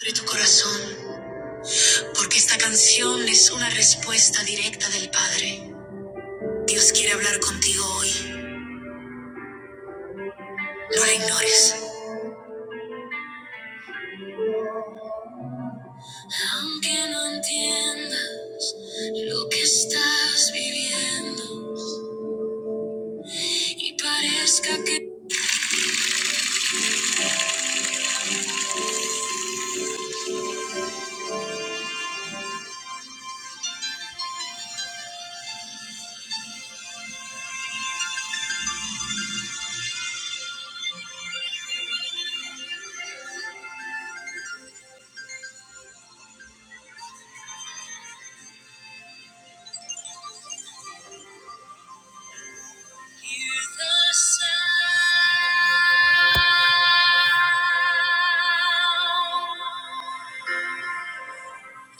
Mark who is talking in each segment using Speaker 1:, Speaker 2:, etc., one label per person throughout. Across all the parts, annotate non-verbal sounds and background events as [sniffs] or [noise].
Speaker 1: Abre tu corazón, porque esta canción es una respuesta directa del Padre. Dios quiere hablar contigo hoy. No la ignores. Aunque no entienda lo que estás viviendo y parezca que... Hear the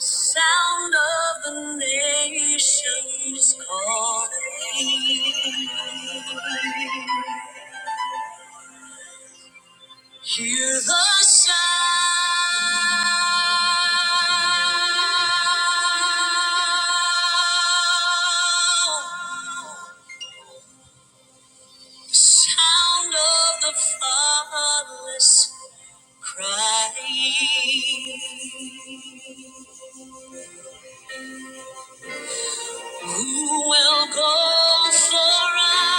Speaker 1: sound sound of the nations calling. Hear the sound, sound of the fatherless crying. Who will go for us?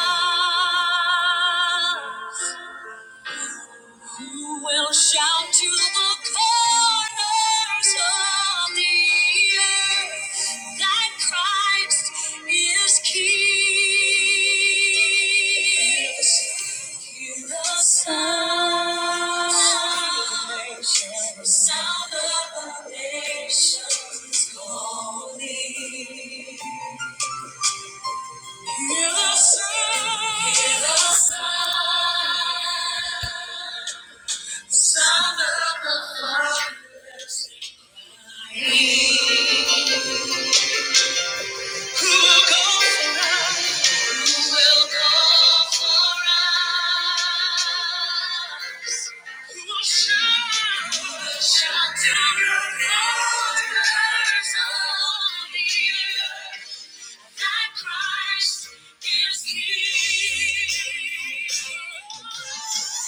Speaker 1: You will shout to the corners of the earth that Christ is King. Hear the sound, sound of the nations calling. Hear the sound, hear the sound. Son of the fatherless. Who will go for us? Who will go for us? Who will shine? Who will shine down the earth? Thy Christ is King.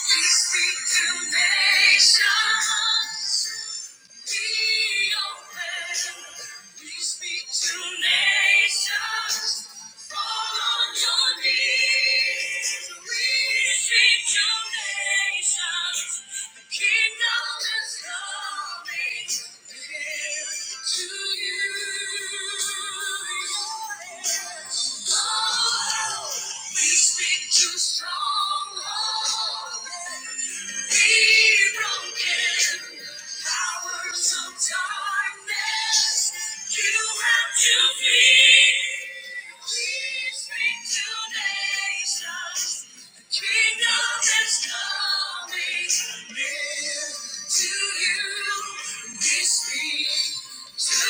Speaker 1: We speak to nations. Strong love. To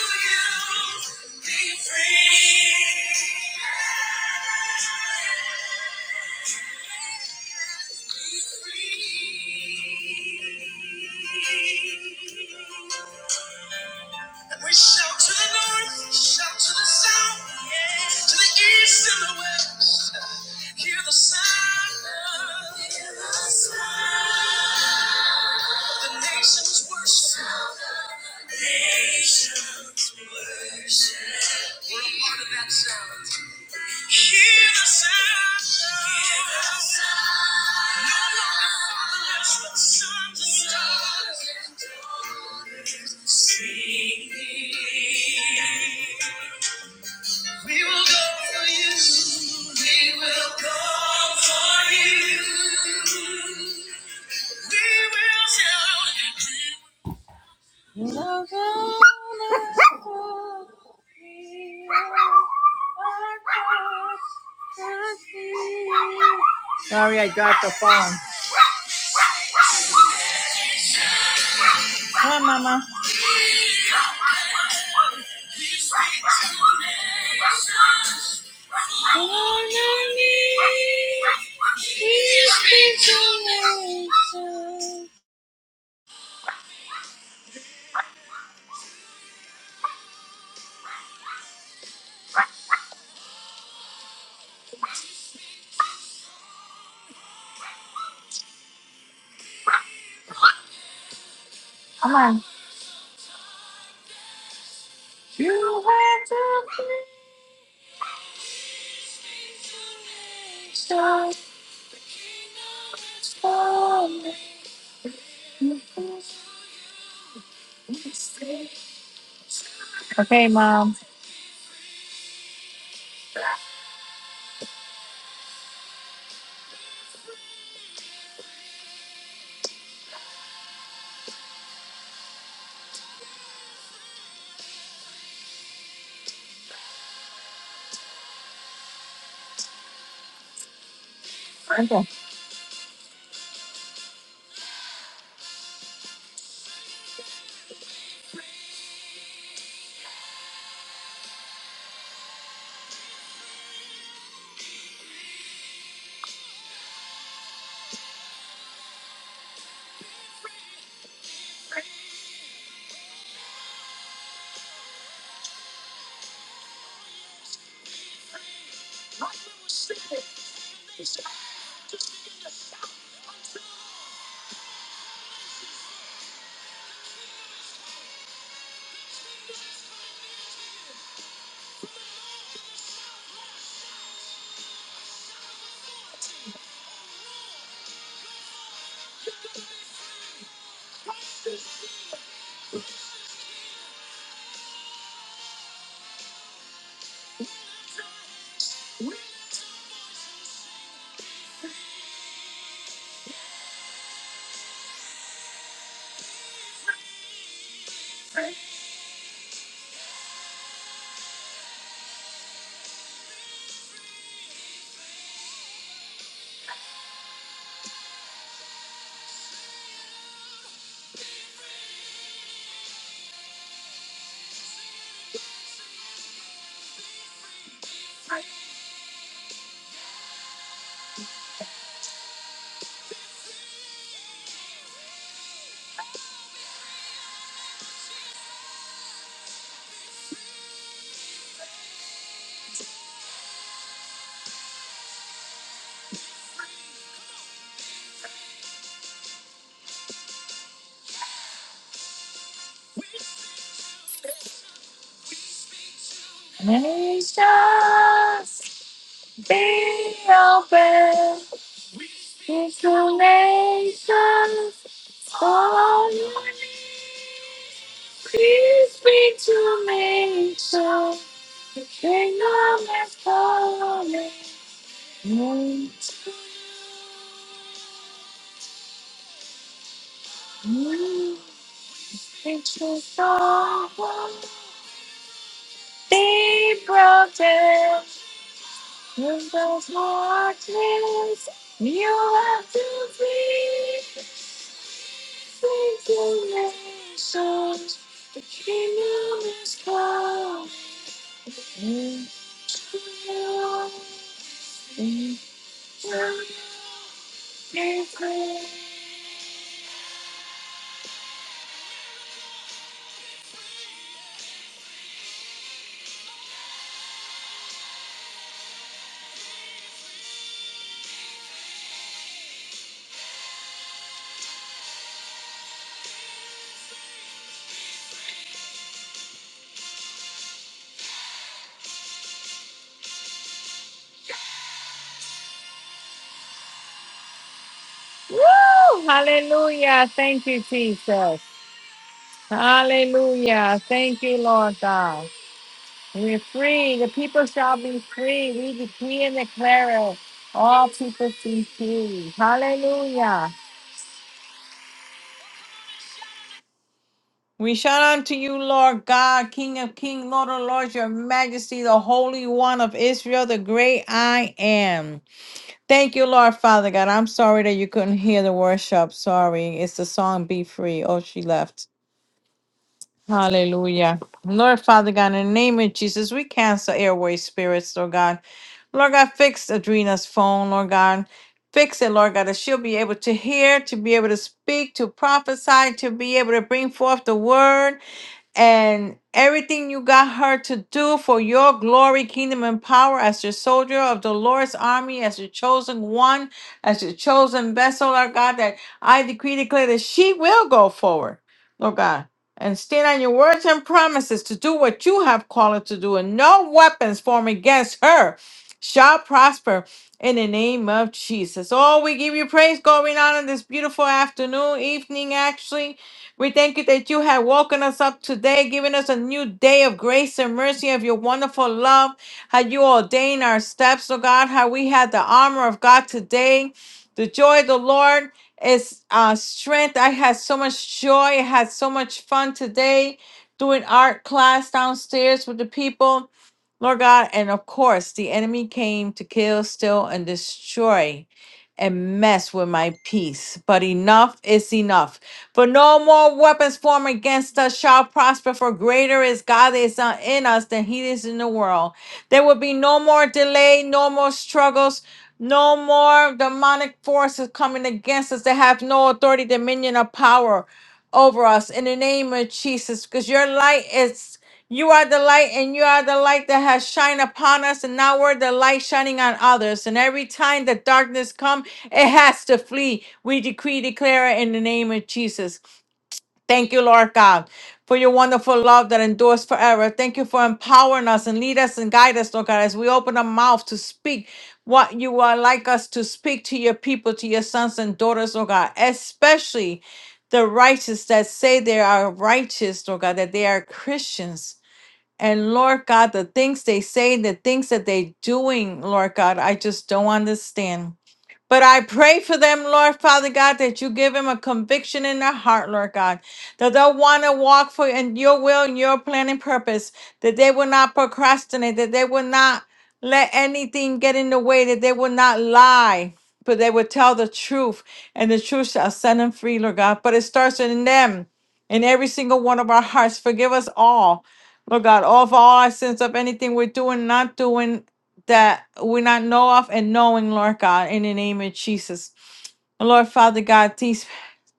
Speaker 1: you, be free. And we shout to the north, shout to the south, yeah, to the east and the west. Hear the sound of Hear the sound of the nations worship. The nations worship. We're a part of that sound. Hear the sound. No longer fatherless, but sons and daughters. Sing. We will go for you. We will go for you. We will shout. Sorry, I dropped the phone. Hi, Mama. Nations be open into nations. Oh, peace be to nations. King of my glory, mm, mm, it's your sorrow. Be broken in those waters. You have to breathe into nations. The kingdom is come. and will be broken. Woo! Hallelujah. Thank you, Jesus. Hallelujah. Thank you, Lord God. We're free. The people shall be free. We decree and declare it. All people be free. Hallelujah. We shout unto you, Lord God, King of kings, Lord of lords, your majesty, the Holy One of Israel, the great I am. Thank you, Lord Father God. I'm sorry that you couldn't hear the worship. Sorry. It's the song Be Free. Oh, she left. Hallelujah. Lord Father God, in the name of Jesus, we cancel airway spirits, Lord God. Lord God, fix Adrena's phone, Lord God. Fix it, Lord God, that she'll be able to hear, to be able to speak, to prophesy, to be able to bring forth the word and everything you got her to do for your glory, kingdom, and power as your soldier of the Lord's army, as your chosen one, as your chosen vessel, Lord God, that I decree, declare that she will go forward, Lord God, and stand on your words and promises to do what you have called her to do, and no weapons formed against her shall prosper in the name of Jesus. Oh, we give you praise going on in this beautiful afternoon, evening, actually. We thank you that you have woken us up today, giving us a new day of grace and mercy of your wonderful love. How you ordain our steps, oh God, how we had the armor of God today. The joy of the Lord is uh, strength. I had so much joy. I had so much fun today doing art class downstairs with the people. Lord God, and of course, the enemy came to kill, steal, and destroy and mess with my peace. But enough is enough. For no more weapons formed against us shall prosper, for greater is God that is on- in us than he is in the world. There will be no more delay, no more struggles. No more demonic forces coming against us that have no authority, dominion, or power over us in the name of Jesus, because your light is you are the light, and you are the light that has shined upon us, and now we're the light shining on others. And every time the darkness comes, it has to flee. We decree, declare it in the name of Jesus. Thank you, Lord God, for your wonderful love that endures forever. Thank you for empowering us and lead us and guide us, Lord God, as we open our mouth to speak what you would like us to speak to your people, to your sons and daughters, Lord God, especially the righteous that say they are righteous, Lord God, that they are Christians. And Lord God, the things they say, the things that they are doing, Lord God, I just don't understand. But I pray for them, Lord Father God, that you give them a conviction in their heart, Lord God, that they'll want to walk for in your will and your plan and purpose, that they will not procrastinate, that they will not let anything get in the way, that they will not lie, but they will tell the truth, and the truth shall set them free, Lord God. But it starts in them, in every single one of our hearts. Forgive us all, Lord God, all of all our sins of anything we're doing, not doing that we not know of and knowing, Lord God, in the name of Jesus. Lord Father God, these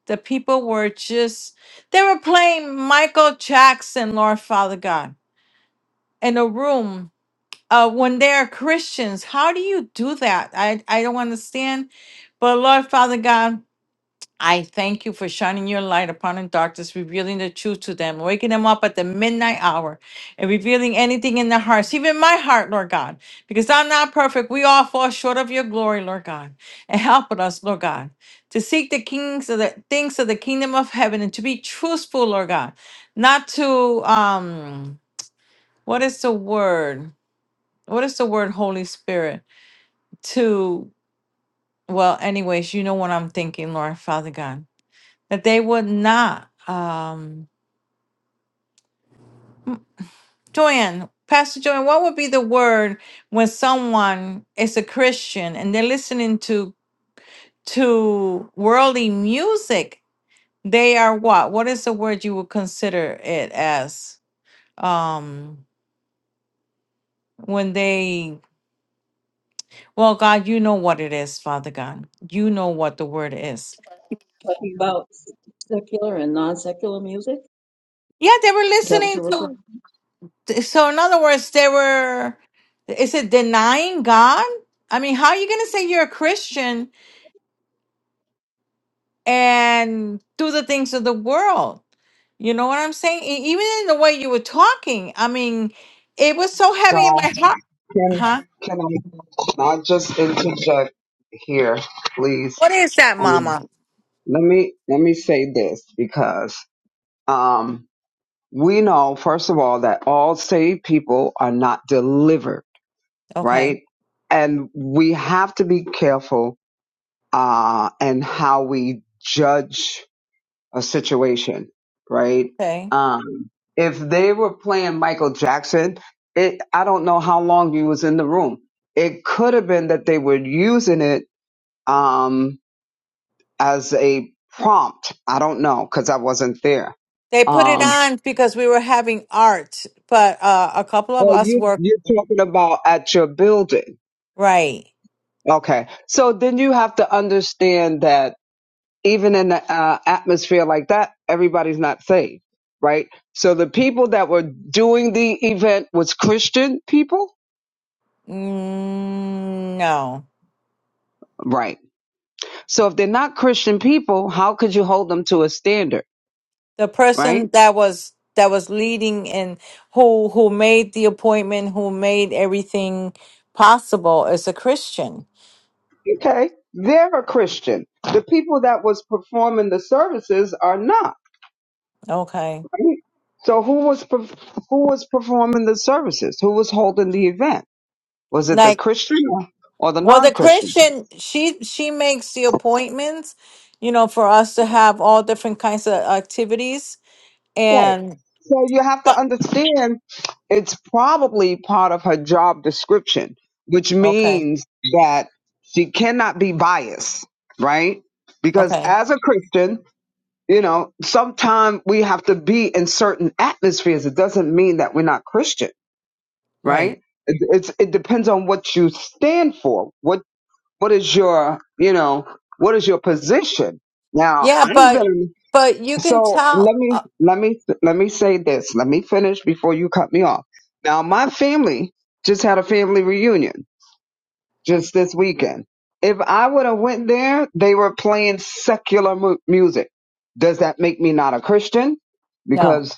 Speaker 1: the people were just they were playing Michael Jackson, Lord Father God, in a room. Uh, when they are Christians, how do you do that? I I don't understand. But Lord Father God. I thank you for shining your light upon the darkness, revealing the truth to them, waking them up at the midnight hour, and revealing anything in their hearts, even my heart, Lord God, because I'm not perfect. We all fall short of your glory, Lord God, and help us, Lord God, to seek the kings of the things of the kingdom of heaven and to be truthful, Lord God, not to um, what is the word? What is the word, Holy Spirit? To well, anyways, you know what I'm thinking, Lord Father God that they would not. Um, Joanne, Pastor Joanne, what would be the word when someone is a Christian and they're listening to to worldly music? They are what? What is the word you would consider it as? Um, when they, well, God, you know what it is, Father God. You know what the word is.
Speaker 2: talking about secular and non-secular music?
Speaker 1: Yeah, they were
Speaker 2: Is that what
Speaker 1: listening
Speaker 2: you're referring to?
Speaker 1: to. So, in other words, they were. Is it denying God? I mean, how are you going to say you're a Christian and do the things of the world. You know what I'm saying? E- Even in the way you were talking, I mean, it was so
Speaker 3: So
Speaker 1: heavy in my heart.
Speaker 3: can
Speaker 1: Huh?
Speaker 3: can I not just interject here, please?
Speaker 1: What is that,
Speaker 3: Um,
Speaker 1: Mama?
Speaker 3: let me let me say this because um, we know first of all that all saved people are not delivered,
Speaker 1: Okay,
Speaker 3: right? And we have to be careful uh, and how we judge a situation, right?
Speaker 1: okay.
Speaker 3: Um, if they were playing Michael Jackson, it I don't know how long you was in the room. It could have been that they were using it um, as a prompt. I don't know because I wasn't there.
Speaker 1: They put it
Speaker 3: Um,
Speaker 1: on because we were having art, but uh, a couple of
Speaker 3: oh,
Speaker 1: us
Speaker 3: you
Speaker 1: were
Speaker 3: you're talking about at your building.
Speaker 1: right.
Speaker 3: Okay, so then you have to understand that even in the uh, atmosphere like that, everybody's not saved, right? So the people that were doing the event was Christian people,
Speaker 1: Mm, no,
Speaker 3: right? So if they're not Christian people, how could you hold them to a standard,
Speaker 1: the person
Speaker 3: right?
Speaker 1: that was that was leading and who who made the appointment, who made everything possible, is a Christian.
Speaker 3: Okay, they're a Christian. The people that was performing the services are not.
Speaker 1: Okay,
Speaker 3: Right? So who was perf- who was performing the services? Who was holding the event? Was it the
Speaker 1: Like,
Speaker 3: Christian or or the
Speaker 1: Well, the
Speaker 3: non-Christian?
Speaker 1: Christian, she she makes the appointments, you know, for us to have all different kinds of activities. And
Speaker 3: So you have to
Speaker 1: but
Speaker 3: understand it's probably part of her job description, which
Speaker 1: okay,
Speaker 3: means that she cannot be biased, right? Because
Speaker 1: okay,
Speaker 3: as a Christian, you know, sometimes we have to be in certain atmospheres. It doesn't mean that we're not Christian,
Speaker 1: right,
Speaker 3: right? It, it's it depends on what you stand for. What what is your you know what is your position? Now
Speaker 1: yeah,
Speaker 3: I've
Speaker 1: but
Speaker 3: been
Speaker 1: but you can
Speaker 3: so
Speaker 1: tell.
Speaker 3: let
Speaker 1: Uh,
Speaker 3: me let me let me say this. Let me finish before you cut me off. Now my family just had a family reunion just this weekend. If I would have went there, they were playing secular mu- music. Does that make me not a Christian?
Speaker 1: no,
Speaker 3: Because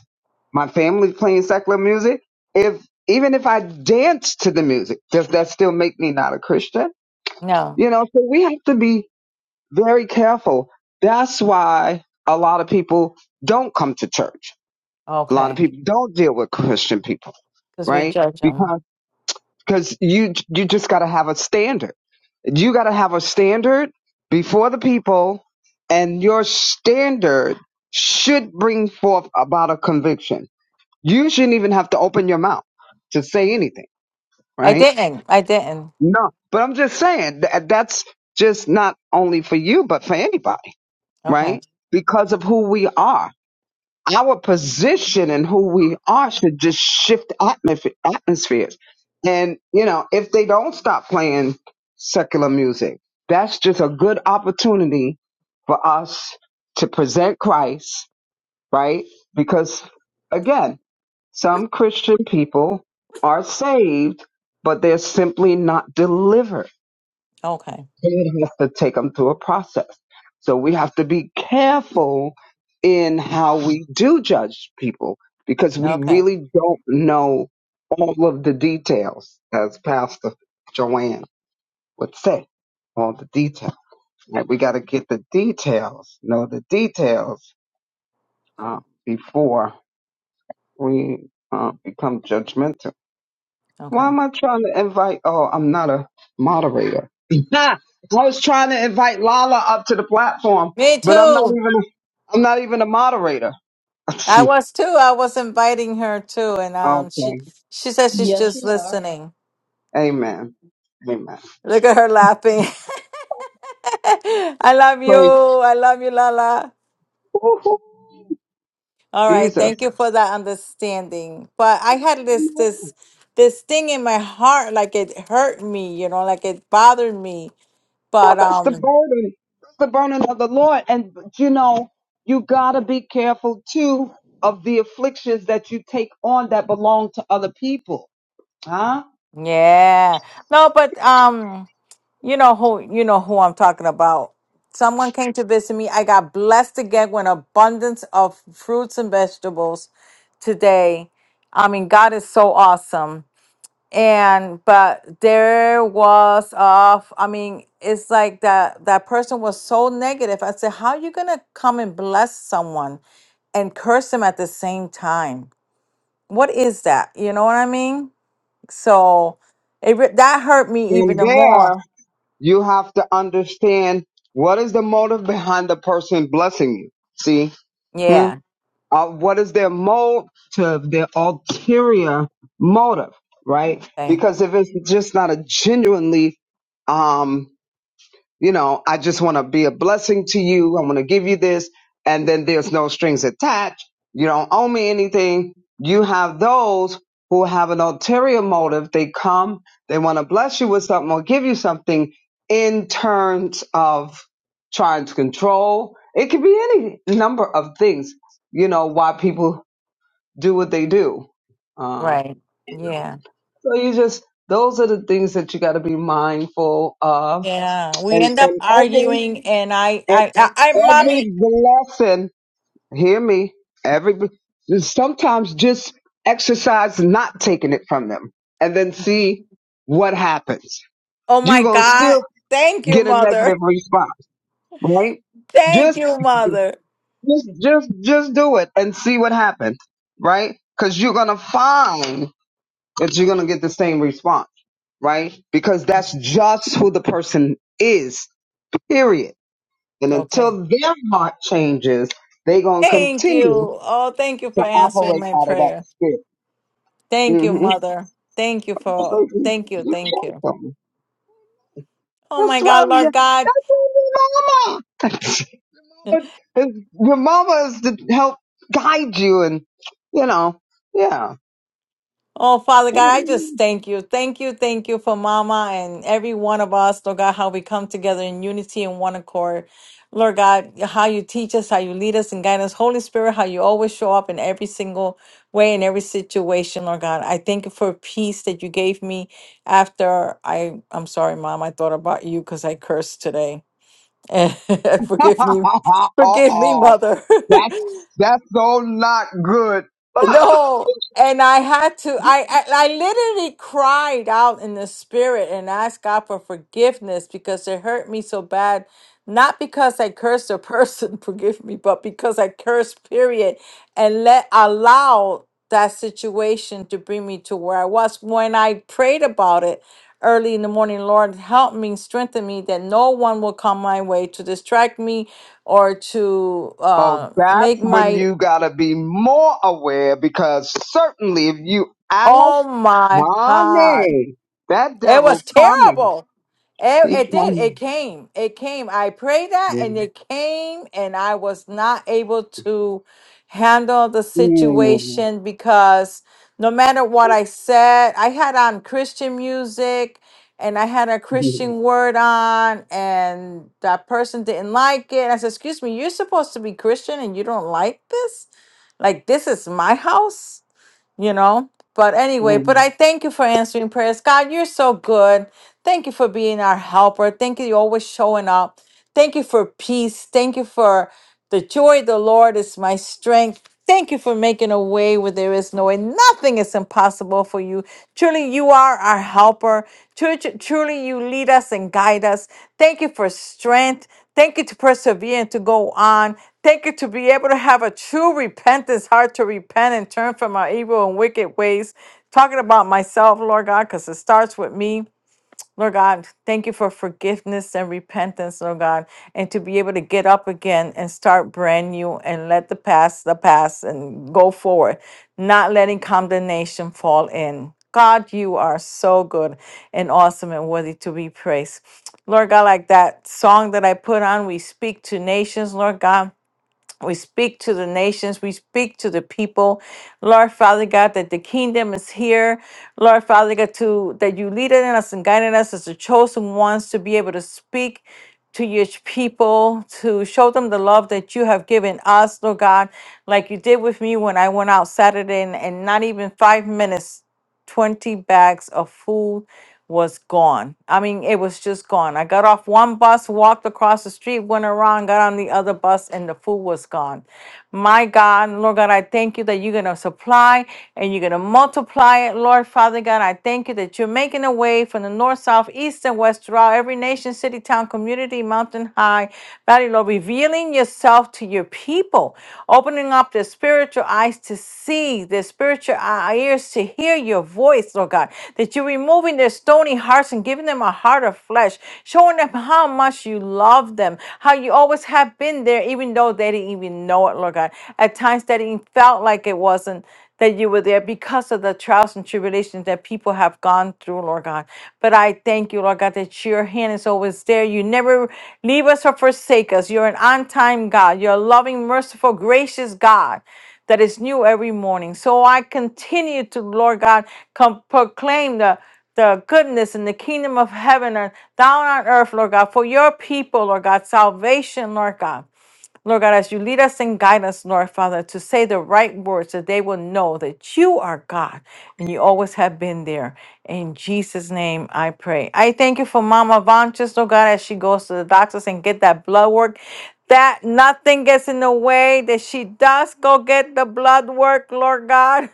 Speaker 3: my family's playing secular music. If even if I dance to the music, does that still make me not a Christian?
Speaker 1: no,
Speaker 3: You know, so we have to be very careful. That's why a lot of people don't come to church a lot
Speaker 1: okay,
Speaker 3: of people don't deal with Christian people,
Speaker 1: because we
Speaker 3: right?
Speaker 1: judge them.
Speaker 3: Because because you you just got to have a standard. You got to have a standard before the people, and your standard should bring forth about a conviction. You shouldn't even have to open your mouth to say anything,
Speaker 1: I
Speaker 3: right?
Speaker 1: didn't. I didn't.
Speaker 3: No, but I'm just saying that that's just not only for you, but for anybody,
Speaker 1: Okay.
Speaker 3: right? Because of who we are our position and who we are should just shift atmosf- atmospheres. And, you know, if they don't stop playing secular music, that's just a good opportunity for us to present Christ, right? Because, again, some Christian people are saved, but they're simply not delivered
Speaker 1: Okay.
Speaker 3: it has to take them through a process. So we have to be careful in how we do judge people because we
Speaker 1: Okay.
Speaker 3: really don't know all of the details, as Pastor Joanne would say, all the details. Right? We got to get the details, know the details uh, before we uh, become judgmental.
Speaker 1: Okay.
Speaker 3: Why am I trying to invite? Oh, I'm not a moderator. [laughs] I was trying to invite Lala up to the platform,
Speaker 1: Me
Speaker 3: but I'm not
Speaker 1: too.
Speaker 3: even. I'm not even a moderator. [laughs]
Speaker 1: I
Speaker 3: okay.
Speaker 1: was too. I was inviting her too, and um, she she says she's
Speaker 2: Yes,
Speaker 1: just
Speaker 2: you are.
Speaker 1: listening.
Speaker 3: Amen. Amen.
Speaker 1: Look at her laughing. [laughs] I love you.
Speaker 3: Praise.
Speaker 1: I love you, Lala.
Speaker 3: Woo-hoo.
Speaker 1: All right.
Speaker 3: Jesus.
Speaker 1: Thank you for that understanding. But I had this this this thing in my heart, like it hurt me. You know, like it bothered me.
Speaker 3: Well,
Speaker 1: But
Speaker 3: that's the
Speaker 1: um,
Speaker 3: burden. That's the burden of the Lord. And you know, you gotta be careful too of the afflictions that you take on that belong to other people. Huh?
Speaker 1: yeah. No, but um. You know who you know who I'm talking about. Someone came to visit me. I got blessed again with an abundance of fruits and vegetables today. I mean, God is so awesome. And but there was off. I mean, it's like that that person was so negative. I said, How are you gonna come and bless someone and curse them at the same time? What is that? You know what I mean? So it re- that hurt me even
Speaker 3: And
Speaker 1: the
Speaker 3: there.
Speaker 1: more.
Speaker 3: You have to understand what is the motive behind the person blessing you. See, hmm?
Speaker 1: Yeah.
Speaker 3: uh, what is their motive, their ulterior motive, right? Because if it's just not a genuinely, um, you know, I just want to be a blessing to you. I want to give you this. And then there's no strings attached. You don't owe me anything. You have those who have an ulterior motive. They come, they want to bless you with something or give you something in terms of trying to control. It could be any number of things, you know, why people do what they do. Uh,
Speaker 1: Right. Yeah.
Speaker 3: so you just, those are the things that you got to be mindful of.
Speaker 1: Yeah, we
Speaker 3: And,
Speaker 1: end up
Speaker 3: and every.
Speaker 1: arguing, and I,
Speaker 3: And
Speaker 1: I, I, I, mommy,
Speaker 3: every blessing, hear me, every sometimes just exercise not taking it from them and then see what happens.
Speaker 1: oh
Speaker 3: You're
Speaker 1: my
Speaker 3: gonna
Speaker 1: God.
Speaker 3: still
Speaker 1: Thank you,
Speaker 3: get a
Speaker 1: mother.
Speaker 3: negative response, right?
Speaker 1: [laughs] Thank
Speaker 3: Just
Speaker 1: you, mother.
Speaker 3: just just just do it and see what happens, right? Because you're gonna find that you're gonna get the same response, right? Because that's just who the person is, period And
Speaker 1: Okay.
Speaker 3: until their heart changes, they going to
Speaker 1: Thank
Speaker 3: continue
Speaker 1: you. Oh, thank you
Speaker 3: to
Speaker 1: for answering
Speaker 3: operate
Speaker 1: my
Speaker 3: out of that
Speaker 1: prayer.
Speaker 3: spirit.
Speaker 1: Thank you,
Speaker 3: Mm-hmm.
Speaker 1: mother. Thank you for,
Speaker 3: So you,
Speaker 1: thank you,
Speaker 3: you
Speaker 1: thank you.
Speaker 3: welcome.
Speaker 1: Oh
Speaker 3: That's
Speaker 1: my
Speaker 3: why
Speaker 1: God,
Speaker 3: I'm
Speaker 1: Lord
Speaker 3: your-
Speaker 1: God,
Speaker 3: that's why I'm your mama. [laughs] your mama is to help guide you and, you know, yeah.
Speaker 1: Oh, Father
Speaker 3: [laughs]
Speaker 1: God, I just thank you. Thank you, thank you for Mama and every one of us, Lord God, how we come together in unity and one accord. Lord God, how you teach us, how you lead us and guide us. Holy Spirit, how you always show up in every single way, in every situation, Lord God. I thank you for peace that you gave me after I, I'm sorry, Mom, I thought about you because I cursed today. [laughs] Forgive me. Forgive me,
Speaker 3: Uh-oh.
Speaker 1: Mother. [laughs]
Speaker 3: That's, that's so not good. [laughs]
Speaker 1: No, and I had to. I, I I literally cried out in the spirit and asked God for forgiveness because it hurt me so bad. Not because I cursed a person, [laughs] forgive me, but because I cursed. Period, and let allow that situation to bring me to where I was. When I prayed about it early in the morning, Lord, help me, strengthen me, that no one will come my way to distract me or to
Speaker 3: Oh,
Speaker 1: uh,
Speaker 3: that's
Speaker 1: make
Speaker 3: when
Speaker 1: my
Speaker 3: you gotta be more aware because certainly if you ask
Speaker 1: Oh my God.
Speaker 3: Money. That
Speaker 1: It
Speaker 3: devil
Speaker 1: was
Speaker 3: coming.
Speaker 1: terrible. It,
Speaker 3: He
Speaker 1: it did. It
Speaker 3: coming.
Speaker 1: came. It came. I prayed that
Speaker 3: Yeah.
Speaker 1: and it came, and I was not able to handle the
Speaker 3: Mm.
Speaker 1: situation because no matter what I said, I had on Christian music and I had a
Speaker 3: Mm.
Speaker 1: Christian word on, and that person didn't like it. I said, Excuse me, you're supposed to be Christian and you don't like this? Like, this is my house? you know. But anyway, but
Speaker 3: Mm.
Speaker 1: I thank you for answering prayers. God, you're so good. Thank you for being our helper. Thank you, you're always showing up. Thank you for peace. Thank you for the joy of the Lord is my strength. Thank you for making a way where there is no way. Nothing is impossible for you. Truly, you are our helper. Tru- tru- Truly, you lead us and guide us. Thank you for strength. Thank you to persevere and to go on. Thank you to be able to have a true repentance heart to repent and turn from our evil and wicked ways. Talking about myself, Lord God, because it starts with me. Lord God, thank you for forgiveness and repentance, Lord God, and to be able to get up again and start brand new and let the past the past and go forward, not letting condemnation fall in. God, you are so good and awesome and worthy to be praised. Lord God, like that song that I put on, we speak to nations, Lord God. We speak to the nations. We speak to the people. Lord Father God, that the kingdom is here. Lord Father God, to that you lead in us and guiding us as the chosen ones to be able to speak to your people, to show them the love that you have given us, Lord God, like you did with me when I went out Saturday and, and not even five minutes. 20 bags of food was gone. I mean, it was just gone. I got off one bus, walked across the street, went around, got on the other bus, and the food was gone. My God, Lord God, I thank you that you're going to supply and you're going to multiply it, Lord Father God. I thank you that you're making a way from the north, south, east, and west throughout every nation, city, town, community, mountain high, valley, low, revealing yourself to your people, opening up their spiritual eyes to see, their spiritual eye- ears to hear your voice, Lord God, that you're removing their stony hearts and giving them a heart of flesh, showing them how much you love them, how you always have been there, even though they didn't even know it, Lord God. At times that it felt like it wasn't that you were there because of the trials and tribulations that people have gone through, Lord God. But I thank you, Lord God, that your hand is always there. You never leave us or forsake us. You're an on time God. You're a loving, merciful, gracious God that is new every morning. So I continue to, Lord God, com- proclaim the the goodness and the kingdom of heaven and down on earth, Lord God, for your people, Lord God, salvation, Lord God. Lord God, as you lead us and guide us, Lord Father, to say the right words that they will know that you are God and you always have been there. In Jesus' name, I pray. I thank you for Mama Vanches, Lord God, as she goes to the doctors and get that blood work. That nothing gets in the way, that she does go get the blood work, Lord God.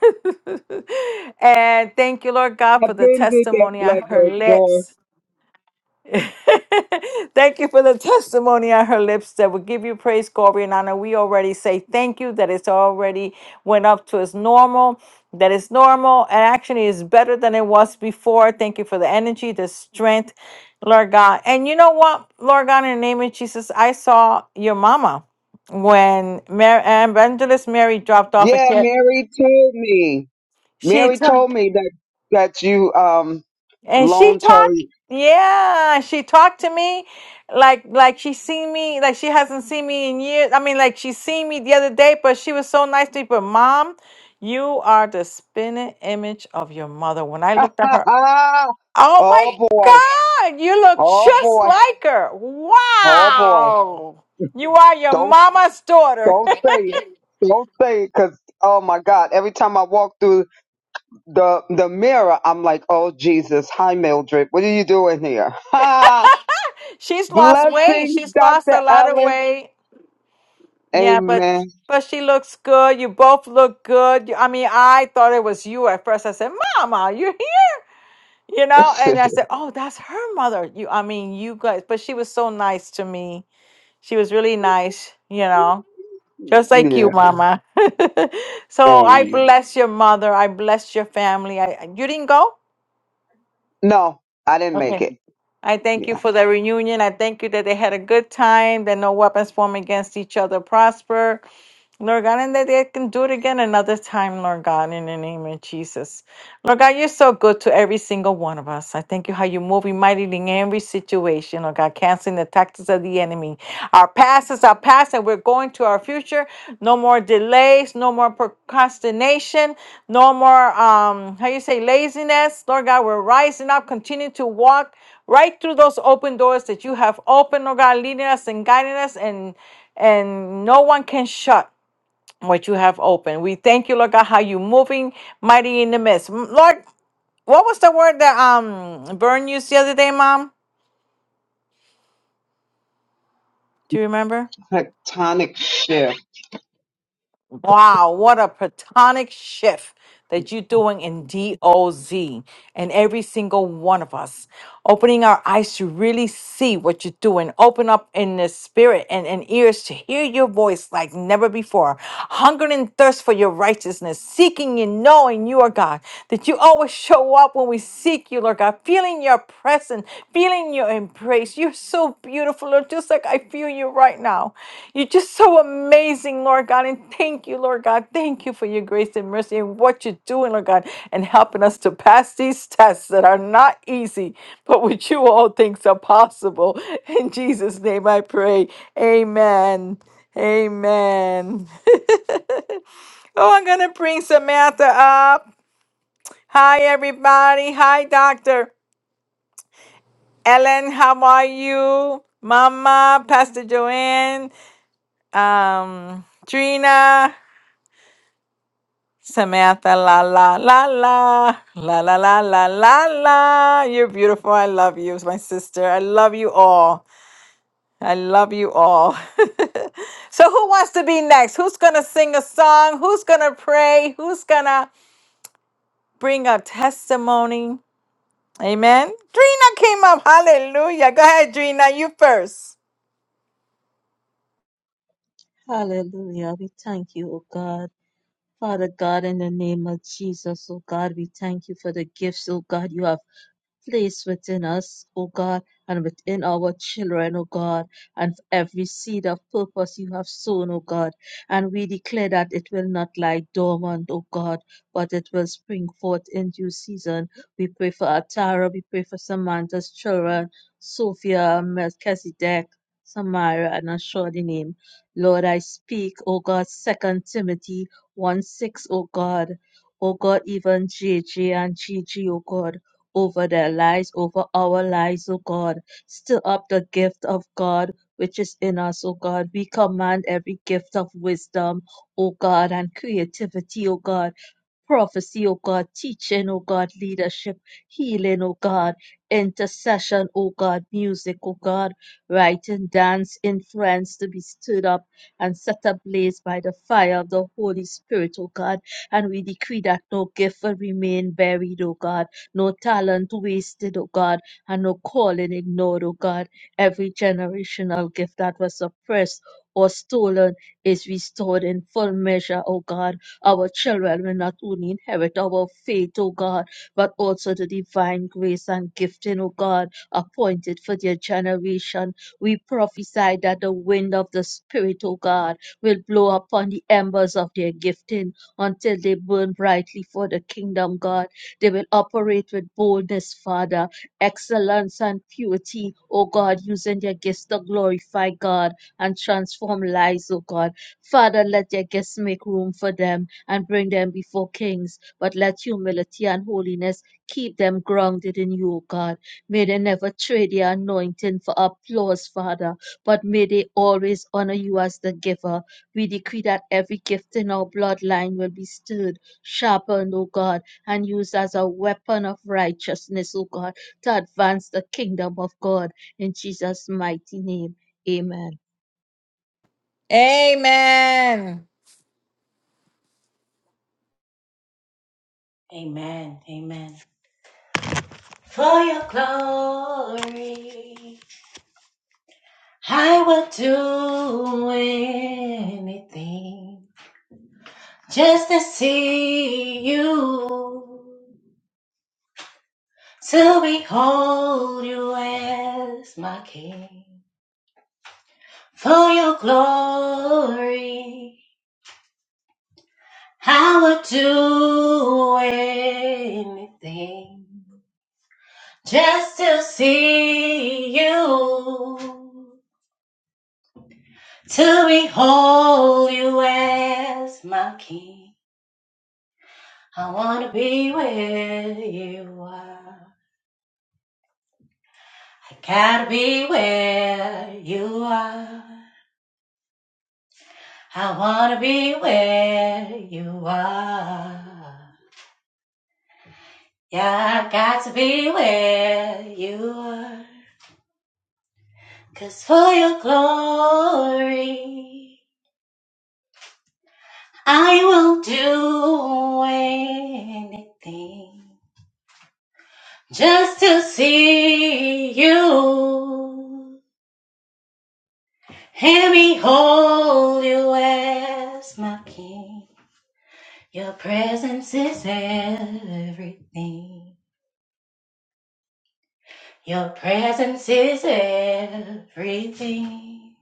Speaker 1: [laughs] and thank you, Lord God, for
Speaker 3: I've
Speaker 1: the
Speaker 3: been did that
Speaker 1: testimony on
Speaker 3: blood
Speaker 1: her
Speaker 3: work, boy.
Speaker 1: lips. [laughs] thank you for the testimony on her lips that will give you praise, glory, and honor. We already say thank you that it's already went up to its normal, that it's normal and actually is better than it was before. Thank you for the energy, the strength, Lord God. And you know what, Lord God, in the name of Jesus, I saw your mama when Mary, Evangelist Mary dropped off a
Speaker 3: Yeah,
Speaker 1: kid.
Speaker 3: Mary told me.
Speaker 1: She
Speaker 3: Mary told me that that you um
Speaker 1: And she
Speaker 3: loaned her.
Speaker 1: talked, yeah, she talked to me like like she seen me, like she hasn't seen me in years. I mean, like she seen me the other day, but she was so nice to me. But mom, you are the spinning image of your mother. When I looked at her,
Speaker 3: [laughs] oh
Speaker 1: oh my
Speaker 3: boy.
Speaker 1: God, you look
Speaker 3: Oh
Speaker 1: just
Speaker 3: boy.
Speaker 1: like her.
Speaker 3: Oh boy.
Speaker 1: Wow. You are your
Speaker 3: Don't
Speaker 1: mama's daughter.
Speaker 3: don't
Speaker 1: [laughs]
Speaker 3: say it. Don't say it, 'cause oh my God! Every time I walk through the the mirror, I'm like, oh Jesus, hi Mildred, what are you doing here? [laughs] Ha!
Speaker 1: She's lost weight.
Speaker 3: Blessings,
Speaker 1: She's lost a
Speaker 3: Dr.
Speaker 1: lot of
Speaker 3: Ellen.
Speaker 1: weight. Yeah, but
Speaker 3: Amen.
Speaker 1: but she looks good. You both look good. You- I mean, I thought it was you at first. I said, "Mama, you're here," you know.
Speaker 3: [laughs]
Speaker 1: And I said, "Oh, that's her mother." You, I mean, you guys. But she was so nice to me. She was really nice, you know, just like you,
Speaker 3: yeah.
Speaker 1: Mama. [laughs] so I
Speaker 3: Amen.
Speaker 1: bless your mother. I bless your family. I you didn't go.
Speaker 3: No, I didn't make
Speaker 1: Okay.
Speaker 3: it.
Speaker 1: I thank you
Speaker 3: Yeah.
Speaker 1: for the reunion. I thank you that they had a good time, that no weapons formed against each other prosper. Lord God, and that they can do it again another time, Lord God, in the name of Jesus. Lord God, you're so good to every single one of us. I thank you how you're moving mightily in every situation, Lord God, canceling the tactics of the enemy. Our past is our past, and we're going to our future. No more delays, no more procrastination, no more um, how you say laziness. Lord God, we're rising up, continue to walk right through those open doors that you have opened, Lord God, leading us and guiding us, and and no one can shut what you have opened. We thank you, Lord God, how you moving mighty in the midst. M- Lord, what was the word that um Burn used the other day, Mom? Do you remember?
Speaker 3: Tectonic shift.
Speaker 1: Wow, what a platonic shift that you're doing in DOZ and every single one of us. Opening our eyes to really see what you're doing. Open up in the spirit and, and ears to hear your voice like never before. Hunger and thirst for your righteousness, seeking and knowing you are God. That you always show up when we seek you, Lord God, feeling your presence feeling your embrace. You're so beautiful, Lord, just like I feel you right now. You're just so amazing, Lord God. And thank you, Lord God. Thank you for your grace and mercy and what you're doing, Lord God, and helping us to pass these tests that are not easy, but with you all things are possible. In Jesus' name I pray. Amen. Amen. [laughs] oh, I'm going to bring Samantha up. Hi, everybody. Hi, Doctor. Ellen, how are you? Mama, Pastor Joanne, um, Trina, Samantha, la la la la, la la la la la la. You're beautiful. I love you, my sister. I love you all. I love you all. [laughs] so, who wants to be next? Who's going to sing a song? Who's going to pray? Who's going to bring a testimony? Amen. Drina came up. Hallelujah. Go ahead, Drina. You first.
Speaker 4: Hallelujah. We thank you, O God. Father God, in the name of Jesus, O God, we thank you for the gifts, O God, you have Place within us, O God, and within our children, O God, and every seed of purpose you have sown, O God. And we declare that it will not lie dormant, O God, but it will spring forth in due season. We pray for Atara, we pray for Samantha's children, Sophia, Melchizedek, Samira, and a shorty name. Lord, I speak, O God, Second Timothy 1 6, O God. O God, even JJ and G G. O God over their lives, over our lives, oh God. Stir up the gift of God which is in us, oh God. We command every gift of wisdom, oh God, and creativity, oh God prophecy, O God, teaching, O God, leadership, healing, O God, intercession, O God, music, O God, writing, dance, influence to be stirred up and set ablaze by the fire of the Holy Spirit, O God. And we decree that no gift will remain buried, O God, no talent wasted, O God, and no calling ignored, O God. Every generational gift that was suppressed or stolen is restored in full measure, O God our children will not only inherit our faith, O God, but also the divine grace and gifting, O God, appointed for their generation. We prophesy that the wind of the Spirit, O God, will blow upon the embers of their gifting until they burn brightly for the kingdom, God. They will operate with boldness, Father, excellence and purity, O God, using their gifts to glorify God and transform lives, O God. Father, let their gifts make room for them and bring them before kings, but let humility and holiness keep them grounded in you, O God. May they never trade their anointing for applause, Father, but may they always honor you as the giver. We decree that every gift in our bloodline will be stirred, sharpened, O God, and used as a weapon of righteousness, O God, to advance the kingdom of God. In Jesus' mighty name, amen.
Speaker 1: Amen.
Speaker 5: Amen. Amen. For your glory, I will do anything just to see you, to behold you as my king. For your glory, I will do anything just to see you To behold you as my king. I wanna be where you are. I gotta be where you are. I wanna be where you are. Yeah, I got to be where you arebecause for your glory, I will do anything. just to see you. let me hold you as my king. Your presence is everything. Your presence is everything.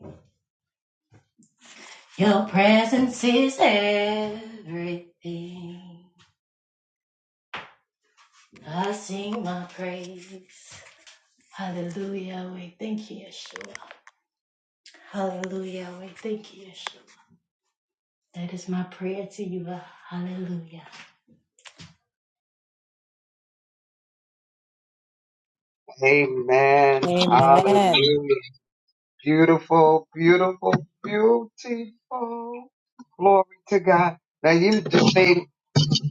Speaker 5: Your presence is everything. I sing my praise. Hallelujah. We thank you, Yeshua. Hallelujah. We thank you, Yeshua. That is my prayer to you. Lord. Hallelujah.
Speaker 3: Amen. Hallelujah.
Speaker 1: Amen.
Speaker 3: Beautiful, beautiful, beautiful. Glory to God. Now you just made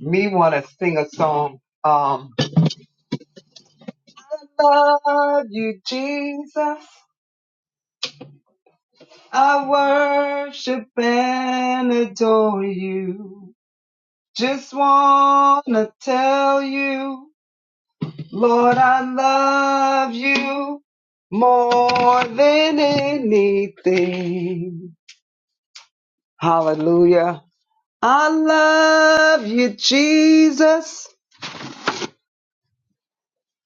Speaker 3: me want to sing a song. Um, I love you, Jesus. I worship and adore you. Just wanna tell you, Lord, I love you more than anything. Hallelujah. I love you, Jesus.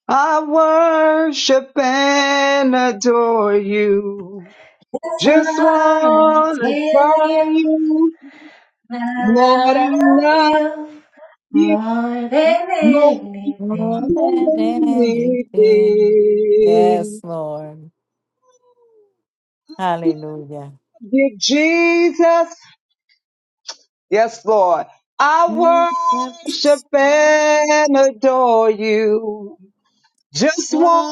Speaker 3: I worship and adore you.
Speaker 5: That's what
Speaker 3: Just
Speaker 5: I
Speaker 3: wanna
Speaker 5: tell you.
Speaker 3: tell you,
Speaker 5: that
Speaker 3: Lord, I
Speaker 5: I love
Speaker 3: love
Speaker 5: you
Speaker 3: you
Speaker 5: more than
Speaker 3: No anything.
Speaker 5: anything.
Speaker 3: I love you, Jesus. Yes, Lord. I worship and adore you. Just wanna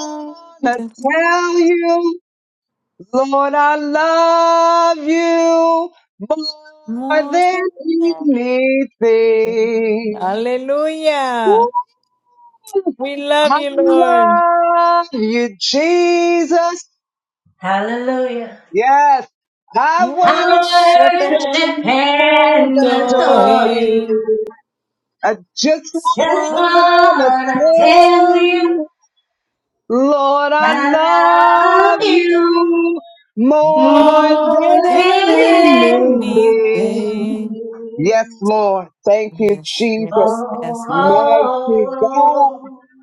Speaker 3: tell you, Lord, I love you more than anything.
Speaker 1: Hallelujah.
Speaker 3: Woo.
Speaker 1: We love
Speaker 3: I
Speaker 1: you, Lord.
Speaker 3: love you, Jesus.
Speaker 5: Hallelujah.
Speaker 3: Yes, I
Speaker 1: Worship
Speaker 5: I
Speaker 3: worship
Speaker 1: and
Speaker 5: worship
Speaker 3: and
Speaker 5: and
Speaker 3: adore
Speaker 5: adore you.
Speaker 1: do
Speaker 3: you. I just
Speaker 5: Just
Speaker 3: want to
Speaker 5: wanna
Speaker 3: tell
Speaker 5: tell you
Speaker 3: you, Lord, I
Speaker 5: that I
Speaker 3: love
Speaker 5: love you
Speaker 3: you more
Speaker 1: more
Speaker 5: more
Speaker 1: than
Speaker 3: than
Speaker 5: than
Speaker 3: anything.
Speaker 5: anything.
Speaker 1: anything.
Speaker 3: Yes, Lord. Thank you,
Speaker 1: Yes,
Speaker 3: Jesus.
Speaker 1: yes,
Speaker 5: Oh,
Speaker 1: yes, Lord.
Speaker 5: oh,
Speaker 3: Mighty God,
Speaker 5: oh.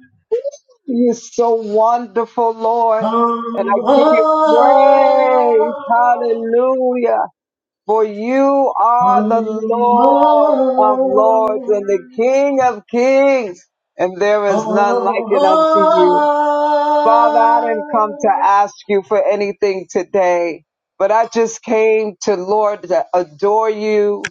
Speaker 3: you're so wonderful,
Speaker 5: Oh,
Speaker 3: Lord.
Speaker 5: oh,
Speaker 3: And I give you praise. Hallelujah. For you are
Speaker 5: oh,
Speaker 3: the Lord of lords and the King of kings, and there
Speaker 5: oh, oh,
Speaker 3: is none like it unto you. Father, I didn't come to
Speaker 5: oh.
Speaker 3: ask you for anything today, but I just came to Lord to adore you,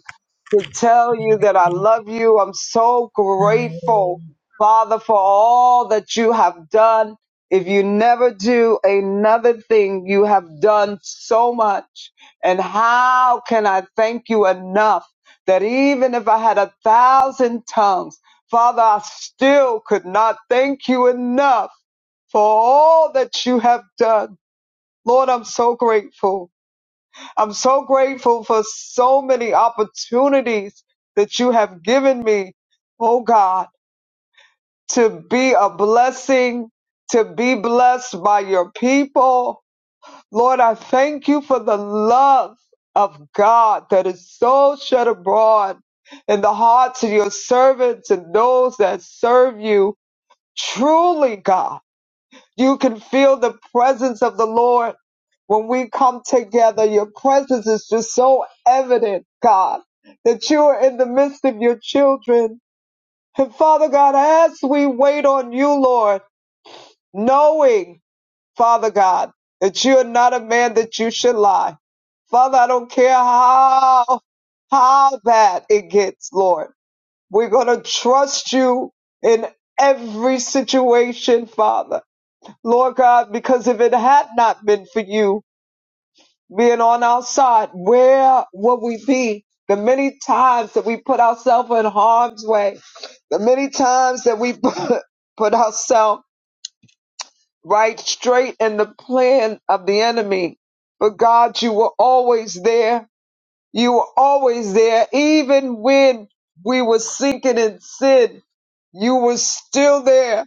Speaker 3: to tell you that I love you. I'm so grateful, Father, for all that you have done. If you never do another thing, you have done so much. And how can I thank you enough that even if I had a thousand tongues, Father, I still could not thank you enough for all that you have done. Lord, I'm so grateful. I'm so grateful for so many opportunities that you have given me, oh God, to be a blessing, to be blessed by your people. Lord, I thank you for the love of God that is so shed abroad in the hearts of your servants and those that serve you. Truly, God. You can feel the presence of the Lord when we come together. Your presence is just so evident, God, that you are in the midst of your children. And Father God, as we wait on you, Lord, knowing, Father God, that you are not a man that you should lie. Father, I don't care how, how bad it gets, Lord. We're going to trust you in every situation, Father. Lord God, because if it had not been for you being on our side, where would we be? The many times that we put ourselves in harm's way, the many times that we [laughs] put, put ourselves right straight in the plan of the enemy. But God, you were always there. You were always there. Even when we were sinking in sin, you were still there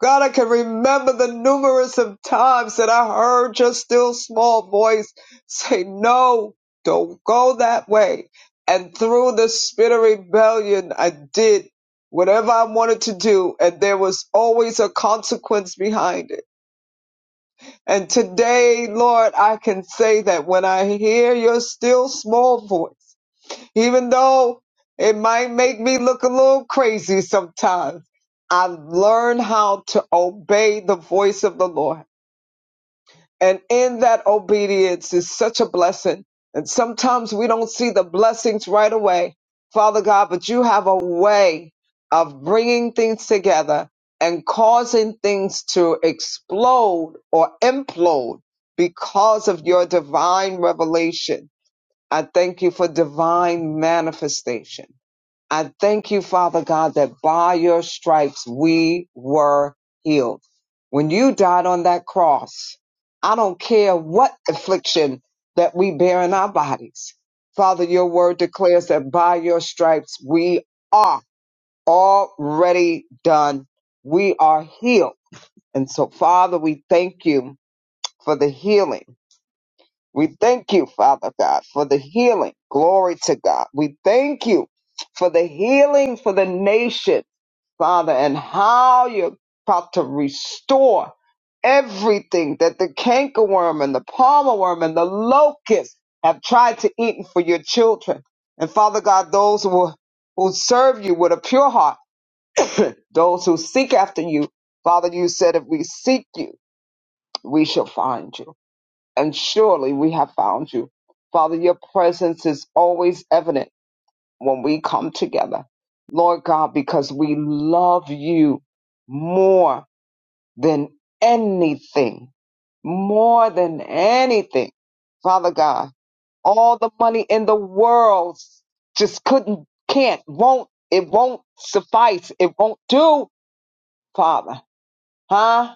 Speaker 3: God, I can remember the numerous of times that I heard your still small voice say, no, don't go that way. And through the spirit of rebellion, I did whatever I wanted to do. And there was always a consequence behind it. And today, Lord, I can say that when I hear your still small voice, even though it might make me look a little crazy sometimes, I learn how to obey the voice of the Lord. And in that obedience is such a blessing. And sometimes we don't see the blessings right away, Father God, but you have a way of bringing things together and causing things to explode or implode because of your divine revelation. I thank you for divine manifestation. I thank you, Father God, that by your stripes we were healed. When you died on that cross, I don't care what affliction that we bear in our bodies. Father, your word declares that by your stripes we are already done. We are healed. And so, Father, we thank you for the healing. We thank you, Father God, for the healing. Glory to God. We thank you for the healing for the nation Father, and how you're about to restore everything that the cankerworm and the palmer worm and the locust have tried to eat for your children. And Father God, those who, who serve you with a pure heart, [laughs] [clears throat] those who seek after you, Father, you said if we seek you, we shall find you. And surely we have found you. Father, your presence is always evident when we come together, Lord God, because we love you more than anything, more than anything. Father God, all the money in the world just couldn't, can't, won't, it won't suffice. It won't do, Father. Huh?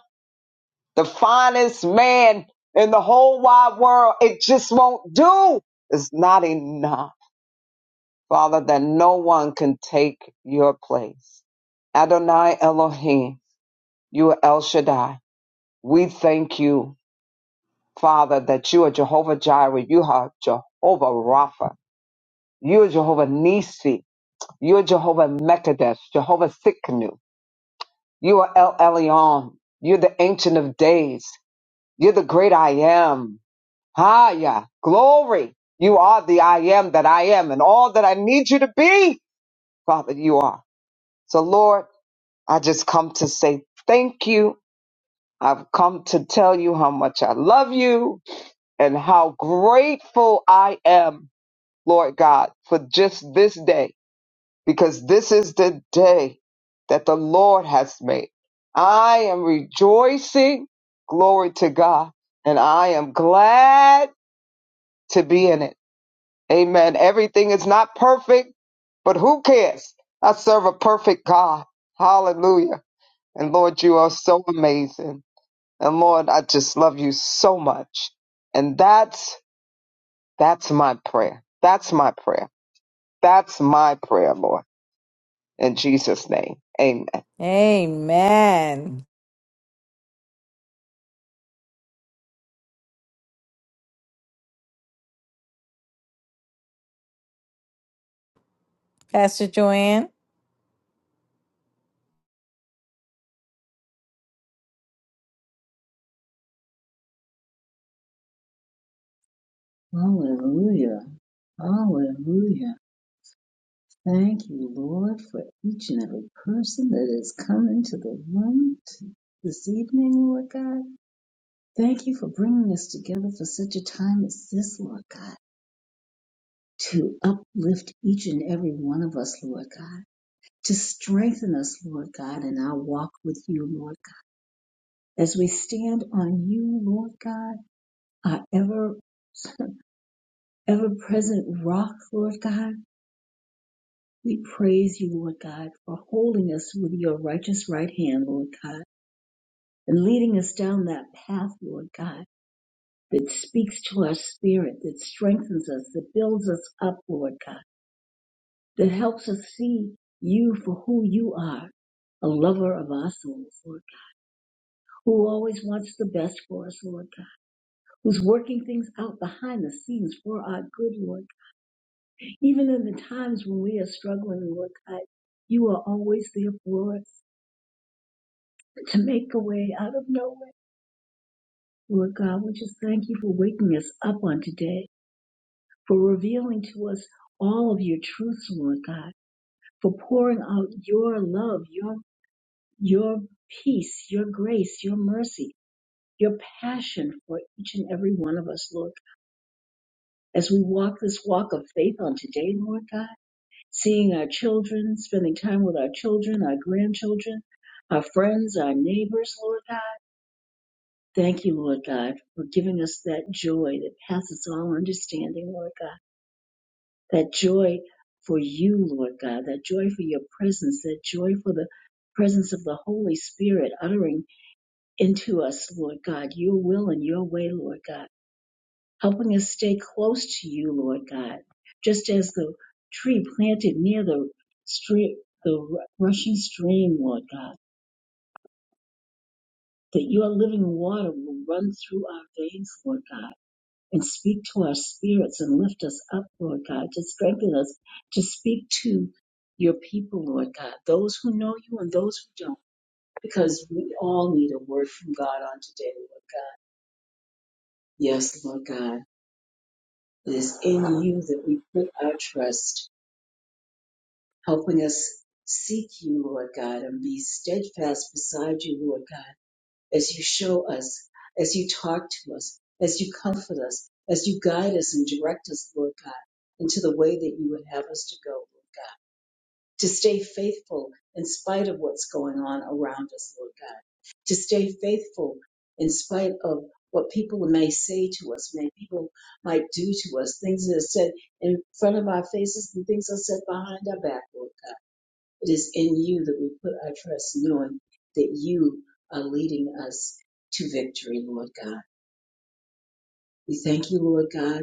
Speaker 3: The finest man in the whole wide world, it just won't do. It's not enough Father, that no one can take your place. Adonai Elohim, you are El Shaddai. We thank you, Father, that you are Jehovah Jireh. You are Jehovah Rapha. You are Jehovah Nisi. You are Jehovah Mekadesh, Jehovah Sikkenu. You are El Elyon. You're the Ancient of Days. You're the great I am. Haya, glory. You are the I am that I am and all that I need you to be, Father, you are. So, Lord, I just come to say thank you. I've come to tell you how much I love you and how grateful I am, Lord God, for just this day, because this is the day that the Lord has made. I am rejoicing. Glory to God. And I am glad to be in it. Amen. Everything is not perfect, but who cares? I serve a perfect God. Hallelujah. And Lord, you are so amazing. And Lord, I just love you so much. And that's that's my prayer. That's my prayer. That's my prayer, Lord. In Jesus' name. Amen.
Speaker 1: Amen. Pastor Joanne.
Speaker 2: Hallelujah. Hallelujah. Thank you, Lord, for each and every person that has come into the room t- this evening, Lord God. Thank you for bringing us together for such a time as this, Lord God, to uplift each and every one of us, Lord God, to strengthen us, Lord God, in our walk with you, Lord God, as we stand on you, Lord God our ever ever present rock, Lord God. We praise you, Lord God, for holding us with your righteous right hand, Lord God, and leading us down that path, Lord God, that speaks to our spirit, that strengthens us, that builds us up, Lord God, that helps us see you for who you are, a lover of our souls, Lord God, who always wants the best for us, Lord God, who's working things out behind the scenes for our good, Lord Even in the times when we are struggling, Lord God, you are always there for us to make a way out of no way. Lord God, we just thank you for waking us up on today, for revealing to us all of your truths, Lord God, for pouring out your love, your your peace, your grace, your mercy, your passion for each and every one of us, Lord. As we walk this walk of faith on today, Lord God. seeing our children, spending time with our children, our grandchildren, our friends, our neighbors, Lord God. Thank you, Lord God, for giving us that joy that passes all understanding, Lord God. That joy for you, Lord God. That joy for your presence. That joy for the presence of the Holy Spirit uttering into us, Lord God, your will and your way, Lord God. helping us stay close to you, Lord God, just as the tree planted near the stream, the rushing stream, Lord God, that your living water will run through our veins, Lord God, and speak to our spirits and lift us up, Lord God, to strengthen us, to speak to your people, Lord God, those who know you and those who don't, because we all need a word from God on today, Lord God. Yes, Lord God, it is in you that we put our trust. helping us seek you, Lord God, and be steadfast beside you, Lord God, as you show us, as you talk to us, as you comfort us, as you guide us and direct us, Lord God, into the way that you would have us to go, Lord God, to stay faithful in spite of what's going on around us, Lord God, to stay faithful in spite of what people may say to us, may people might do to us, things that are said in front of our faces and things that are said behind our back, Lord God. It is in you that we put our trust, knowing that you are leading us to victory, Lord God. We thank you, Lord God,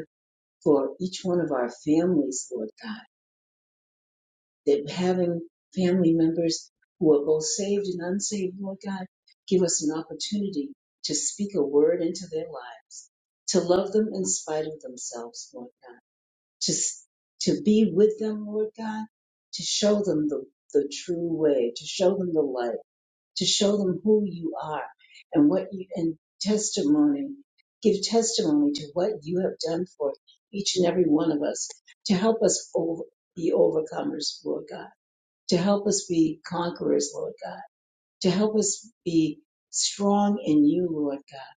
Speaker 2: for each one of our families, Lord God, that having family members who are both saved and unsaved, Lord God, give us an opportunity to speak a word into their lives, to love them in spite of themselves, Lord God, to, s- to be with them, Lord God, to show them the, the true way, to show them the light to show them who you are and what you and testimony give testimony to what you have done for each and every one of us to help us over, be overcomers lord god to help us be conquerors lord god to help us be strong in you lord god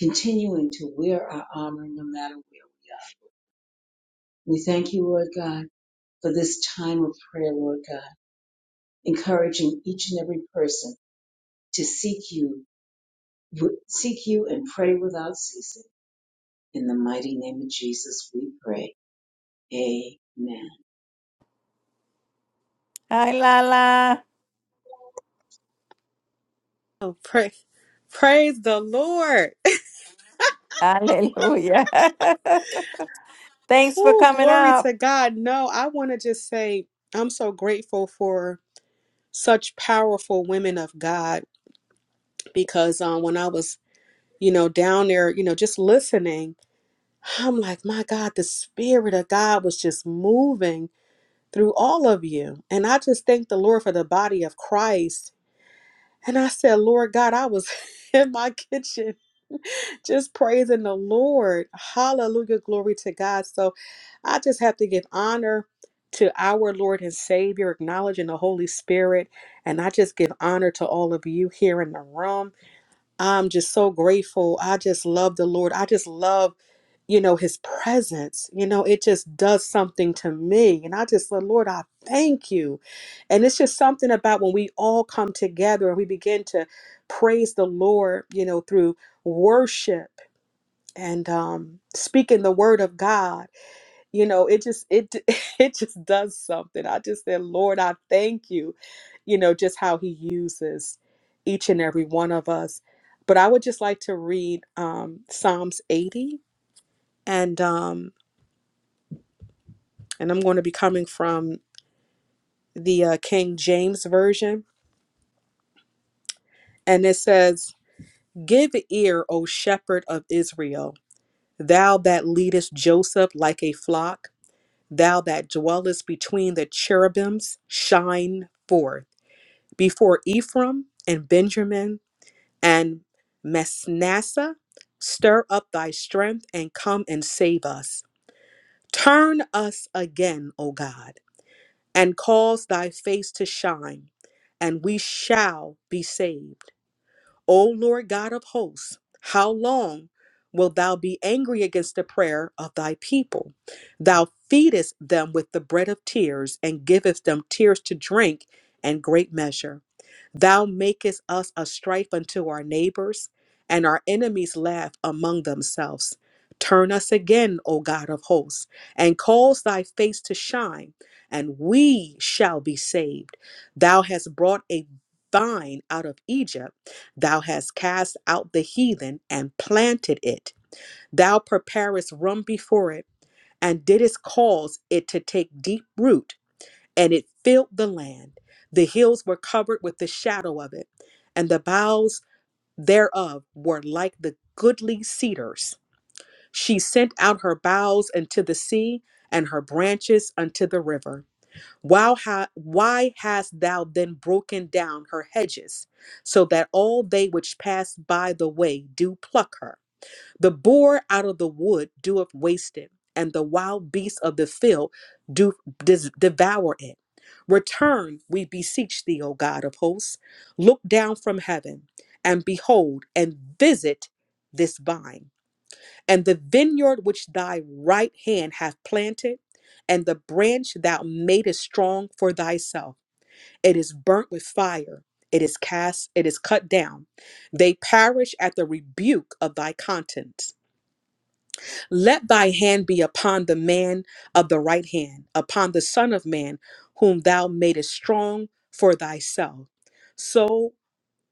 Speaker 2: continuing to wear our armor no matter where we are we thank you lord god for this time of prayer lord god encouraging each and every person to seek you seek you and pray without ceasing. In the mighty name of Jesus, we pray. Amen.
Speaker 1: Hi, Lala.
Speaker 6: Oh, pray, praise the Lord. [laughs]
Speaker 1: Hallelujah. [laughs] Thanks for
Speaker 6: Oh,
Speaker 1: coming
Speaker 6: glory
Speaker 1: up.
Speaker 6: to God. No, I want to just say I'm so grateful for such powerful women of God because um, when I was, you know, down there, you know, just listening, I'm like, my God, the Spirit of God was just moving through all of you. And I just thank the Lord for the body of Christ And I said, Lord God, I was [laughs] in my kitchen [laughs] just praising the Lord. Hallelujah. Glory to God. So I just have to give honor to our Lord and Savior, acknowledging the Holy Spirit. And I just give honor to all of you here in the room. I'm just so grateful. I just love the Lord. I just love, you know, his presence. You know, it just does something to me. And I just said, Lord, I thank you. And it's just something about when we all come together and we begin to praise the Lord, you know, through worship and um, speaking the word of God you know it just it [laughs] it just does something i just said lord i thank you you know just how he uses each and every one of us but i would just like to read um psalms 80 and um and i'm going to be coming from the uh, king james version and it says give ear o shepherd of israel thou that leadest joseph like a flock thou that dwellest between the cherubims shine forth before Ephraim and Benjamin and Manasseh. Stir up thy strength and come and save us. Turn us again, O God, and cause thy face to shine, and we shall be saved. O Lord God of hosts, how long wilt thou be angry against the prayer of thy people? Thou feedest them with the bread of tears, and givest them tears to drink and great measure. Thou makest us a strife unto our neighbors, and our enemies laugh among themselves. Turn us again, O God of hosts, and cause thy face to shine, and we shall be saved. Thou hast brought a vine out of Egypt Thou hast cast out the heathen and planted it. Thou preparest room before it, and didst cause it to take deep root, and it filled the land. The hills were covered with the shadow of it, and the boughs thereof were like the goodly cedars. She sent out her boughs unto the sea, and her branches unto the river. Wow, ha- why hast thou then broken down her hedges, so that all they which pass by the way do pluck her? The boar out of the wood doeth waste it, and the wild beasts of the field do dis- devour it. Return, we beseech thee, O God of hosts. Look down from heaven, and behold, and visit this vine and the vineyard which thy right hand hath planted, and the branch thou madest strong for thyself. It is burnt with fire, it is cast, it is cut down. They perish at the rebuke of thy contents. Let thy hand be upon the man of the right hand, upon the Son of Man, whom thou madest strong for thyself. So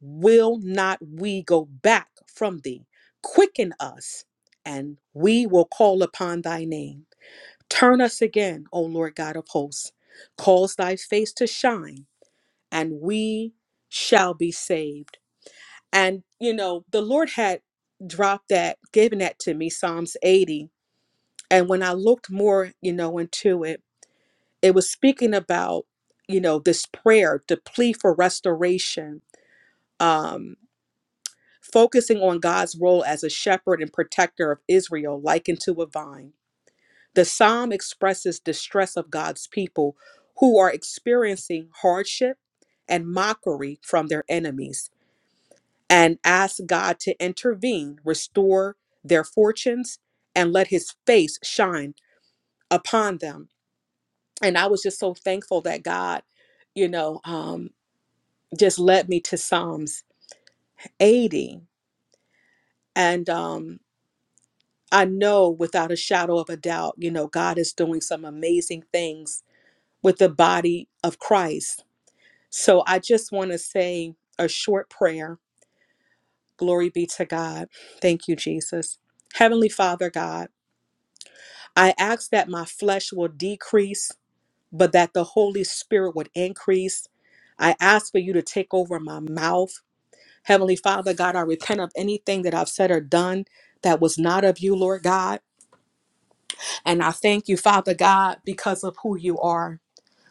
Speaker 6: will not we go back from thee? Quicken us, and we will call upon thy name. Turn us again, O Lord God of hosts. Cause thy face to shine, and we shall be saved. And, you know, the Lord had dropped that, given that to me, Psalms 80. And when I looked more, you know, into it, it was speaking about, you know, this prayer, the plea for restoration. Um. focusing on God's role as a shepherd and protector of Israel, likened to a vine. The psalm expresses distress of God's people who are experiencing hardship and mockery from their enemies and asks God to intervene, restore their fortunes, and let his face shine upon them. And I was just so thankful that God, you know, um, just led me to Psalms 80. And um, I know without a shadow of a doubt, you know, God is doing some amazing things with the body of Christ. So I just want to say a short prayer. Glory be to God. Thank you, Jesus. Heavenly Father God, I ask that my flesh will decrease, but that the Holy Spirit would increase. I ask for you to take over my mouth. Heavenly Father God, I repent of anything that I've said or done that was not of you, Lord God. And I thank you, Father God, because of who you are.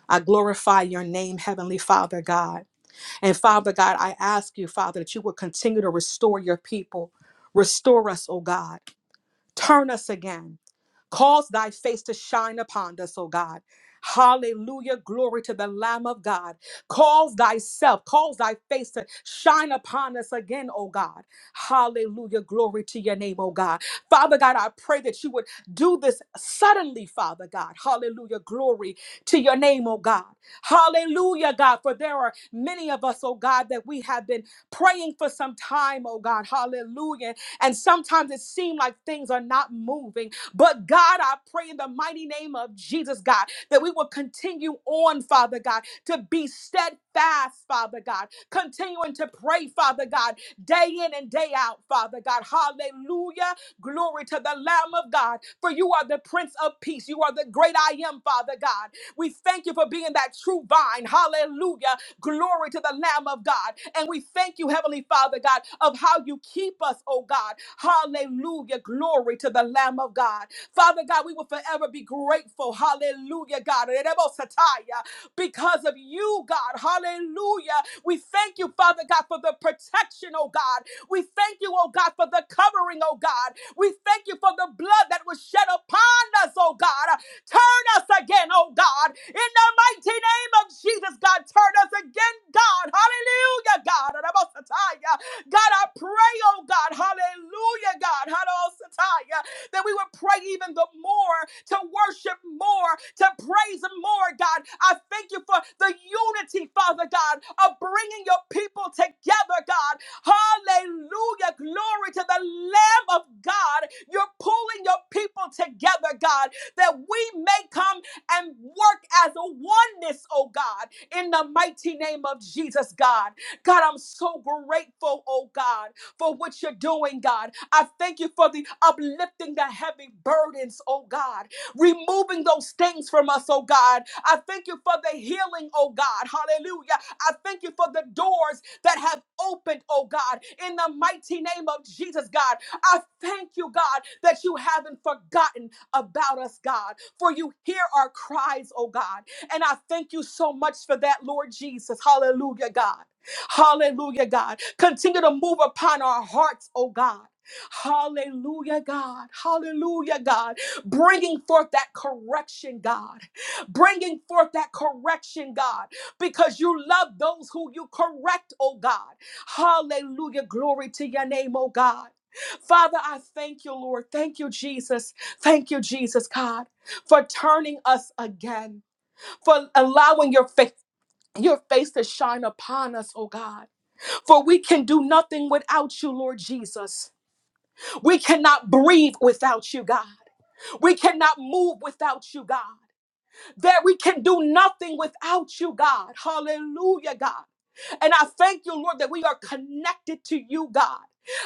Speaker 6: I glorify your name, Heavenly Father God. And Father God, I ask you, Father, that you would continue to restore your people. Restore us, oh God. Turn us again. Cause thy face to shine upon us, O God. Hallelujah. Glory to the Lamb of God. Cause thyself, cause thy face to shine upon us again, O God. Hallelujah. Glory to your name, O God. Father God, I pray that you would do this suddenly, Father God. Hallelujah. Glory to your name, O God. Hallelujah, God. For there are many of us, O God, that we have been praying for some time, O God. Hallelujah. And sometimes it seems like things are not moving. But God, I pray in the mighty name of Jesus, God, that we will continue on, Father God, to be steadfast, Father God, continuing to pray, Father God, day in and day out, Father God. Hallelujah. Glory to the Lamb of God, for you are the Prince of Peace. You are the great I am, Father God. We thank you for being that true vine. Hallelujah. Glory to the Lamb of God. And we thank you, Heavenly Father God, of how you keep us, oh God. Hallelujah. Glory to the Lamb of God. Father God, we will forever be grateful. Hallelujah, God. Erebosataya. Because of you, God. Hallelujah. We thank you, Father God, for the protection, oh God. We thank you, oh God, for the covering, oh God. We thank you for the blood that was shed upon us, oh God. Turn us again, oh God. In the mighty name of Jesus, God, turn us again, God. Hallelujah, God. God, I pray, oh God. Hallelujah, God. Hallelujah that we would pray even the more, to worship more, to praise more, God. I thank you for the unity, Father God, of bringing your people together, God. Hallelujah. Glory to the Lamb of God. You're pulling your people together, God that we may come and work as a oneness, oh God, in the mighty name of Jesus, God. God, I'm so grateful, oh God, for what you're doing, God. I thank you for the uplifting the heavy burdens, oh God, removing those things from us, oh God. I thank you for the healing, oh God. Hallelujah. I thank you for the doors that have opened, oh God, in the mighty name of Jesus, God. I thank you, God, that you haven't forgotten about us, God, for you hear our cries, oh God. And I thank you so much for that, Lord Jesus. Hallelujah, God. Hallelujah, God. Continue to move upon our hearts, oh God. Hallelujah, God. Hallelujah, God. Bringing forth that correction, God. Bringing forth that correction, God, because you love those who you correct, oh God. Hallelujah. Glory to your name, oh God. Father, I thank you, Lord. Thank you, Jesus. Thank you, Jesus, God, for turning us again, for allowing your faith. Your face to shine upon us, oh God. For we can do nothing without you, Lord Jesus. We cannot breathe without you, God. We cannot move without you, God. That we can do nothing without you, God. Hallelujah, God. And I thank you, Lord, that we are connected to you, God.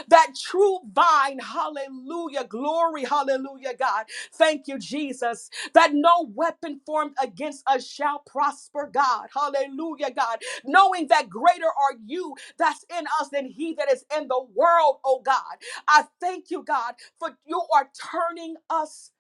Speaker 6: That true vine, hallelujah, glory, hallelujah, God. Thank you, Jesus, that no weapon formed against us shall prosper, God, hallelujah, God. Knowing that greater are you that's in us than he that is in the world, oh God. I thank you, God, for you are turning us.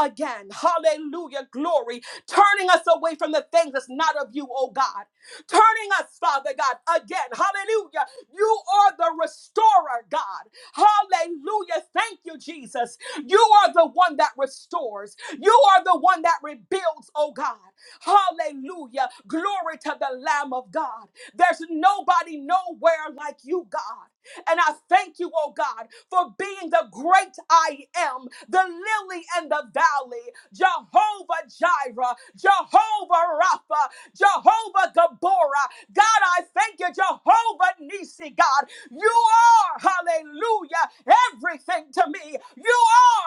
Speaker 6: Again, hallelujah, glory, turning us away from the things that's not of you, oh God, turning us, Father God, again. Hallelujah. You are the restorer, God. Hallelujah. Thank you, Jesus. You are the one that restores. You are the one that rebuilds, oh God. Hallelujah. Glory to the Lamb of God. There's nobody nowhere like you, God. And I thank you, oh God, for being the great I am, the lily and the valley, Jehovah Jireh, Jehovah Rapha, Jehovah Gaborah. God, I thank you, Jehovah Nisi, God. You are, hallelujah, everything to me. You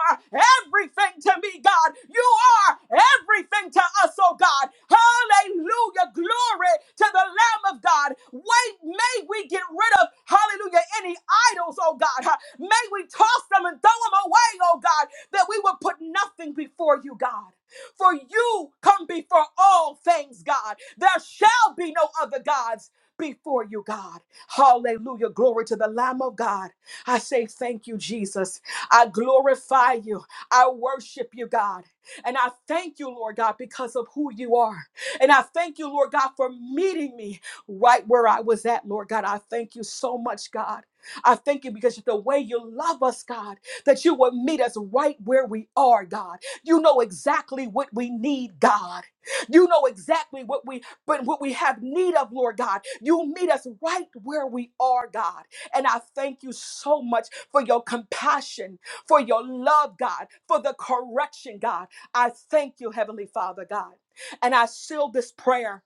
Speaker 6: are everything to me, God. You are everything to us, oh God. Hallelujah. Glory to the Lamb of God. Wait, may we get rid of, hallelujah, any idols, oh God. Huh. May we toss them and throw them away, oh God, that we will put nothing before you, God. For you come before all things, God. There shall be no other gods before you, God. Hallelujah. Glory to the Lamb of God. I say thank you, Jesus. I glorify you. I worship you, God. And I thank you, Lord God, because of who you are. And I thank you, Lord God, for meeting me right where I was at, Lord God. I thank you so much, God. I thank you because of the way you love us, God, that you will meet us right where we are, God. You know exactly what we need, God. You know exactly what we but what we have need of, Lord God. You meet us right where we are, God. And I thank you so much for your compassion, for your love, God, for the correction, God. I thank you, Heavenly Father, God. And I seal this prayer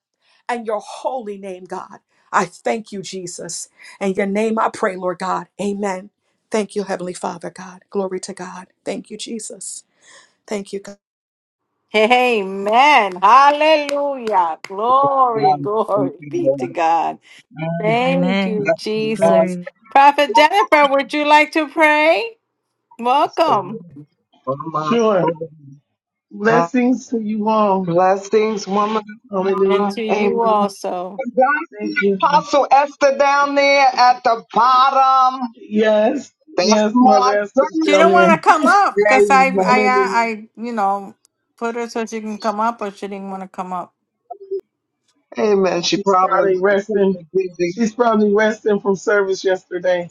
Speaker 6: and your holy name, God. I thank you, Jesus. And your name I pray, Lord God. Amen. Thank you, Heavenly Father, God. Glory to God. Thank you, Jesus. Thank you, God.
Speaker 1: Amen. Hallelujah. Glory,
Speaker 3: Um,
Speaker 1: glory
Speaker 3: thank you,
Speaker 1: be to
Speaker 3: Lord.
Speaker 1: God.
Speaker 3: Um,
Speaker 1: Thank
Speaker 5: Amen.
Speaker 1: you,
Speaker 3: bless the Lord.
Speaker 1: Jesus.
Speaker 5: Glory.
Speaker 1: Prophet Jennifer, would you like to pray?
Speaker 3: Bless the
Speaker 1: Welcome.
Speaker 3: Lord for my
Speaker 7: Sure.
Speaker 3: soul. God
Speaker 7: Blessings to you all.
Speaker 3: Blessings, woman. of
Speaker 1: And to
Speaker 7: Hallelujah.
Speaker 3: Amen.
Speaker 1: you also.
Speaker 3: Is that
Speaker 7: Thank you.
Speaker 3: Apostle Esther down there at the bottom.
Speaker 7: Yes.
Speaker 3: That's
Speaker 7: Yes,
Speaker 3: my
Speaker 7: Mother Esther's
Speaker 1: She
Speaker 3: girl.
Speaker 7: down
Speaker 1: don't
Speaker 7: there.
Speaker 1: want to come up because I,
Speaker 3: Amen.
Speaker 1: I, I,
Speaker 7: Hallelujah.
Speaker 1: I, you know, put her so she can come up, but she didn't want to come up.
Speaker 3: Amen. She
Speaker 7: She's
Speaker 3: probably
Speaker 7: probably
Speaker 3: she's
Speaker 7: resting.
Speaker 3: busy.
Speaker 7: She's probably resting from service yesterday.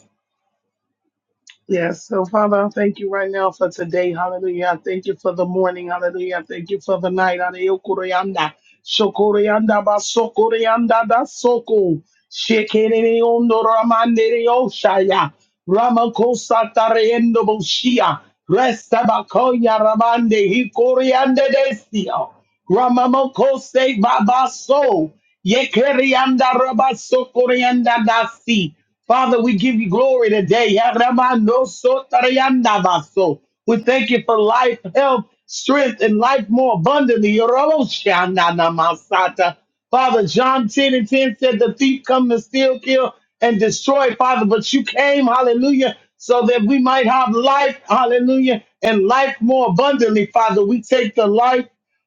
Speaker 7: Yes. So, Father, I thank you right now for today. Hallelujah. I thank you for the morning. Hallelujah. I thank you for the night. Hallelujah. Koreanda. Shokoreanda baso koreanda da soko. Shekerere ondo ramandere oshaya. Ramakosa tareendo boshia. Resta bakoya ramande hi koreanda desio. Ramamoko se babaso. Yekerianda rabaso koreanda dasi. Father, we give you glory today. Yaramano so tarianda baso. We thank you for life, health, strength, and life more abundantly. Yoroshiana namasata. Father, John 10 and 10 said the thief come to steal, kill, and destroy, Father, but you came, hallelujah, so that we might have life, hallelujah, and life more abundantly, Father. We take the life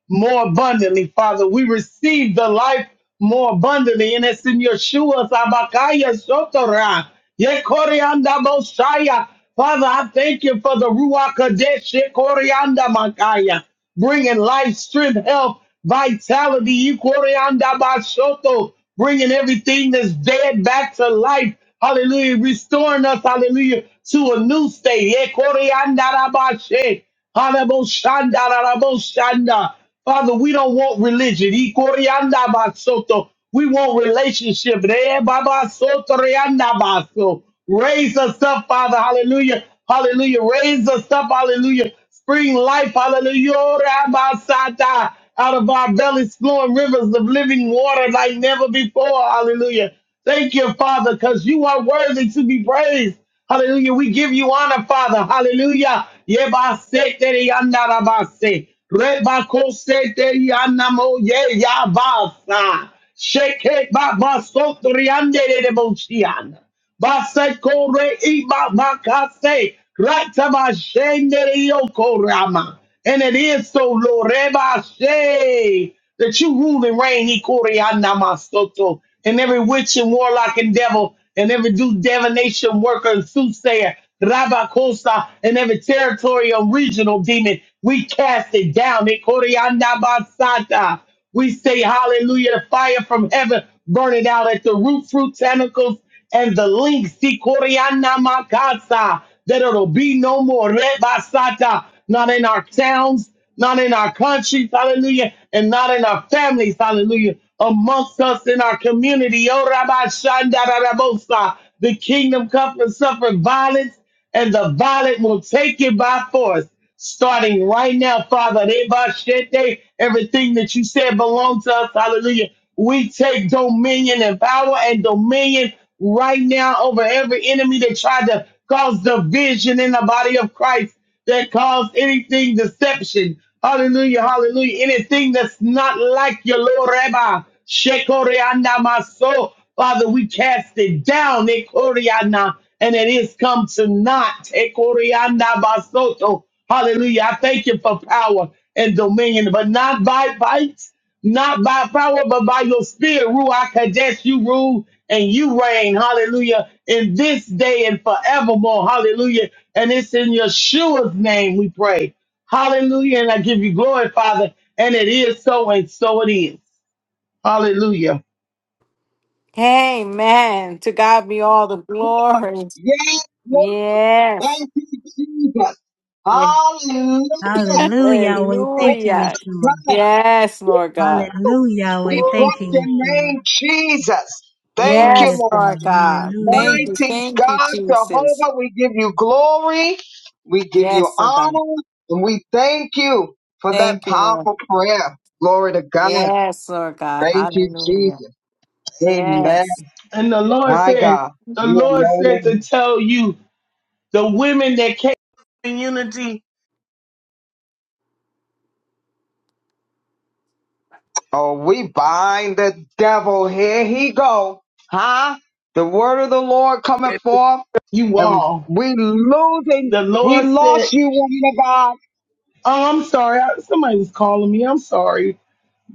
Speaker 7: more abundantly, Father. We receive the life more abundantly, and it's in Yeshua Sabakaya Sotora. Yekorianda Bosaya. Father, I thank you for the Ruach Kadesh Yekorianda Makaya, bringing life, strength, health, vitality. Yekorianda Basoto, bringing everything that's dead back to life. Hallelujah. Restoring us, hallelujah, to a new state. Yekorianda Rabashe. Hallelujah. Father, we don't want religion. Ikorianda basoto. We want relationship. Re baba soto rianda baso. Raise us up, Father. Hallelujah. Hallelujah. Raise us up. Hallelujah. Spring life. Hallelujah. Ora basata. Out of our bellies flowing rivers of living water like never before. Hallelujah. Thank you, Father, because you are worthy to be praised. Hallelujah. We give you honor, Father. Hallelujah. Yebasete rianda rabase. Rebakosete yanamo ye yabasa. Sheke baba sotriande de bociana. Base corre iba makase Rataba shende yokorama. And it is so Loreba she that you rule and reign ikoriana masoto. And every witch and warlock and devil and every do divination worker and soothsayer Rabakosa, and every territorial regional demon, we cast it down. Ikoriandabasata. We say hallelujah, the fire from heaven burning out at the root, fruit, tentacles, and the links. Ikorianamakasa. That it'll be no more. Rebasata. Not in our towns, not in our countries, hallelujah, and not in our families, hallelujah, amongst us in our community. Oh, Rabbi Shandarabosa, the kingdom comes to suffer violence, and the violent will take it by force. Starting right now, Father, Reba Shete, everything that you said belongs to us, hallelujah. We take dominion and power and dominion right now over every enemy that tried to cause division in the body of Christ, that caused anything deception. Hallelujah, hallelujah. Anything that's not like your Lord Rabbi. Shekoreana maso. Father, we cast it down, Ekoriana, and it is come to naught. Ekoriana basoto. Hallelujah. I thank you for power and dominion, but not by might not by power, but by your spirit, Ruach Kadesh, you rule and you reign, hallelujah, in this day and forevermore, hallelujah. And it's in Yeshua's name we pray, hallelujah. And I give you glory, Father, and it is so, and so it is, hallelujah.
Speaker 1: Amen. To God be all the glory.
Speaker 3: Yeah.
Speaker 1: Yes.
Speaker 3: Thank you, Jesus.
Speaker 1: [laughs]
Speaker 3: Hallelujah.
Speaker 5: Hallelujah, Yahweh.
Speaker 3: Lord
Speaker 5: Thank you,
Speaker 1: Hallelujah.
Speaker 5: Yeshua.
Speaker 3: God,
Speaker 1: Yes, Lord God.
Speaker 5: Hallelujah,
Speaker 3: we
Speaker 5: Yahweh. Thank
Speaker 3: bless
Speaker 5: you,
Speaker 3: your
Speaker 1: Woo!
Speaker 5: Yeshua.
Speaker 3: name, Jesus. Thank you,
Speaker 1: Yes,
Speaker 5: Glorious
Speaker 3: Lord.
Speaker 1: Lord
Speaker 5: Lord.
Speaker 1: God.
Speaker 5: Hallelujah.
Speaker 1: Thank you.
Speaker 3: Mighty
Speaker 1: Thank you,
Speaker 3: God,
Speaker 1: Jesus.
Speaker 3: Jehovah, we give you glory, we give you
Speaker 1: Yes, Lord God.
Speaker 3: honor, and we thank you for that
Speaker 1: Thank you, Lord.
Speaker 3: powerful prayer. Glory to God.
Speaker 1: Yes, Lord God.
Speaker 3: Thank you,
Speaker 1: Hallelujah.
Speaker 3: Jesus. Amen.
Speaker 1: Yes.
Speaker 7: And the Lord
Speaker 3: My
Speaker 7: said,
Speaker 3: God,
Speaker 7: the
Speaker 3: you
Speaker 7: Lord said to
Speaker 3: alone.
Speaker 7: tell you, the women that came in unity,
Speaker 3: Oh, we bind the devil. Here he go. Huh? The word of the Lord coming forth
Speaker 7: you
Speaker 3: and
Speaker 7: all.
Speaker 3: we losing.
Speaker 7: The
Speaker 3: We
Speaker 7: Lord
Speaker 3: lost
Speaker 7: said,
Speaker 3: you, woman of God.
Speaker 7: oh, I'm sorry, I- somebody was calling me, I'm sorry.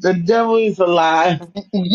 Speaker 7: The devil is a lie.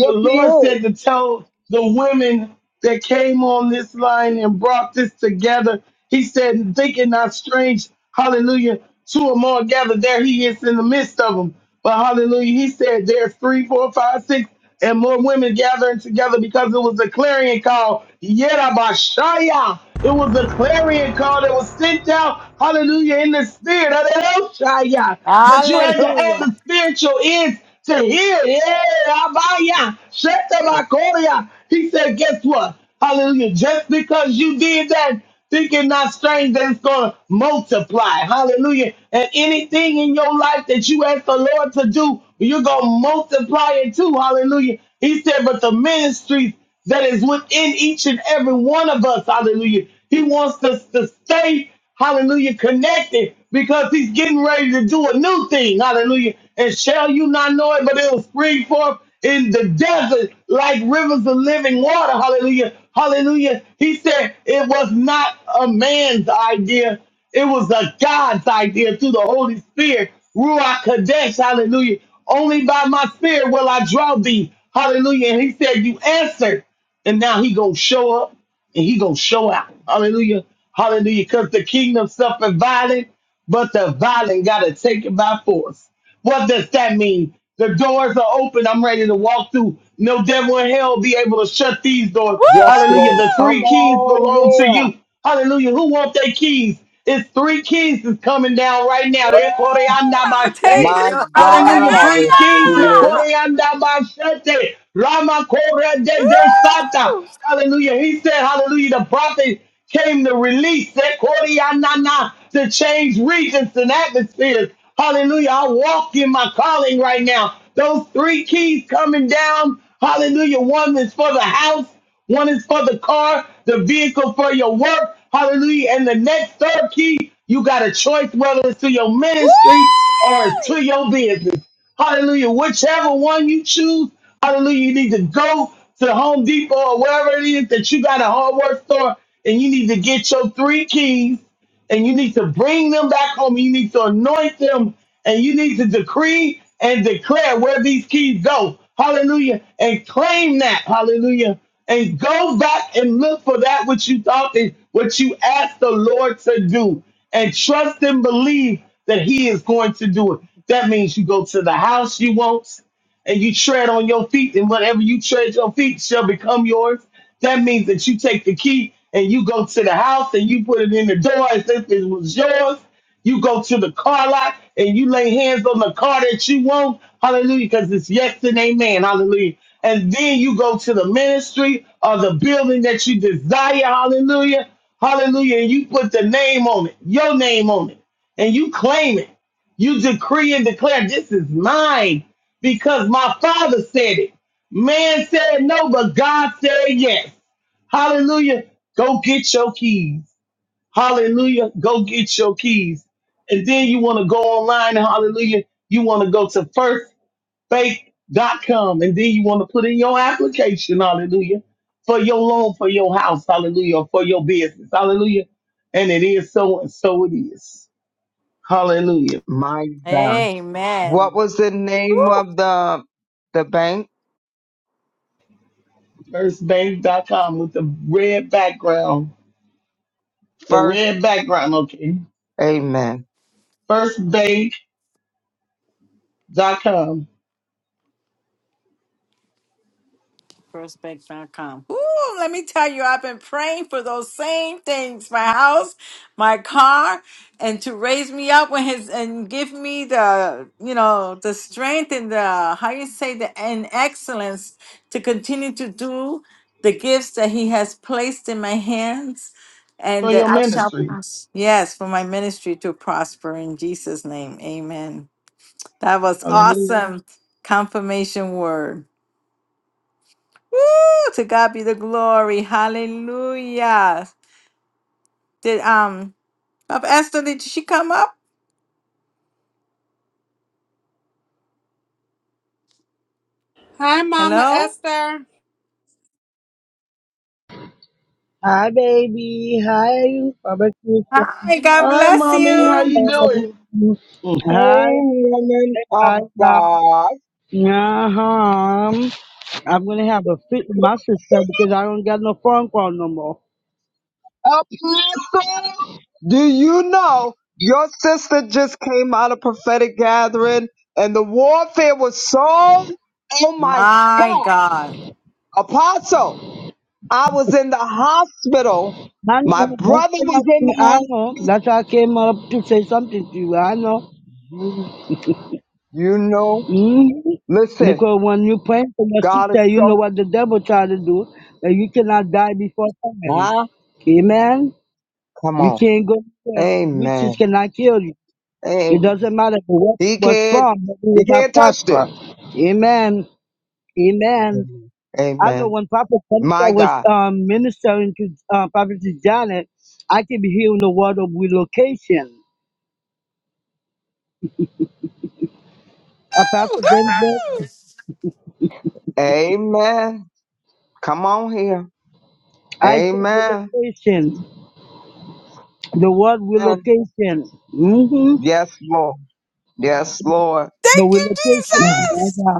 Speaker 7: The
Speaker 3: he
Speaker 7: Lord
Speaker 3: is.
Speaker 7: said to tell the women that came on this line and brought this together. He said, Think it not strange, hallelujah. Two or more gathered, there he is in the midst of them. But hallelujah, he said, There's three, four, five, six, and more women gathering together because it was a clarion call. Yerabashaya. It was a clarion call that was sent out, hallelujah, in the spirit. Hallelujah. But you had to have
Speaker 1: Hallelujah.
Speaker 7: the spiritual ears to hear. Yeah, Abaya, Shetabakoria. He said, guess what? Hallelujah. Just because you did that, think thinking not strange that it's going to multiply. Hallelujah. And anything in your life that you ask the Lord to do, you're going to multiply it too. Hallelujah. He said, but the ministries that is within each and every one of us. Hallelujah. He wants us to stay, hallelujah, connected because he's getting ready to do a new thing. Hallelujah. And shall you not know it, but it'll spring forth in the desert like rivers of living water. Hallelujah. Hallelujah. He said it was not a man's idea. It was a God's idea through the Holy Spirit. Ruach Kodesh. hallelujah. Only by my spirit will I draw thee. Hallelujah. And he said, You answered. And now he gonna show up and he gonna show out. Hallelujah. Hallelujah. Because the kingdom suffered violence, but the violent gotta take it by force. What does that mean? The doors are open. I'm ready to walk through. No devil in hell be able to shut these doors.
Speaker 3: Yes,
Speaker 7: Hallelujah.
Speaker 3: Lord.
Speaker 7: The
Speaker 3: Come
Speaker 7: three
Speaker 1: Woo!
Speaker 7: keys
Speaker 3: on
Speaker 7: belong to
Speaker 3: here.
Speaker 7: you. Hallelujah. Who wants their keys? It's three keys that's coming down right now.
Speaker 1: Woo! Thank you.
Speaker 3: My
Speaker 1: Lord.
Speaker 3: God,
Speaker 7: Hallelujah.
Speaker 3: I
Speaker 7: Three
Speaker 3: repeat
Speaker 7: keys.
Speaker 3: it.
Speaker 1: Hallelujah.
Speaker 7: Koreanda Bashete. Rama Kore de de Sata.
Speaker 1: Woo!
Speaker 7: Hallelujah. He said, Hallelujah. The prophet came to release that Koreanda na, to change regions and atmospheres. Hallelujah. I walk in my calling right now. Those three keys coming down. Hallelujah. One is for the house. One is for the car, the vehicle for your work. Hallelujah. And the next third key, you got a choice whether it's to your
Speaker 1: Woo!
Speaker 7: ministry or it's to your business. Hallelujah. Whichever one you choose, hallelujah, you need to go to Home Depot or wherever it is that you got a hardware store and you need to get your three keys and you need to bring them back home. You need to anoint them and you need to decree and declare where these keys go. Hallelujah. And claim that. Hallelujah. And go back and look for that which you thought and what you asked the Lord to do. And trust and believe that He is going to do it. That means you go to the house you want and you tread on your feet, and whatever you tread your feet shall become yours. That means that you take the key and you go to the house and you put it in the door as if it was yours. You go to the car lot and you lay hands on the car that you want. Hallelujah, because it's yes and amen. Hallelujah. And then you go to the ministry or the building that you desire. Hallelujah. Hallelujah. And you put the name on it, your name on it, and you claim it. You decree and declare, this is mine because my father said it. Man said no, but God said yes. Hallelujah. Go get your keys. Hallelujah. Go get your keys. And then you want to go online. Hallelujah. You want to go to firstfaith.com and then you want to put in your application. Hallelujah. For your loan, for your house. Hallelujah. or For your business. Hallelujah. And it is so and so it is. Hallelujah.
Speaker 3: My God. What
Speaker 1: Amen.
Speaker 3: was the name of the the bank?
Speaker 7: Firstbank.com with the red background. The
Speaker 3: First,
Speaker 7: red background, okay.
Speaker 3: Amen.
Speaker 7: Firstbank.com
Speaker 1: Firstbank.com. Ooh, let me tell you, I've been praying for those same things. My house, my car, and to raise me up when his and give me the you know the strength and the how you say the and excellence to continue to do the gifts that he has placed in my hands
Speaker 7: for
Speaker 1: and that
Speaker 7: your
Speaker 1: I shall
Speaker 7: ministry.
Speaker 1: prosper. Yes, for my ministry to prosper in Jesus' name. Amen. That was
Speaker 7: Hallelujah.
Speaker 1: awesome confirmation word. Woo! To God be the glory. Hallelujah. Did um Papa Esther, did she come up?
Speaker 6: Hi, Mama
Speaker 1: Hello?
Speaker 6: Esther.
Speaker 8: Hi, baby. Hi, barbecue.
Speaker 1: Hi, God
Speaker 7: All right,
Speaker 1: bless
Speaker 7: mommy, how
Speaker 1: you.
Speaker 7: you doing? Mm,
Speaker 3: Hey,
Speaker 8: Hi, hi,
Speaker 3: woman
Speaker 8: hi.
Speaker 3: of God.
Speaker 8: Uh huh. I'm gonna have a fit with my sister because I don't got no phone call no more.
Speaker 3: Apostle, do you know your sister just came out of prophetic gathering and the warfare was so, oh my
Speaker 1: My
Speaker 3: God.
Speaker 1: God.
Speaker 3: Apostle, I was in the hospital.
Speaker 8: I
Speaker 3: My
Speaker 8: know. That's
Speaker 3: brother
Speaker 8: what I,
Speaker 3: was in
Speaker 8: think.
Speaker 3: the
Speaker 8: I know.
Speaker 3: hospital.
Speaker 8: That's why I came up to say something to you. I know.
Speaker 3: You, you know,
Speaker 8: hmm
Speaker 3: listen,
Speaker 8: Because when you pray for your
Speaker 3: God
Speaker 8: sister,
Speaker 3: is
Speaker 8: you know
Speaker 3: so,
Speaker 8: what the devil try to do, and you cannot die before time.
Speaker 3: ah,
Speaker 8: Amen.
Speaker 3: come
Speaker 8: You
Speaker 3: on.
Speaker 8: can't go to hell.
Speaker 3: Amen.
Speaker 8: Witches cannot kill you.
Speaker 3: Amen.
Speaker 8: It doesn't matter where it
Speaker 3: He
Speaker 8: was
Speaker 3: can't,
Speaker 8: from, but we
Speaker 3: he
Speaker 8: will not
Speaker 3: can't touch this.
Speaker 8: prosper. Amen. Amen.
Speaker 3: Amen.
Speaker 8: I know
Speaker 3: Amen.
Speaker 8: when Prophet
Speaker 3: My
Speaker 8: Jennifer was
Speaker 3: God.
Speaker 8: um, ministering to uh, Prophet Janet, I keep hearing the word of relocation. Uh, Pastor Jennifer,
Speaker 3: Amen. Come on here.
Speaker 8: I hear
Speaker 3: Amen.
Speaker 8: relocation. The word
Speaker 3: And
Speaker 8: relocation. Mm-hmm.
Speaker 3: yes, Lord. Yes, Lord.
Speaker 1: Thank you,
Speaker 8: The
Speaker 3: Mm,
Speaker 1: Jesus.
Speaker 8: relocation.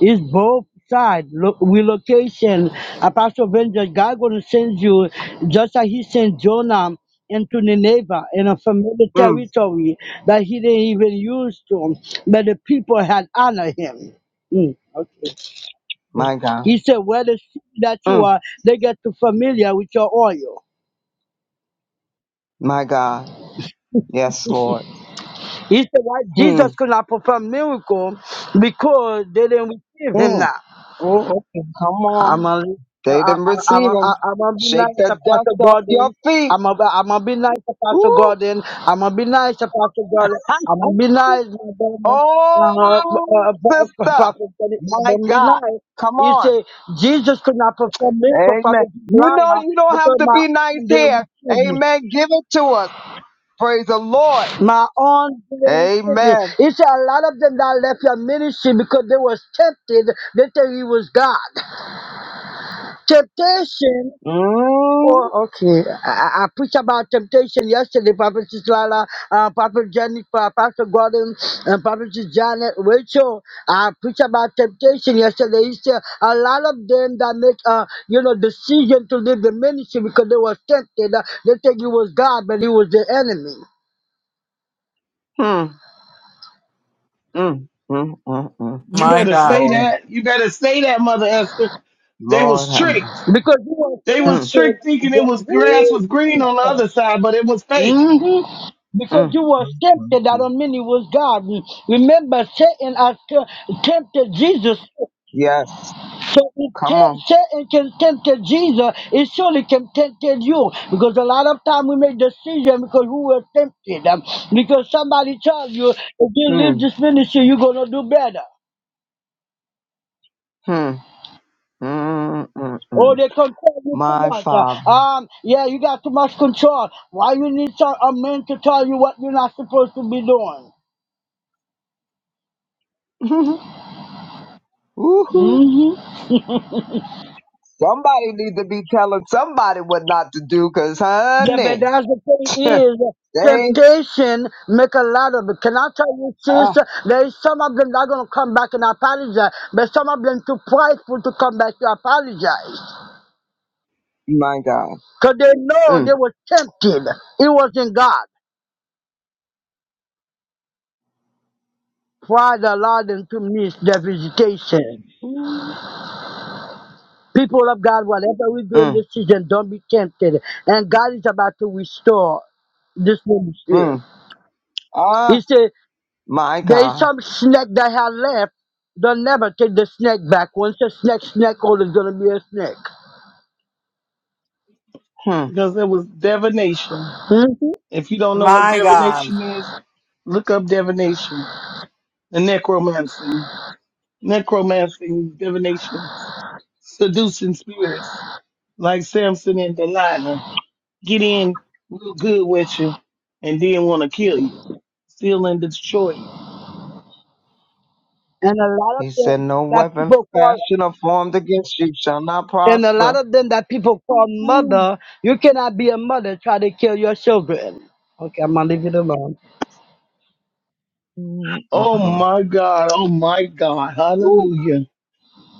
Speaker 8: It's both side Look, relocation. Apostle Vengeance, God gonna send you just like He sent Jonah into Nineveh in a familiar
Speaker 3: mm,
Speaker 8: territory that He didn't even use to, but the people had honored Him. Mm, okay.
Speaker 3: my God.
Speaker 8: He said, "Where the sheep that you
Speaker 3: Mm,
Speaker 8: are, they get too familiar with your oil."
Speaker 3: my God. Yes, Lord.
Speaker 8: He said, "Why
Speaker 3: Hmm.
Speaker 8: Jesus could not perform miracle because they didn't receive Him
Speaker 3: Mm,
Speaker 8: now." Oh, okay.
Speaker 3: come
Speaker 8: I'm
Speaker 3: on.
Speaker 8: gonna
Speaker 3: They didn't
Speaker 8: I'm
Speaker 3: receive
Speaker 8: gonna
Speaker 3: them.
Speaker 8: I'm gonna be
Speaker 3: Shake
Speaker 8: nice to
Speaker 3: the dust
Speaker 8: Pastor
Speaker 3: off your
Speaker 8: Gordon.
Speaker 3: feet.
Speaker 8: I'm gonna I'm gonna be nice to Pastor
Speaker 3: Woo!
Speaker 8: Gordon. I'm gonna be nice to Pastor Gordon. I'm gonna be nice, my brother.
Speaker 3: Oh,
Speaker 8: Uh, uh, uh,
Speaker 3: sister.
Speaker 8: Prophet Gordon, I'm
Speaker 3: My
Speaker 8: gonna be
Speaker 3: God.
Speaker 8: nice.
Speaker 3: Come
Speaker 8: He
Speaker 3: on.
Speaker 8: say Jesus could not perform miracle for
Speaker 3: Amen.
Speaker 8: the
Speaker 3: You know
Speaker 8: liar
Speaker 3: you don't have
Speaker 8: because
Speaker 3: to
Speaker 8: my
Speaker 3: be nice
Speaker 8: own they will
Speaker 3: here.
Speaker 8: kill me.
Speaker 3: Amen. Give it to us. Praise the Lord.
Speaker 8: My own they will kill me.
Speaker 3: Amen.
Speaker 8: He said a lot of them that left your ministry because they was tempted. They say he was God. Temptation
Speaker 3: mm
Speaker 8: Oh, okay. I, I I preached about temptation yesterday, Prophet Lala, uh, Prophet Jenny, Pa- Pastor Gordon, and Prophet Janet, Rachel. I preached about temptation yesterday. He said a lot of them that make, uh, you know, decision to leave the ministry because they were tempted. Uh, they think it was God, but it was the enemy.
Speaker 3: Mm, mm, mm, mm, mm.
Speaker 7: You
Speaker 1: My
Speaker 7: better say
Speaker 1: God.
Speaker 3: Lord,
Speaker 7: that. You better say that, Mother Esther. They
Speaker 3: Lord
Speaker 7: was
Speaker 3: have mercy.
Speaker 7: tricked.
Speaker 8: Because he was
Speaker 7: They was
Speaker 3: Mm,
Speaker 7: tricked thinking
Speaker 8: tempted.
Speaker 7: it
Speaker 8: Yeah.
Speaker 7: was grass was green on the
Speaker 8: Woo!
Speaker 7: other side, but it was fake
Speaker 8: hmm Because
Speaker 3: mm,
Speaker 8: you was
Speaker 3: mm,
Speaker 8: tempted, that
Speaker 3: mm.
Speaker 8: don't mean it was God. Remember, Satan has t- tempted Jesus.
Speaker 3: Yes.
Speaker 8: So if
Speaker 3: Come
Speaker 8: te-
Speaker 3: on.
Speaker 8: Satan can tempt Jesus, it surely can tempt you. Because a lot of time we make decision because we were tempted. Um, because somebody tells you, if you leave
Speaker 3: Mm,
Speaker 8: this ministry, you're going to do better.
Speaker 3: mm, mm, mm,
Speaker 8: Or
Speaker 3: mm.
Speaker 8: they control you too
Speaker 3: My
Speaker 8: much. Uh,
Speaker 3: Father.
Speaker 8: Um, yeah, you got too much control. Why you need some, a man to tell you what you're not supposed to be doing?
Speaker 3: [laughs] Woohoo.
Speaker 8: hmm
Speaker 3: Somebody need to be telling somebody what not to do, cause
Speaker 8: Yeah, but
Speaker 3: honey,
Speaker 8: that's the thing
Speaker 3: [laughs] they,
Speaker 8: is temptation make a lot of it. Can I tell you,
Speaker 3: oh
Speaker 8: sister? There is some of them that gonna come back and apologize, but some of them too prideful to come back to apologize.
Speaker 3: my God.
Speaker 8: Cause they know they
Speaker 3: Mm,
Speaker 8: were tempted. It wasn't God. Pride allowed them to miss their visitation. People of God, whatever we do in
Speaker 3: mm,
Speaker 8: this season, don't be tempted. And God is about to restore this ministry.
Speaker 3: mm.
Speaker 8: He
Speaker 3: Ah,
Speaker 8: said
Speaker 3: my
Speaker 8: There is
Speaker 3: God.
Speaker 8: some snake that have left. They'll never take the snake back. Once a snake, snake always gonna be a snake.
Speaker 3: Hmm.
Speaker 7: because it was divination.
Speaker 8: hmm
Speaker 7: If you don't know what
Speaker 1: My God.
Speaker 7: divination is, look up divination and necromancy. Necromancy, divination, seducing spirits. like Samson and Delilah, get in real good with you and then want to kill you, steal and destroy you.
Speaker 8: And a lot of
Speaker 3: He
Speaker 8: them
Speaker 3: said, no
Speaker 8: that
Speaker 3: weapon
Speaker 8: people call
Speaker 3: fashioned or formed against you shall not
Speaker 8: and a lot
Speaker 3: prosper.
Speaker 8: of them that people call
Speaker 3: Mm,
Speaker 8: mother, you cannot be a mother try to kill your children. Okay, I'm gonna leave it alone.
Speaker 3: mm, mm,
Speaker 7: Oh
Speaker 3: mm.
Speaker 7: my God. Oh my God.
Speaker 3: Woo.
Speaker 7: Hallelujah.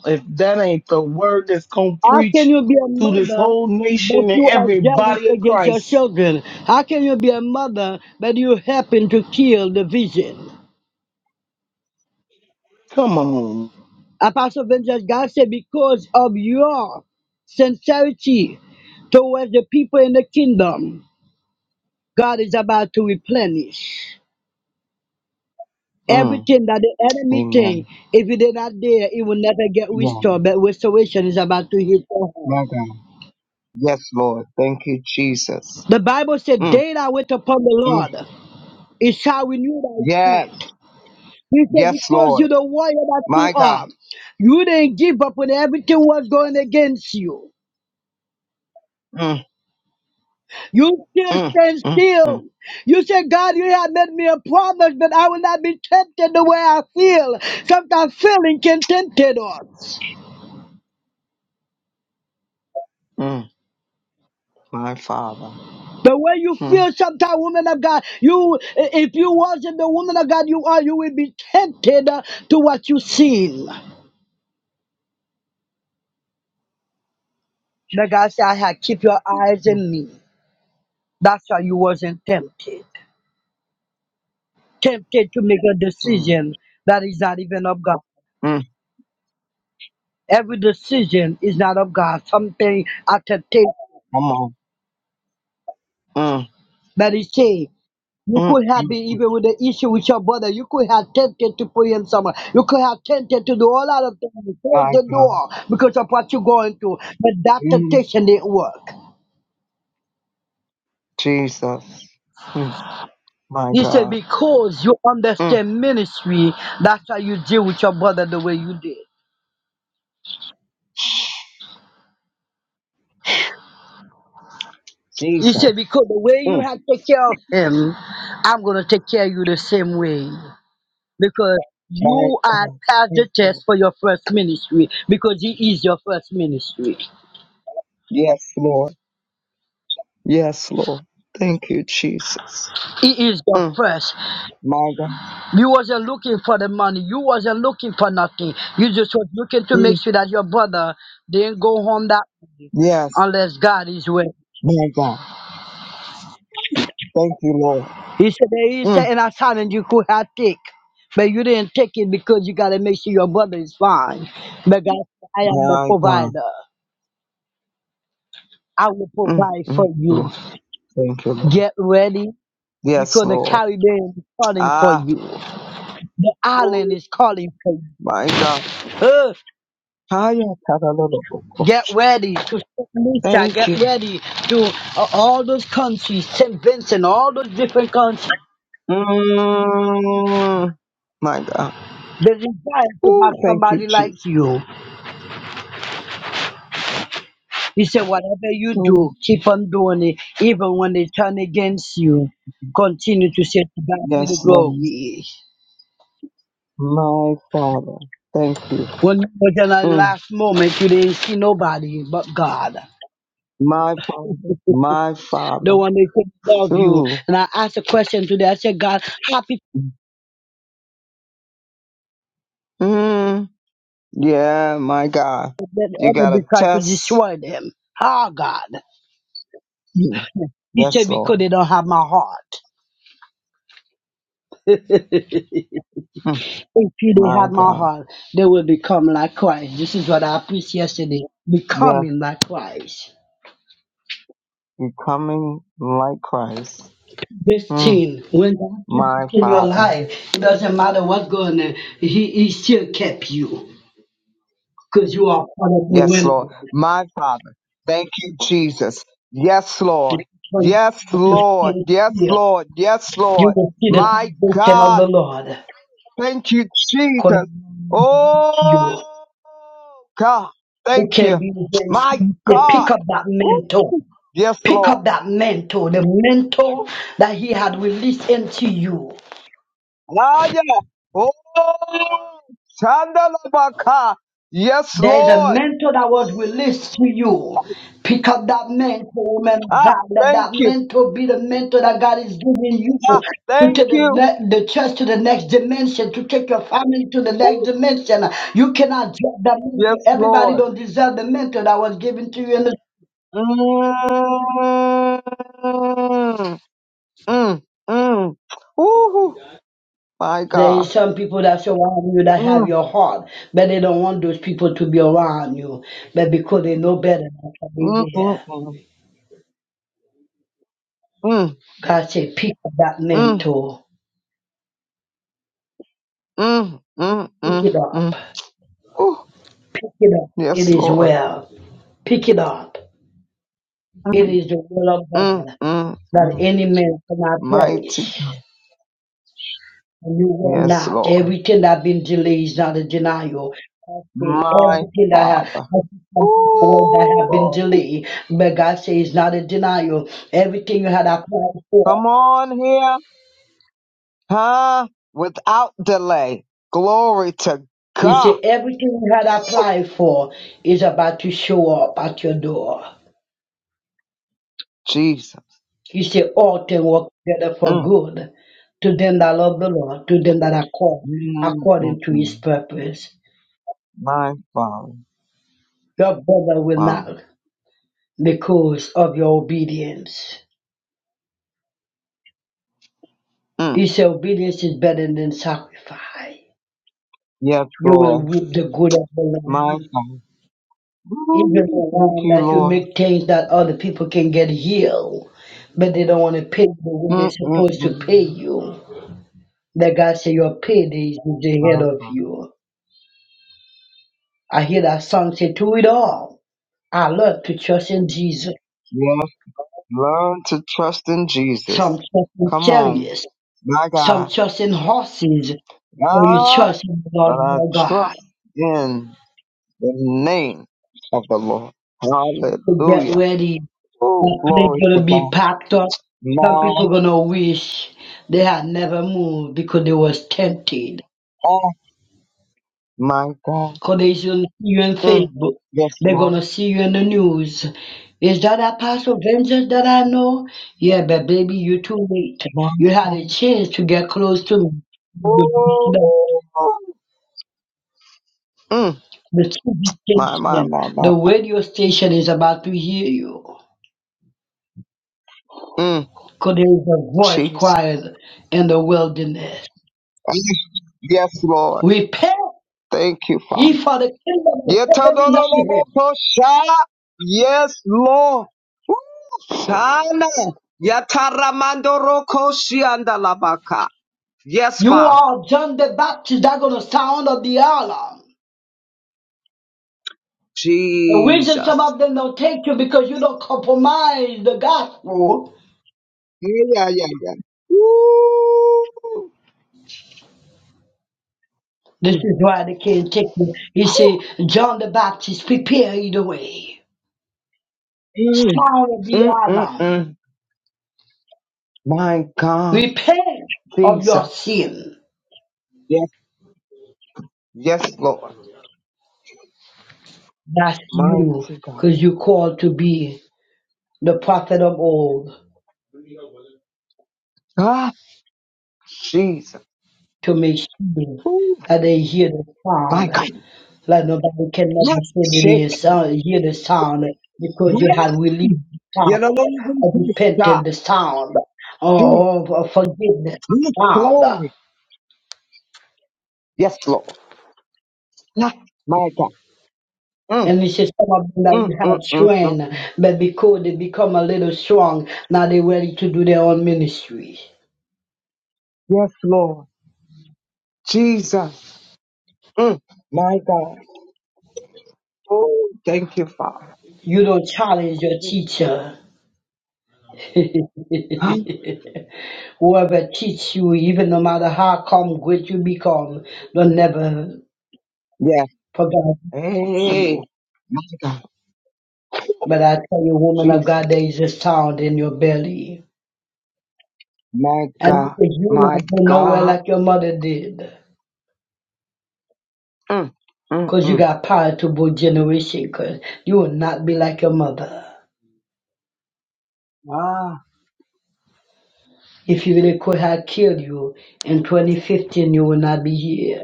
Speaker 7: If that ain't the word that's going to
Speaker 8: How can
Speaker 7: preach
Speaker 8: you be a
Speaker 7: to this
Speaker 8: mother
Speaker 7: whole
Speaker 8: but
Speaker 7: nation and
Speaker 8: you are
Speaker 7: every
Speaker 8: jealous
Speaker 7: body of
Speaker 8: against your
Speaker 7: Christ,
Speaker 8: children? How can you be a mother but you happen to kill the vision?
Speaker 7: come on.
Speaker 8: Apostle Vincent, God said, because of your sincerity towards the people in the kingdom, God is about to replenish
Speaker 3: Mm.
Speaker 8: everything that the enemy
Speaker 3: Amen.
Speaker 8: thing. If it is not there, it will never get
Speaker 3: Yeah.
Speaker 8: restored. But restoration is about to hit your
Speaker 3: My
Speaker 8: hand.
Speaker 3: God. Yes, Lord. Thank you, Jesus.
Speaker 8: The Bible said,
Speaker 3: Mm,
Speaker 8: "Day that wait upon the
Speaker 3: mm.
Speaker 8: Lord, it shall renew thy
Speaker 3: Yes.
Speaker 8: strength." He said,
Speaker 3: Yes,
Speaker 8: because
Speaker 3: Lord.
Speaker 8: you're the warrior that you
Speaker 3: My God.
Speaker 8: are, you didn't give up when everything was going against you.
Speaker 3: Mm.
Speaker 8: You still
Speaker 3: Mm,
Speaker 8: stand
Speaker 3: mm, mm,
Speaker 8: still. You said, God, you have made me a promise, but I will not be tempted the way I feel. Sometimes feeling can tempt us.
Speaker 3: mm. My Father.
Speaker 8: The way you
Speaker 3: Mm,
Speaker 8: feel sometimes, woman of God, you i- if you wasn't the woman of God you are, you will be tempted uh, to what you seen. The God said, I had keep your eyes
Speaker 3: mm,
Speaker 8: in me. That's why you wasn't tempted. Tempted to make a
Speaker 3: mm.
Speaker 8: decision that is not even of God.
Speaker 3: mm.
Speaker 8: Every decision is not of God. Something attemptation
Speaker 3: Come on. Mm,
Speaker 8: But he said, you
Speaker 3: mm,
Speaker 8: could have
Speaker 3: mm.
Speaker 8: been even with the issue with your brother. You could have tempted to put him somewhere. You could have tempted to do all lot of things. Close
Speaker 3: My
Speaker 8: the
Speaker 3: God.
Speaker 8: door because of what you're going through. But that
Speaker 3: Mm,
Speaker 8: temptation didn't work.
Speaker 3: Jesus. Mm, my
Speaker 8: He said,
Speaker 3: God.
Speaker 8: because you
Speaker 3: Mm,
Speaker 8: understand ministry, that's why you deal with your brother the way you did. He
Speaker 3: Jesus.
Speaker 8: said, because the way you
Speaker 3: Mm,
Speaker 8: have take care of him, I'm going to take care of you the same way. Because
Speaker 3: my
Speaker 8: you are
Speaker 3: God.
Speaker 8: past
Speaker 3: Thank
Speaker 8: the
Speaker 3: you.
Speaker 8: test for your first ministry, because he is your first ministry.
Speaker 3: Yes, Lord. Yes, Lord. Thank you, Jesus.
Speaker 8: He is the
Speaker 3: Mm,
Speaker 8: first.
Speaker 3: my God.
Speaker 8: You wasn't looking for the money. You wasn't looking for nothing. You just was looking to make
Speaker 3: Mm,
Speaker 8: sure that your brother didn't go home that way
Speaker 3: yes,
Speaker 8: unless God is with. him.
Speaker 3: my God. Thank you, Lord.
Speaker 8: He said there is
Speaker 3: Mm,
Speaker 8: certain assignment you could have take, but you didn't take it because you gotta make sure your brother is fine. But God, said, I am the
Speaker 3: my God.
Speaker 8: provider. I will
Speaker 3: Mm,
Speaker 8: provide
Speaker 3: mm,
Speaker 8: for you.
Speaker 3: mm. Thank you, Lord.
Speaker 8: Get ready
Speaker 3: Yes,
Speaker 8: because the
Speaker 3: Lord.
Speaker 8: Caribbean is calling for
Speaker 3: Ah.
Speaker 8: you. The island is calling for you.
Speaker 3: My God.
Speaker 8: Huh.
Speaker 3: Hiya,
Speaker 8: Get
Speaker 3: tadalolobokosha.
Speaker 8: ready to Nisha,
Speaker 3: Thank
Speaker 8: get
Speaker 3: you.
Speaker 8: ready to uh, all those countries, St. Vincent, all those different countries.
Speaker 3: Mm, my God.
Speaker 8: They desire to have
Speaker 3: Ooh, thank you,
Speaker 8: somebody like
Speaker 3: Jesus.
Speaker 8: you. He said, whatever you
Speaker 3: Mm,
Speaker 8: do, keep on doing it, even when they turn against you. Continue to say to God be the
Speaker 3: yes, Lord.
Speaker 8: glory.
Speaker 3: My Father. Thank you.
Speaker 8: When you was in that
Speaker 3: Mm,
Speaker 8: last moment, you didn't see nobody but God. [laughs]
Speaker 3: my Father. My
Speaker 8: the
Speaker 3: Father.
Speaker 8: one that could love you.
Speaker 3: Ooh.
Speaker 8: And I asked a question today. I said, God, how
Speaker 3: Mm, yeah, my God.
Speaker 8: that
Speaker 3: You
Speaker 8: the
Speaker 3: got a
Speaker 8: enemy tried to
Speaker 3: test.
Speaker 8: destroy them. Ah, God.
Speaker 3: Mm,
Speaker 8: He
Speaker 3: Yes,
Speaker 8: said, because
Speaker 3: Lord.
Speaker 8: they don't have my heart. [laughs]
Speaker 3: Mm,
Speaker 8: If you they
Speaker 3: my
Speaker 8: had my
Speaker 3: God.
Speaker 8: heart, they will become like Christ. This is what I preached yesterday.
Speaker 3: Yes,
Speaker 8: Becoming like Christ.
Speaker 3: becoming like Christ.
Speaker 8: This
Speaker 3: Mm,
Speaker 8: thing, when God keeps
Speaker 3: my
Speaker 8: you in your
Speaker 3: Father.
Speaker 8: life, it doesn't matter what's going on, he, he still kept you. Because you are part of the
Speaker 3: Yes,
Speaker 8: women.
Speaker 3: Lord. My Father. Thank you, Jesus. Yes, Lord.
Speaker 8: If you turn
Speaker 3: Yes,
Speaker 8: to
Speaker 3: Lord.
Speaker 8: stand
Speaker 3: Yes,
Speaker 8: here,
Speaker 3: Lord. Yes,
Speaker 8: you
Speaker 3: Lord.
Speaker 8: will see the
Speaker 3: My
Speaker 8: salvation of
Speaker 3: God.
Speaker 8: the Lord.
Speaker 3: Thank you,
Speaker 8: According
Speaker 3: Jesus.
Speaker 8: to
Speaker 3: Oh,
Speaker 8: you.
Speaker 3: God.
Speaker 8: who
Speaker 3: Thank
Speaker 8: can
Speaker 3: you.
Speaker 8: be very
Speaker 3: My
Speaker 8: sincere. Pick
Speaker 3: God.
Speaker 8: up that
Speaker 3: Ooh,
Speaker 8: mentor.
Speaker 3: Yes,
Speaker 8: Pick
Speaker 3: Lord.
Speaker 8: up that mentor, the mentor that he had released into you.
Speaker 3: Ah, yeah. Oh, Shandalabaka. Yes,
Speaker 8: There is a
Speaker 3: Lord.
Speaker 8: mentor that was released to you. Pick up that mentor, woman of
Speaker 3: Ah,
Speaker 8: God. Let
Speaker 3: thank
Speaker 8: that
Speaker 3: you.
Speaker 8: mentor be the mentor that God is giving you
Speaker 3: Ah,
Speaker 8: to
Speaker 3: thank
Speaker 8: take the,
Speaker 3: you.
Speaker 8: ne- the church to the next dimension, to take your family to the next
Speaker 3: Ooh,
Speaker 8: dimension. You cannot drop that mentor.
Speaker 3: Yes,
Speaker 8: Everybody
Speaker 3: Lord.
Speaker 8: don't deserve the mentor that was given to you in the
Speaker 3: Mm, mm, mm. Ooh, my
Speaker 8: There
Speaker 3: God.
Speaker 8: is some people that surround you that
Speaker 3: Mm,
Speaker 8: have your heart, but they don't want those people to be around you. But because they know better, they can be
Speaker 3: mm, mm,
Speaker 8: there.
Speaker 3: mm,
Speaker 8: God said, pick up that
Speaker 3: mm, mm,
Speaker 8: mantle.
Speaker 3: mm, mm, mm,
Speaker 8: Pick it up.
Speaker 3: mm. Ooh,
Speaker 8: Pick it up. It
Speaker 3: yes,
Speaker 8: is
Speaker 3: Lord.
Speaker 8: well. Pick it up.
Speaker 3: Mm,
Speaker 8: It is the will of God
Speaker 3: mm,
Speaker 8: that
Speaker 3: mm.
Speaker 8: any man cannot
Speaker 3: Mighty,
Speaker 8: perish. And you will
Speaker 3: yes,
Speaker 8: not.
Speaker 3: Lord.
Speaker 8: Everything that been delayed is not a denial. I say
Speaker 3: My
Speaker 8: everything that have,
Speaker 3: Father.
Speaker 8: I see some people that have been
Speaker 3: Ooh,
Speaker 8: delayed, but God says it's not a denial. Everything you had applied for,
Speaker 3: come on here, huh? Without delay. Glory to
Speaker 8: He
Speaker 3: God.
Speaker 8: said everything you had applied for is about to show up at your door.
Speaker 3: Jesus.
Speaker 8: He said all things work together for
Speaker 3: Mm,
Speaker 8: good to them that love the Lord, to them that are called
Speaker 3: mm, mm,
Speaker 8: according to
Speaker 3: mm.
Speaker 8: His purpose.
Speaker 3: my Father.
Speaker 8: Your brother will
Speaker 3: Wow.
Speaker 8: not because of your obedience.
Speaker 3: Mm.
Speaker 8: He said, Obedience is better than sacrifice.
Speaker 3: Yes,
Speaker 8: You will
Speaker 3: Lord.
Speaker 8: reap the good of the
Speaker 3: My
Speaker 8: land.
Speaker 3: Father.
Speaker 8: Even the
Speaker 3: Woo, Thank
Speaker 8: one
Speaker 3: you,
Speaker 8: that you
Speaker 3: Lord.
Speaker 8: make things that other people can get healed, but they don't want to pay you when they're supposed to pay
Speaker 3: Mm-mm-mm.
Speaker 8: you. That God said, Your payday is ahead
Speaker 3: My
Speaker 8: of
Speaker 3: Father.
Speaker 8: you. I hear that song say, To it all. I love to trust in Jesus.
Speaker 3: Yes, learn to trust in
Speaker 8: Some
Speaker 3: Jesus.
Speaker 8: trust in
Speaker 3: Come on.
Speaker 8: chariots,
Speaker 3: My
Speaker 8: some
Speaker 3: God.
Speaker 8: trust in horses, but you
Speaker 3: God,
Speaker 8: trust in the
Speaker 3: but
Speaker 8: Lord
Speaker 3: I
Speaker 8: your God.
Speaker 3: trust in the name of the Lord.
Speaker 8: to get
Speaker 3: Hallelujah.
Speaker 8: ready
Speaker 3: Oh,
Speaker 8: That place
Speaker 3: glory to
Speaker 8: gonna be
Speaker 3: God.
Speaker 8: packed up. Some
Speaker 3: My
Speaker 8: people gonna wish they had never moved because they was tempted.
Speaker 3: God. My God.
Speaker 8: Cause they gonna see you on
Speaker 3: Mm.
Speaker 8: Facebook.
Speaker 3: Yes,
Speaker 8: They're gonna
Speaker 3: Lord.
Speaker 8: see you in the news. Is that Apostle Vengeance that I know? Yeah, but baby, you too late.
Speaker 3: My
Speaker 8: You had a chance to get close to me. The
Speaker 3: God. Mm.
Speaker 8: the TV
Speaker 3: My, my,
Speaker 8: station,
Speaker 3: my, my.
Speaker 8: the radio station is about to hear you.
Speaker 3: Mm,
Speaker 8: Cause there is a voice
Speaker 3: Jesus.
Speaker 8: cried in the wilderness.
Speaker 3: Yes, Lord.
Speaker 8: Repent!
Speaker 3: Thank you, Father.
Speaker 8: He for the kingdom of heaven is at hand.
Speaker 3: Yetodolobokosha. Yes, Lord. Shana. Yataramandorokoshiandalabaka. Yes,
Speaker 8: You
Speaker 3: Father.
Speaker 8: are John the Baptist that gonna sound of the alarm. The reason some
Speaker 3: Jesus.
Speaker 8: of them don't take you because you don't compromise the gospel.
Speaker 3: Yeah, yeah, yeah. yeah. Woo.
Speaker 8: This
Speaker 3: Mm.
Speaker 8: is why they can't take you. He say, John the Baptist, prepare ye the way.
Speaker 3: Mm.
Speaker 8: Sound of the
Speaker 3: Mm, mm,
Speaker 8: alarm.
Speaker 3: mm. My God,
Speaker 8: Repent of your
Speaker 3: Jesus.
Speaker 8: sin.
Speaker 3: Yes, yes, Lord.
Speaker 8: That's you,
Speaker 3: Mighty God.
Speaker 8: because you called to be the prophet of old
Speaker 3: Ah, Jesus.
Speaker 8: to make sure
Speaker 3: Ooh,
Speaker 8: that they hear the
Speaker 3: my
Speaker 8: sound
Speaker 3: God.
Speaker 8: Like nobody can never
Speaker 3: Let's
Speaker 8: see
Speaker 3: shake.
Speaker 8: the sound, hear the sound because you had relieved the
Speaker 3: You know,
Speaker 8: sound,
Speaker 3: when you go to
Speaker 8: or
Speaker 3: the
Speaker 8: repented
Speaker 3: shop,
Speaker 8: the sound,
Speaker 3: she,
Speaker 8: or or forgiveness the
Speaker 3: mm,
Speaker 8: sound.
Speaker 3: glory. Yes, Lord. Yes, my God. Mm,
Speaker 8: And it's just some of them that
Speaker 3: mm,
Speaker 8: we
Speaker 3: mm,
Speaker 8: had
Speaker 3: mm, mm.
Speaker 8: trained, but because they become a little strong, now they're ready to do their own ministry.
Speaker 3: Yes, Lord. Jesus. Mm, my God. Oh, thank you, Father.
Speaker 8: You don't challenge your
Speaker 3: Thank you, Lord.
Speaker 8: teacher.
Speaker 3: Huh?
Speaker 8: Whoever teach you, even no matter how come great you become, don't never
Speaker 3: Yes.
Speaker 8: forget you.
Speaker 3: Hey, my God.
Speaker 8: But I tell you, woman of
Speaker 3: Jesus.
Speaker 8: God, there is a sound in your belly.
Speaker 3: My
Speaker 8: And
Speaker 3: God.
Speaker 8: because you
Speaker 3: My
Speaker 8: not go nowhere
Speaker 3: God.
Speaker 8: like your mother did.
Speaker 3: Mm, mm,
Speaker 8: Because you
Speaker 3: mm.
Speaker 8: got power to both generation. Cause you will not be like your mother.
Speaker 3: Ah,
Speaker 8: If you really could have killed you in 2015, you would not be here.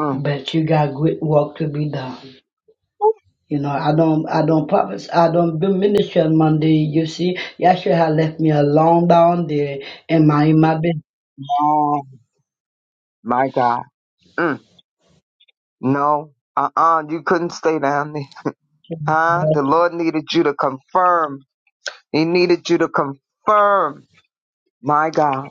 Speaker 3: mm.
Speaker 8: But you got great work to be done. You know, I don't, I don't promise, I don't do ministry on Monday. You see, Yahshua had left me alone down there in my, in my business.
Speaker 3: Oh, my God. Mm. No, uh uh you couldn't stay down there. Huh? The Lord needed you to confirm. He needed you to confirm. My God.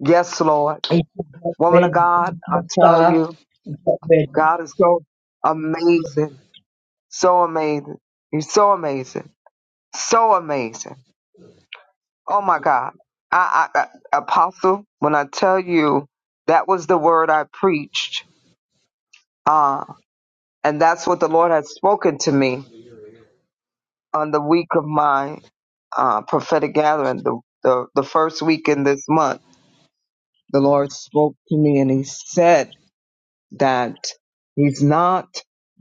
Speaker 3: Yes, Lord.
Speaker 8: He said, get
Speaker 3: Woman of
Speaker 8: ready, pack
Speaker 3: God, I
Speaker 8: your
Speaker 3: tell
Speaker 8: stuff,
Speaker 3: you,
Speaker 8: get ready.
Speaker 3: God is so amazing. So amazing. He's so amazing. So amazing. Oh my God. I, I, I apostle, when I tell you that was the word I preached, uh, and that's what the Lord had spoken to me on the week of my uh, prophetic gathering, the, the, the first week in this month, the Lord spoke to me and he said that he's not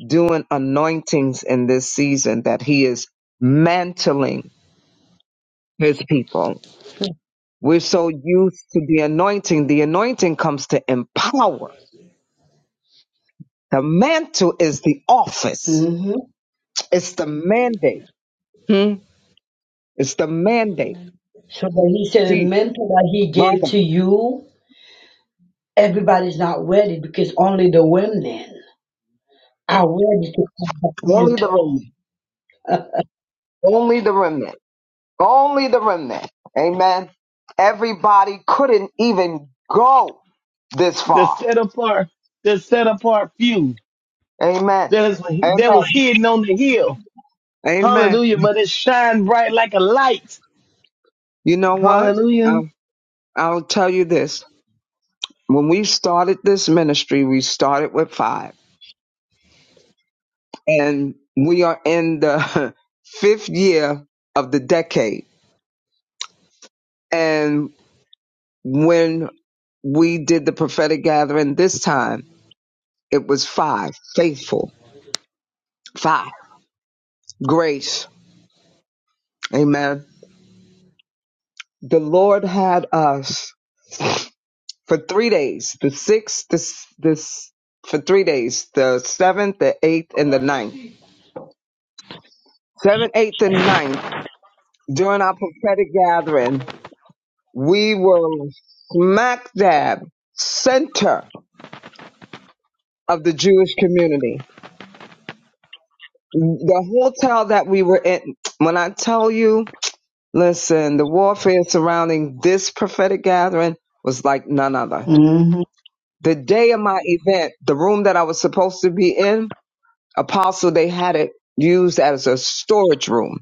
Speaker 3: doing anointings in this season, that he is mantling his people. We're so used to the anointing. The anointing comes to empower. The mantle is the office.
Speaker 8: hmm
Speaker 3: It's the mandate. Hmm? It's the mandate.
Speaker 8: So that he said the
Speaker 3: Jesus,
Speaker 8: mantle that he
Speaker 3: my
Speaker 8: gave to
Speaker 3: God.
Speaker 8: you, everybody's not ready because only the women are ready to have that
Speaker 3: Only the
Speaker 8: mantle.
Speaker 3: remnant. Only the remnant. Only the remnant. Amen. Everybody couldn't even go this
Speaker 7: The
Speaker 3: far.
Speaker 7: set apart, the set apart few
Speaker 3: Amen.
Speaker 7: that, is,
Speaker 3: Amen.
Speaker 7: that was hidden on the hill.
Speaker 3: Amen.
Speaker 7: Hallelujah. But it shined bright like a light.
Speaker 3: You know what?
Speaker 7: Hallelujah.
Speaker 3: I'll, I'll tell you this. When we started this ministry, we started with five, and we are in the [laughs] fifth year of the decade. And when we did the prophetic gathering this time, it was five faithful, five grace. Amen the Lord had us for three days, the sixth, this, this, for three days, the seventh, the eighth, and the ninth. Seventh, eighth, and ninth, during our prophetic gathering, we were smack dab center of the Jewish community. The hotel that we were in, when I tell you, listen, the warfare surrounding this prophetic gathering was like none other.
Speaker 8: hmm
Speaker 3: The day of my event, the room that I was supposed to be in, Apostle, they had it used as a storage room.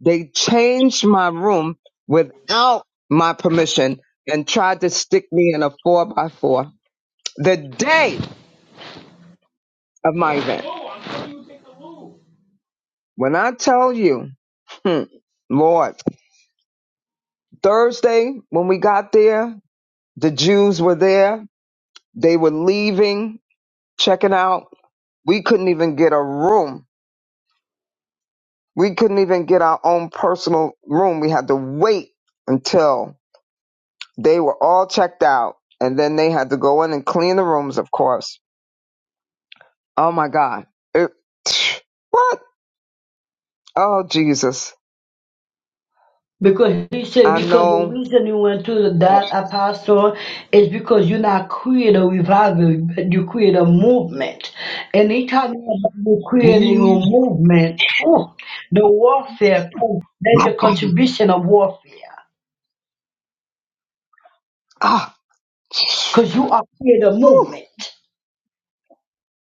Speaker 3: They changed my room without my permission and tried to stick me in a four by four the day of my event. When I tell you, hmm, Lord, Thursday when we got there, the Jews were there. They were leaving, checking out. We couldn't even get a room. We couldn't even get our own personal room. We had to wait until They were all checked out, and then they had to go in and clean the rooms, of course. Oh my God. It, [sighs] [tsk] what? Oh, Jesus.
Speaker 8: Because he said,
Speaker 3: I
Speaker 8: because the
Speaker 3: know.
Speaker 8: reason you went to that apostle is because you not create a revival, but you create a movement. And anytime you're creating
Speaker 3: [sniffs]
Speaker 8: a movement, oh, the warfare, comes. there's a contribution of warfare.
Speaker 3: Ah,
Speaker 8: because you are create a
Speaker 3: whew.
Speaker 8: movement.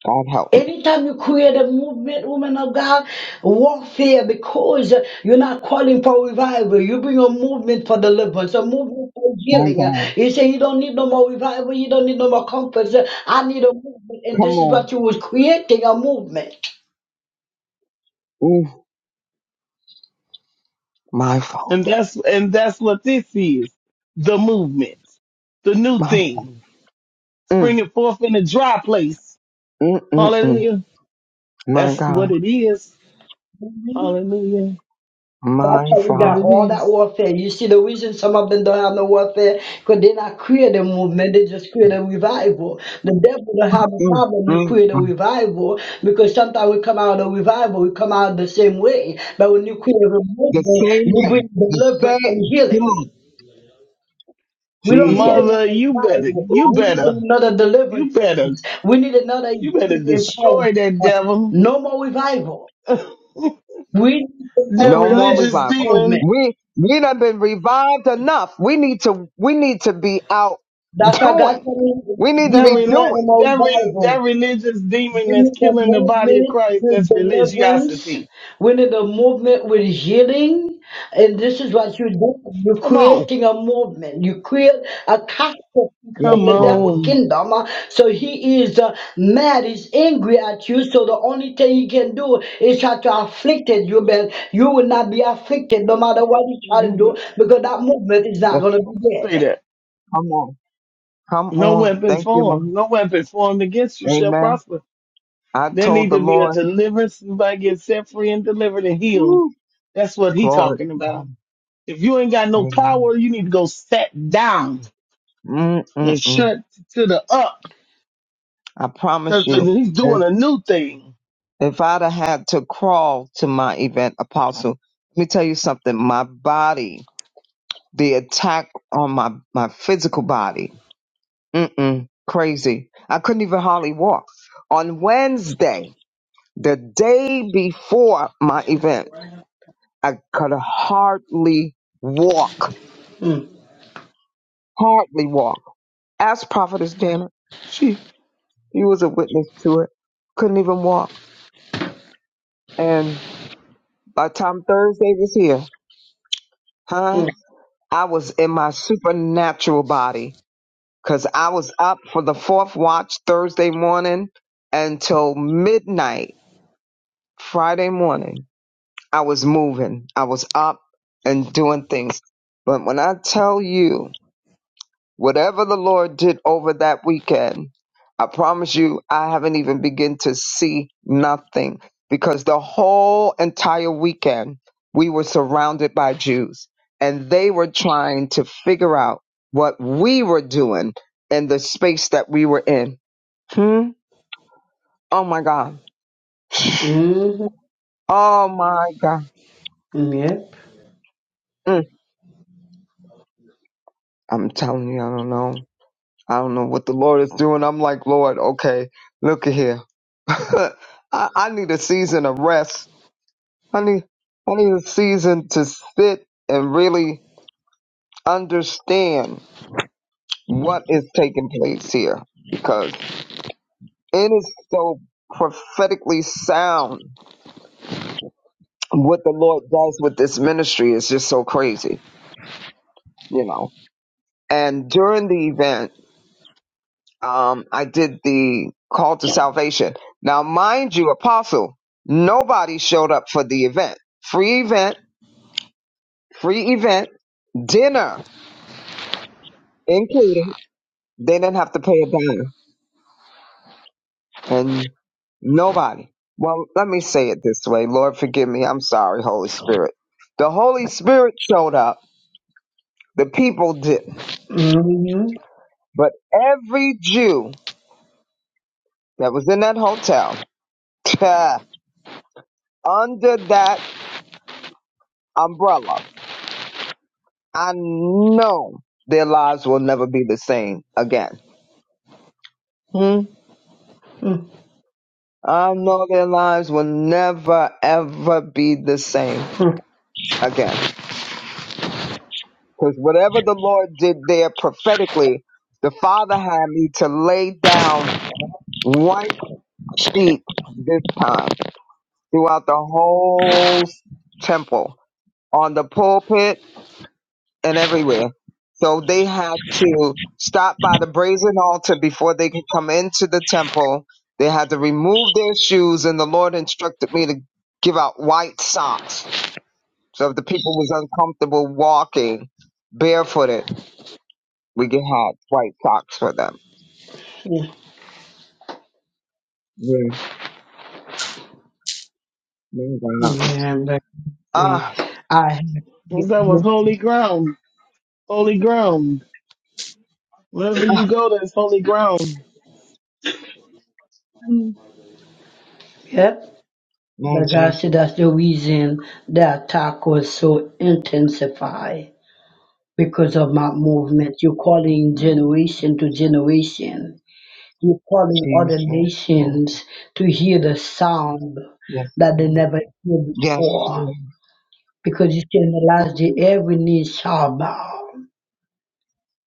Speaker 3: God help me.
Speaker 8: Anytime you create a movement, woman of God, warfare, because you're not calling for revival, you bring a movement for deliverance, a movement for
Speaker 3: My
Speaker 8: healing.
Speaker 3: God.
Speaker 8: You say you don't need no more revival, you don't need no more comfort. I need a movement, and
Speaker 3: Come
Speaker 8: this is
Speaker 3: on.
Speaker 8: what you was creating a movement.
Speaker 3: Mm, my
Speaker 7: And
Speaker 3: Father.
Speaker 7: that's and that's what this is. The movement. The new
Speaker 3: My,
Speaker 7: thing.
Speaker 3: mm,
Speaker 7: Springing forth in a dry place.
Speaker 3: mm, mm, mm.
Speaker 7: Hallelujah.
Speaker 3: my
Speaker 7: That's
Speaker 3: God.
Speaker 7: what it is.
Speaker 8: Mm-hmm.
Speaker 7: Hallelujah.
Speaker 8: That's
Speaker 3: My
Speaker 8: how
Speaker 7: That's
Speaker 8: you
Speaker 7: what
Speaker 8: got
Speaker 3: Father.
Speaker 7: it
Speaker 8: all that
Speaker 7: is.
Speaker 8: warfare. You see, the reason some of them don't have no warfare, because they're not creating a movement, they just create a revival. The devil don't have a
Speaker 3: Mm,
Speaker 8: problem, you
Speaker 3: mm,
Speaker 8: create a
Speaker 3: mm.
Speaker 8: revival, because sometimes we come out of the revival, we come out the same way. But when you create a
Speaker 3: The
Speaker 8: movement,
Speaker 3: same
Speaker 8: you
Speaker 3: way.
Speaker 8: bring
Speaker 3: The
Speaker 8: deliverance
Speaker 3: same.
Speaker 8: and
Speaker 3: Come on.
Speaker 8: healing. We don't need
Speaker 3: Jesus.
Speaker 7: Mother,
Speaker 8: another
Speaker 7: you better
Speaker 8: revival. We
Speaker 7: you
Speaker 8: need
Speaker 7: better
Speaker 8: another deliverance
Speaker 7: you better
Speaker 8: service. We need another
Speaker 7: you better
Speaker 8: healing
Speaker 7: destroy that
Speaker 8: empowerment.
Speaker 7: devil.
Speaker 8: No more revival.
Speaker 7: [laughs] that
Speaker 8: We need another
Speaker 3: No more
Speaker 7: religious
Speaker 8: deliverance
Speaker 3: revival.
Speaker 8: movement.
Speaker 7: demon.
Speaker 3: We we done been revived enough. We need to we need to be out
Speaker 8: That's why God
Speaker 3: doing.
Speaker 8: told me
Speaker 3: We need to
Speaker 8: you
Speaker 7: That
Speaker 3: be
Speaker 8: don't want
Speaker 7: rela-
Speaker 8: no
Speaker 3: doing.
Speaker 8: more
Speaker 7: that re- that
Speaker 8: revival.
Speaker 7: religious demon
Speaker 8: We
Speaker 7: that's
Speaker 8: need a
Speaker 7: killing the body of
Speaker 8: movement
Speaker 7: Christ,
Speaker 8: with
Speaker 7: that's
Speaker 8: deliverance.
Speaker 7: religiosity.
Speaker 8: We need a movement with healing. And this is what you do. You're
Speaker 7: Come on.
Speaker 8: creating a movement. You create a castle in
Speaker 3: Yes,
Speaker 7: Come
Speaker 8: the
Speaker 3: Lord.
Speaker 8: devil
Speaker 7: on.
Speaker 8: kingdom. Uh, So he is uh, mad. He's angry at you. So the only thing he can do is try to afflict you. But you will not be afflicted no matter what he try to
Speaker 7: You
Speaker 8: do because that movement is not
Speaker 3: Yes.
Speaker 8: going to be
Speaker 7: Say
Speaker 8: dead.
Speaker 7: that.
Speaker 3: Come on. Come
Speaker 7: No
Speaker 3: on.
Speaker 7: weapon
Speaker 3: Thank you, Lord.
Speaker 7: formed, no weapon formed against you shall
Speaker 3: Amen.
Speaker 7: prosper.
Speaker 3: I
Speaker 7: There
Speaker 3: told
Speaker 7: need
Speaker 3: the
Speaker 7: to be a
Speaker 3: Lord.
Speaker 7: deliverance. Somebody get set free and delivered and healed.
Speaker 3: Woo,
Speaker 7: That's what he
Speaker 3: glory
Speaker 7: talking
Speaker 3: to
Speaker 7: about.
Speaker 3: God.
Speaker 7: If you ain't got no
Speaker 3: Amen.
Speaker 7: power, you need to go set down and
Speaker 3: Mm-mm-mm.
Speaker 7: shut to the up
Speaker 3: I promise
Speaker 7: because
Speaker 3: you,
Speaker 7: he's
Speaker 3: if,
Speaker 7: doing a new thing.
Speaker 3: if I'd have had to crawl to my event, Apostle, let me tell you something. My body, the attack on my, my physical body Mm-mm, crazy. I couldn't even hardly walk. On Wednesday, the day before my event, I could hardly walk.
Speaker 8: Mm,
Speaker 3: Hardly walk. Ask Prophetess Janet. She, he was a witness to it. Couldn't even walk. And by the time Thursday was here, huh?
Speaker 8: mm,
Speaker 3: I was in my supernatural body because I was up for the fourth watch Thursday morning until midnight Friday morning I was moving. I was up and doing things. But when I tell you, whatever the Lord did over that weekend, I promise you, I haven't even begun to see nothing because the whole entire weekend we were surrounded by Jews and they were trying to figure out what we were doing in the space that we were in. Hmm? Oh my God. [sighs]
Speaker 8: mm.
Speaker 3: Oh my God.
Speaker 8: Yep.
Speaker 3: Mm. I'm telling you, I don't know. I don't know what the Lord is doing. I'm like, Lord, okay, look at here. [laughs] I, I need a season of rest. I need I need a season to sit and really understand what is taking place here because it is so prophetically sound what the Lord does with this ministry is just so crazy, you know. And during the event um, I did the call to salvation. Now, mind you, apostle, nobody showed up for the event. Free event, free event, dinner included. They didn't have to pay a dime, and nobody. Well, let me say it this way. Lord, forgive me. I'm sorry, Holy Spirit. The Holy Spirit showed up. The people didn't.
Speaker 8: hmm
Speaker 3: But every Jew that was in that hotel, [laughs] under that umbrella, I know their lives will never be the same again. Hmm? I know their lives will never, ever be the same again. Because whatever the Lord did there prophetically, the Father had me to lay down white sheep this time throughout the whole temple, on the pulpit, and everywhere. So they had to stop by the brazen altar before they could come into the temple. They had to remove their shoes, and the Lord instructed me to give out white socks. So if the people was uncomfortable walking barefooted, we could have white socks for them. Yeah, my God.
Speaker 8: Yeah, but eh,
Speaker 3: Ah,
Speaker 8: I
Speaker 7: That was holy ground. Holy ground. Wherever
Speaker 3: ah,
Speaker 7: you go, that's holy ground.
Speaker 3: Mm.
Speaker 8: yep.
Speaker 3: my
Speaker 8: But God said
Speaker 3: Jesus,
Speaker 8: that's the reason the attack was so intensified because of my movement. You're calling generation to generation. You're calling other
Speaker 3: Jesus, Lord.
Speaker 8: nations to hear the sound
Speaker 3: Yes,
Speaker 8: that they never heard
Speaker 3: yes,
Speaker 8: before. Because you said in the
Speaker 3: Lord.
Speaker 8: last day, every knee shall bow,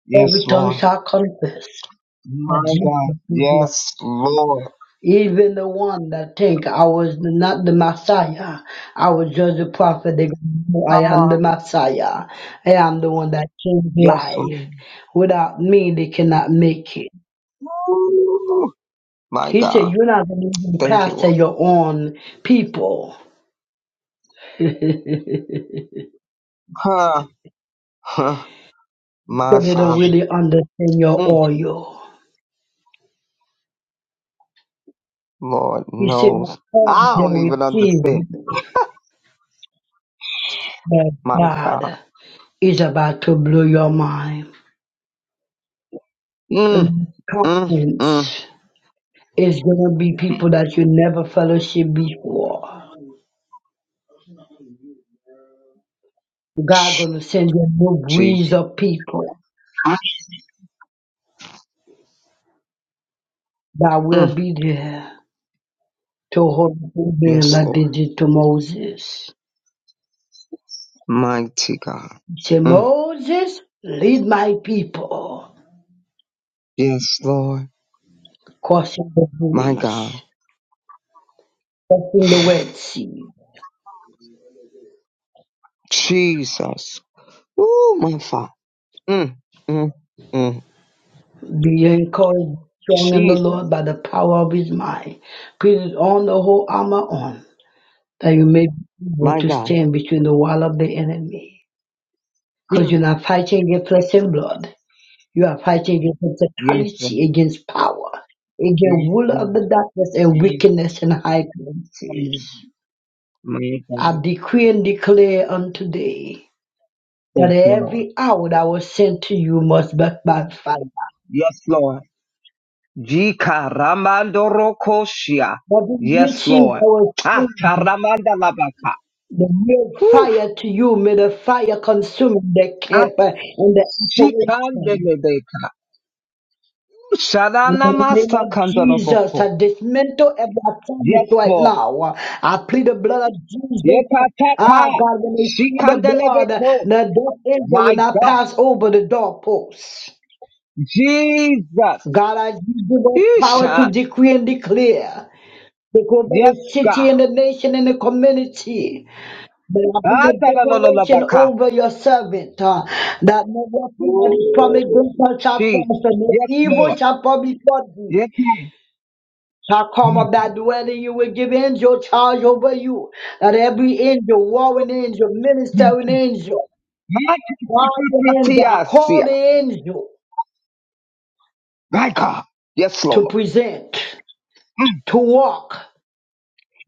Speaker 3: Yes,
Speaker 8: every tongue
Speaker 3: Lord.
Speaker 8: shall confess that
Speaker 3: My God.
Speaker 8: Jesus is Lord.
Speaker 3: Yes, Lord.
Speaker 8: Even the one that think I was not the Messiah, I was just a prophet. They go, "No, I
Speaker 3: Come
Speaker 8: am the
Speaker 3: on.
Speaker 8: Messiah. I am the one that changed
Speaker 3: Yes,
Speaker 8: life.
Speaker 3: Lord.
Speaker 8: Without me, they cannot make it.
Speaker 3: Ooh, my
Speaker 8: He said,
Speaker 3: God.
Speaker 8: you're not going to even
Speaker 3: Thank you,
Speaker 8: pastor
Speaker 3: Lord.
Speaker 8: your own people,
Speaker 3: Huh. huh. My
Speaker 8: so they don't
Speaker 3: Father.
Speaker 8: really understand your
Speaker 3: Mm,
Speaker 8: oil.
Speaker 3: Lord
Speaker 8: He said, the
Speaker 3: knows.
Speaker 8: one
Speaker 3: I
Speaker 8: they
Speaker 3: don't even
Speaker 8: receive
Speaker 3: understand.
Speaker 8: me, but
Speaker 3: My
Speaker 8: God
Speaker 3: God.
Speaker 8: is about to blow your mind.
Speaker 3: Mm,
Speaker 8: The
Speaker 3: mm, mm.
Speaker 8: confidence. It's gonna be people that you never fellowship before. God gonna send you a new
Speaker 3: Jesus.
Speaker 8: breeze of people that will
Speaker 3: Mm.
Speaker 8: be there to hold the man
Speaker 3: Yes,
Speaker 8: like they
Speaker 3: Lord.
Speaker 8: did to Moses.
Speaker 3: Mighty God.
Speaker 8: He said,
Speaker 3: Mm.
Speaker 8: Moses, lead my people
Speaker 3: Yes, Lord.
Speaker 8: crossing the
Speaker 3: My God.
Speaker 8: bridge, crossing the Red Sea.
Speaker 3: Jesus. Ooh, my Father. Mm, mm, mm.
Speaker 8: Be encouraged, strong in the
Speaker 3: Jesus.
Speaker 8: Lord by the power of his might. Put it on the whole armor on, that you may be able
Speaker 3: My
Speaker 8: to
Speaker 3: God.
Speaker 8: stand between the wall of the enemy.
Speaker 3: Mm.
Speaker 8: Because you're not fighting against flesh and blood. You are fighting against
Speaker 3: Yes, Lord.
Speaker 8: principality, against power, against
Speaker 3: Yes,
Speaker 8: ruler
Speaker 3: Lord.
Speaker 8: of the darkness and
Speaker 3: Yes,
Speaker 8: wickedness and high places.
Speaker 3: Lord. My
Speaker 8: I
Speaker 3: God.
Speaker 8: decree and declare unto thee that
Speaker 3: Thank you, Lord.
Speaker 8: every hour that was sent to you must be by fire.
Speaker 3: Yes, Lord. Jika ramandoro koshia.
Speaker 8: But the
Speaker 3: Yes,
Speaker 8: riches that
Speaker 3: Lord.
Speaker 8: was
Speaker 3: Ah,
Speaker 8: sent,
Speaker 3: karamanda labaka.
Speaker 8: the real
Speaker 3: Whew.
Speaker 8: fire to you, may the fire consume the
Speaker 3: Ah,
Speaker 8: camp and the operation.
Speaker 3: shikandelebeka.
Speaker 8: In the name
Speaker 3: Sharanamasa
Speaker 8: of Jesus,
Speaker 3: kandoroboko.
Speaker 8: I dismantle every
Speaker 3: Yes,
Speaker 8: assignment right
Speaker 3: Lord.
Speaker 8: now. I plead the blood of Jesus.
Speaker 3: Yekataka.
Speaker 8: Ah, God, when they see the blood,
Speaker 3: Shikandelebeko.
Speaker 8: the death angel
Speaker 3: My
Speaker 8: will not
Speaker 3: God.
Speaker 8: pass over the doorposts.
Speaker 3: Jesus.
Speaker 8: God, I give us power to
Speaker 3: Isha.
Speaker 8: decree and declare. Take over
Speaker 3: Yes,
Speaker 8: the city
Speaker 3: God.
Speaker 8: and the nation and the community. But I bring a declaration
Speaker 3: Ah,
Speaker 8: over your servant uh, that no weapon that is from
Speaker 3: Ooh,
Speaker 8: against us shall
Speaker 3: Jesus.
Speaker 8: prosper, no
Speaker 3: Yes,
Speaker 8: evil
Speaker 3: Lord.
Speaker 8: shall probably before thee.
Speaker 3: Yes, Lord.
Speaker 8: I come up that dwell you will give angel charge over you. That every angel, warring angel, ministering angel, guardian
Speaker 3: Mighty
Speaker 8: angel, I call
Speaker 3: Tiasia.
Speaker 8: the angel
Speaker 3: My God. Yes, Lord.
Speaker 8: to present, to walk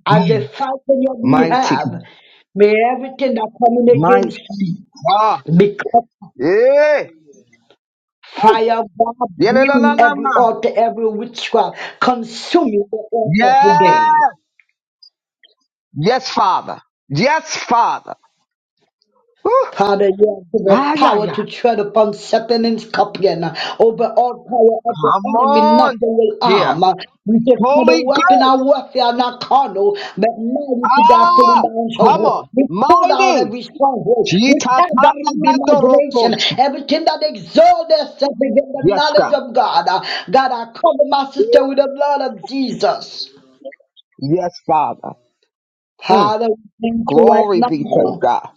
Speaker 8: as they
Speaker 3: Mm.
Speaker 8: fight on your
Speaker 3: Mighty.
Speaker 8: behalf. May everything that coming against
Speaker 3: Mighty.
Speaker 8: you
Speaker 3: Ah.
Speaker 8: become
Speaker 3: Yeah. Ooh.
Speaker 8: fire of God,
Speaker 3: Yeah, la,
Speaker 8: every altar, every witchcraft, consuming the altar today.
Speaker 3: Yes. Yes, Father. Yes, Father. Ooh.
Speaker 8: Father, you have given us
Speaker 3: Ah, yeah,
Speaker 8: power
Speaker 3: yeah.
Speaker 8: to tread upon serpent and scorpion, uh, over all power of the
Speaker 3: Come
Speaker 8: enemy, nothing
Speaker 3: on.
Speaker 8: will
Speaker 3: Yeah.
Speaker 8: harm. uh. We say, Father,
Speaker 3: Holy
Speaker 8: weapon
Speaker 3: Ghost.
Speaker 8: our warfare are not carnal, but mighty to God, pulling
Speaker 3: Ah.
Speaker 8: down
Speaker 3: Come on.
Speaker 8: stronghold. We pull down
Speaker 3: Mighty.
Speaker 8: every stronghold. We
Speaker 3: Jita
Speaker 8: tear down every imagination, everything that exalts itself against the
Speaker 3: Yes,
Speaker 8: knowledge
Speaker 3: God.
Speaker 8: of God. uh. God, I cover my sister with the blood of Jesus.
Speaker 3: Yes, Father. Mm.
Speaker 8: Father, we thank you right
Speaker 3: Glory be to
Speaker 8: now.
Speaker 3: God.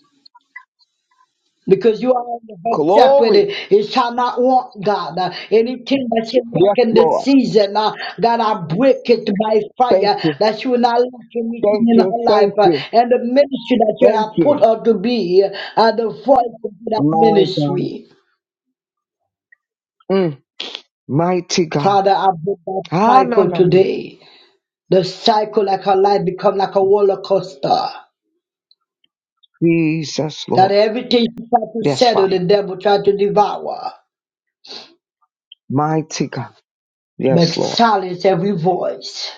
Speaker 8: Because you are the good shepherd,
Speaker 3: Glory.
Speaker 8: it shall not want God. Uh, Anything that you
Speaker 3: Yes,
Speaker 8: lack in this
Speaker 3: Lord.
Speaker 8: season, uh, God, I break it by
Speaker 3: Thank
Speaker 8: fire.
Speaker 3: you.
Speaker 8: That she will not lack anything
Speaker 3: Thank
Speaker 8: in
Speaker 3: you.
Speaker 8: her life,
Speaker 3: Thank
Speaker 8: uh,
Speaker 3: you.
Speaker 8: and the ministry that you
Speaker 3: Thank
Speaker 8: have put
Speaker 3: you.
Speaker 8: her to be, uh, the voice of that
Speaker 3: My God.
Speaker 8: ministry.
Speaker 3: Mm. Mighty God.
Speaker 8: Father, I break that
Speaker 3: Ah, no,
Speaker 8: cycle
Speaker 3: no, no.
Speaker 8: today. The cycle, like her life, become like a roller coaster.
Speaker 3: Jesus, Lord.
Speaker 8: That everything she try to
Speaker 3: Yes, Father.
Speaker 8: settle, the devil try to devour.
Speaker 3: Mighty God.
Speaker 8: But
Speaker 3: Yes, Lord.
Speaker 8: silence every voice.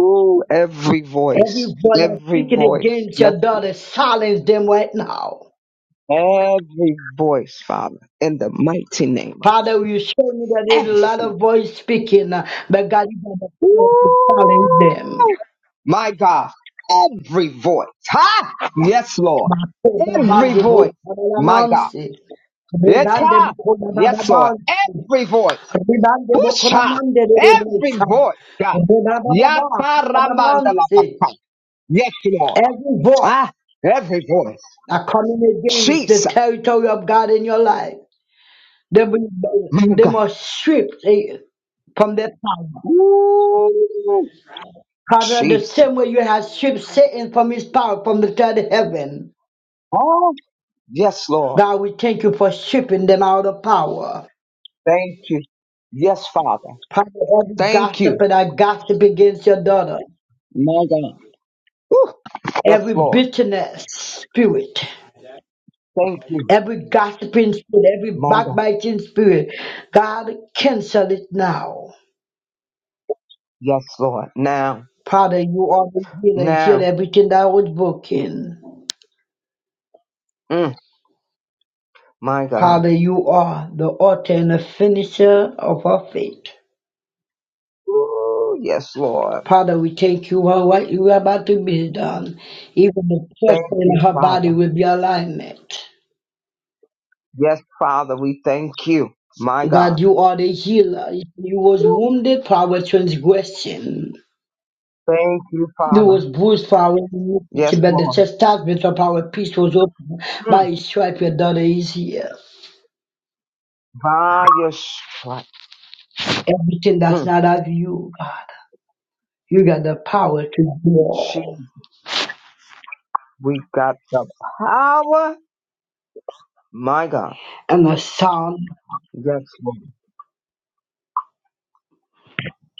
Speaker 3: Ooh, every
Speaker 8: Every
Speaker 3: voice.
Speaker 8: voice that's
Speaker 3: Every
Speaker 8: speaking
Speaker 3: voice.
Speaker 8: against
Speaker 3: Yes,
Speaker 8: your
Speaker 3: Lord.
Speaker 8: daughter, silence them right now.
Speaker 3: Every voice, Father. In the mighty name of
Speaker 8: Father,
Speaker 3: Jesus.
Speaker 8: you show me that there's a lot
Speaker 3: Every
Speaker 8: of voice speaking, uh, but God, you have the
Speaker 3: Woo!
Speaker 8: power to silence them.
Speaker 3: My God, every voice. Ha! Yes, Lord.
Speaker 8: Makoda
Speaker 3: Every
Speaker 8: bande
Speaker 3: voice.
Speaker 8: bo kola
Speaker 3: My God.
Speaker 8: mansi. Rebande
Speaker 3: Eta!
Speaker 8: bo kola baba
Speaker 3: Yes, Lord.
Speaker 8: bansi.
Speaker 3: Every voice.
Speaker 8: Rebande bo kola
Speaker 3: Pusha!
Speaker 8: mande de de bo
Speaker 3: Every
Speaker 8: sa.
Speaker 3: voice, God.
Speaker 8: Reba ba ba
Speaker 3: Yataramandalabaka. Yes, Lord.
Speaker 8: Every voice
Speaker 3: Ah, every voice.
Speaker 8: that coming against the
Speaker 3: Jesus.
Speaker 8: territory of God in your life. They will-
Speaker 3: My
Speaker 8: they
Speaker 3: God.
Speaker 8: must strip eh, from their power.
Speaker 3: Woo!
Speaker 8: Father, the
Speaker 3: Jesus.
Speaker 8: same way you have stripped Satan from his power from the third heaven,
Speaker 3: Oh, yes, Lord.
Speaker 8: God, we thank you for stripping them out of power.
Speaker 3: Thank you. Yes, Father.
Speaker 8: Father, every
Speaker 3: Thank you.
Speaker 8: gossiper that gossip against your daughter,
Speaker 3: My God. Yes,
Speaker 8: every
Speaker 3: Lord.
Speaker 8: bitterness spirit,
Speaker 3: Thank you,
Speaker 8: every gossiping spirit, every
Speaker 3: my God.
Speaker 8: backbiting spirit, God, cancel it now.
Speaker 3: Yes, Lord. Now,
Speaker 8: Father, you are the healer, heal
Speaker 3: now,
Speaker 8: everything that was broken.
Speaker 3: mm, my God.
Speaker 8: Father, you are the author and the finisher of our faith.
Speaker 3: Ooh, yes, Lord.
Speaker 8: Father, we thank you for what you are about to be done. Even the
Speaker 3: Thank
Speaker 8: pressure in
Speaker 3: you,
Speaker 8: her body
Speaker 3: Father.
Speaker 8: will be alignment.
Speaker 3: Yes, Father, we thank you, my
Speaker 8: God,
Speaker 3: God.
Speaker 8: you are the healer. You was
Speaker 3: Ooh,
Speaker 8: wounded for our transgression.
Speaker 3: thank you,
Speaker 8: You
Speaker 3: Father.
Speaker 8: was bruised for our
Speaker 3: Yes,
Speaker 8: iniquity, but the
Speaker 3: Lord.
Speaker 8: chastisement of our peace was open.
Speaker 3: Mm,
Speaker 8: By his stripe, your daughter is here.
Speaker 3: by your strength,
Speaker 8: Everything that's
Speaker 3: mm,
Speaker 8: not of you, God, you got the power to do all.
Speaker 3: Jesus, we got the power, my God.
Speaker 8: And the sound
Speaker 3: Yes, Lord.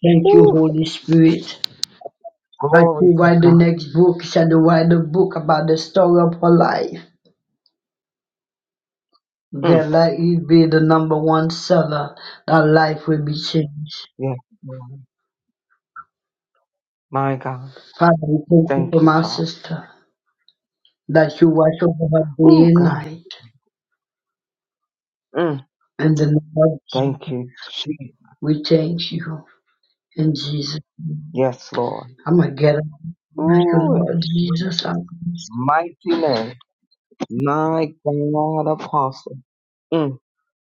Speaker 8: Thank you,
Speaker 3: Ooh,
Speaker 8: Holy Spirit. I
Speaker 3: glory
Speaker 8: she
Speaker 3: to
Speaker 8: write the
Speaker 3: God.
Speaker 8: next book, she had write a book about the story of her life.
Speaker 3: Mm,
Speaker 8: God, let you be the number one seller. That life will be changed.
Speaker 3: yes, Lord. My God.
Speaker 8: Father, we thank you
Speaker 3: Thank
Speaker 8: for
Speaker 3: you,
Speaker 8: my
Speaker 3: Father.
Speaker 8: sister. That you watch over her day
Speaker 3: Ooh,
Speaker 8: and
Speaker 3: God.
Speaker 8: night.
Speaker 3: Mm.
Speaker 8: In the name of
Speaker 3: Thank
Speaker 8: Jesus,
Speaker 3: you, Jesus.
Speaker 8: we thank you. In Jesus,
Speaker 3: Yes, Lord.
Speaker 8: I'm going to get up. Thank you,
Speaker 3: Ooh, in
Speaker 8: Lord Jesus.
Speaker 3: Jesus. Mighty name. My God, Apostle. Mm,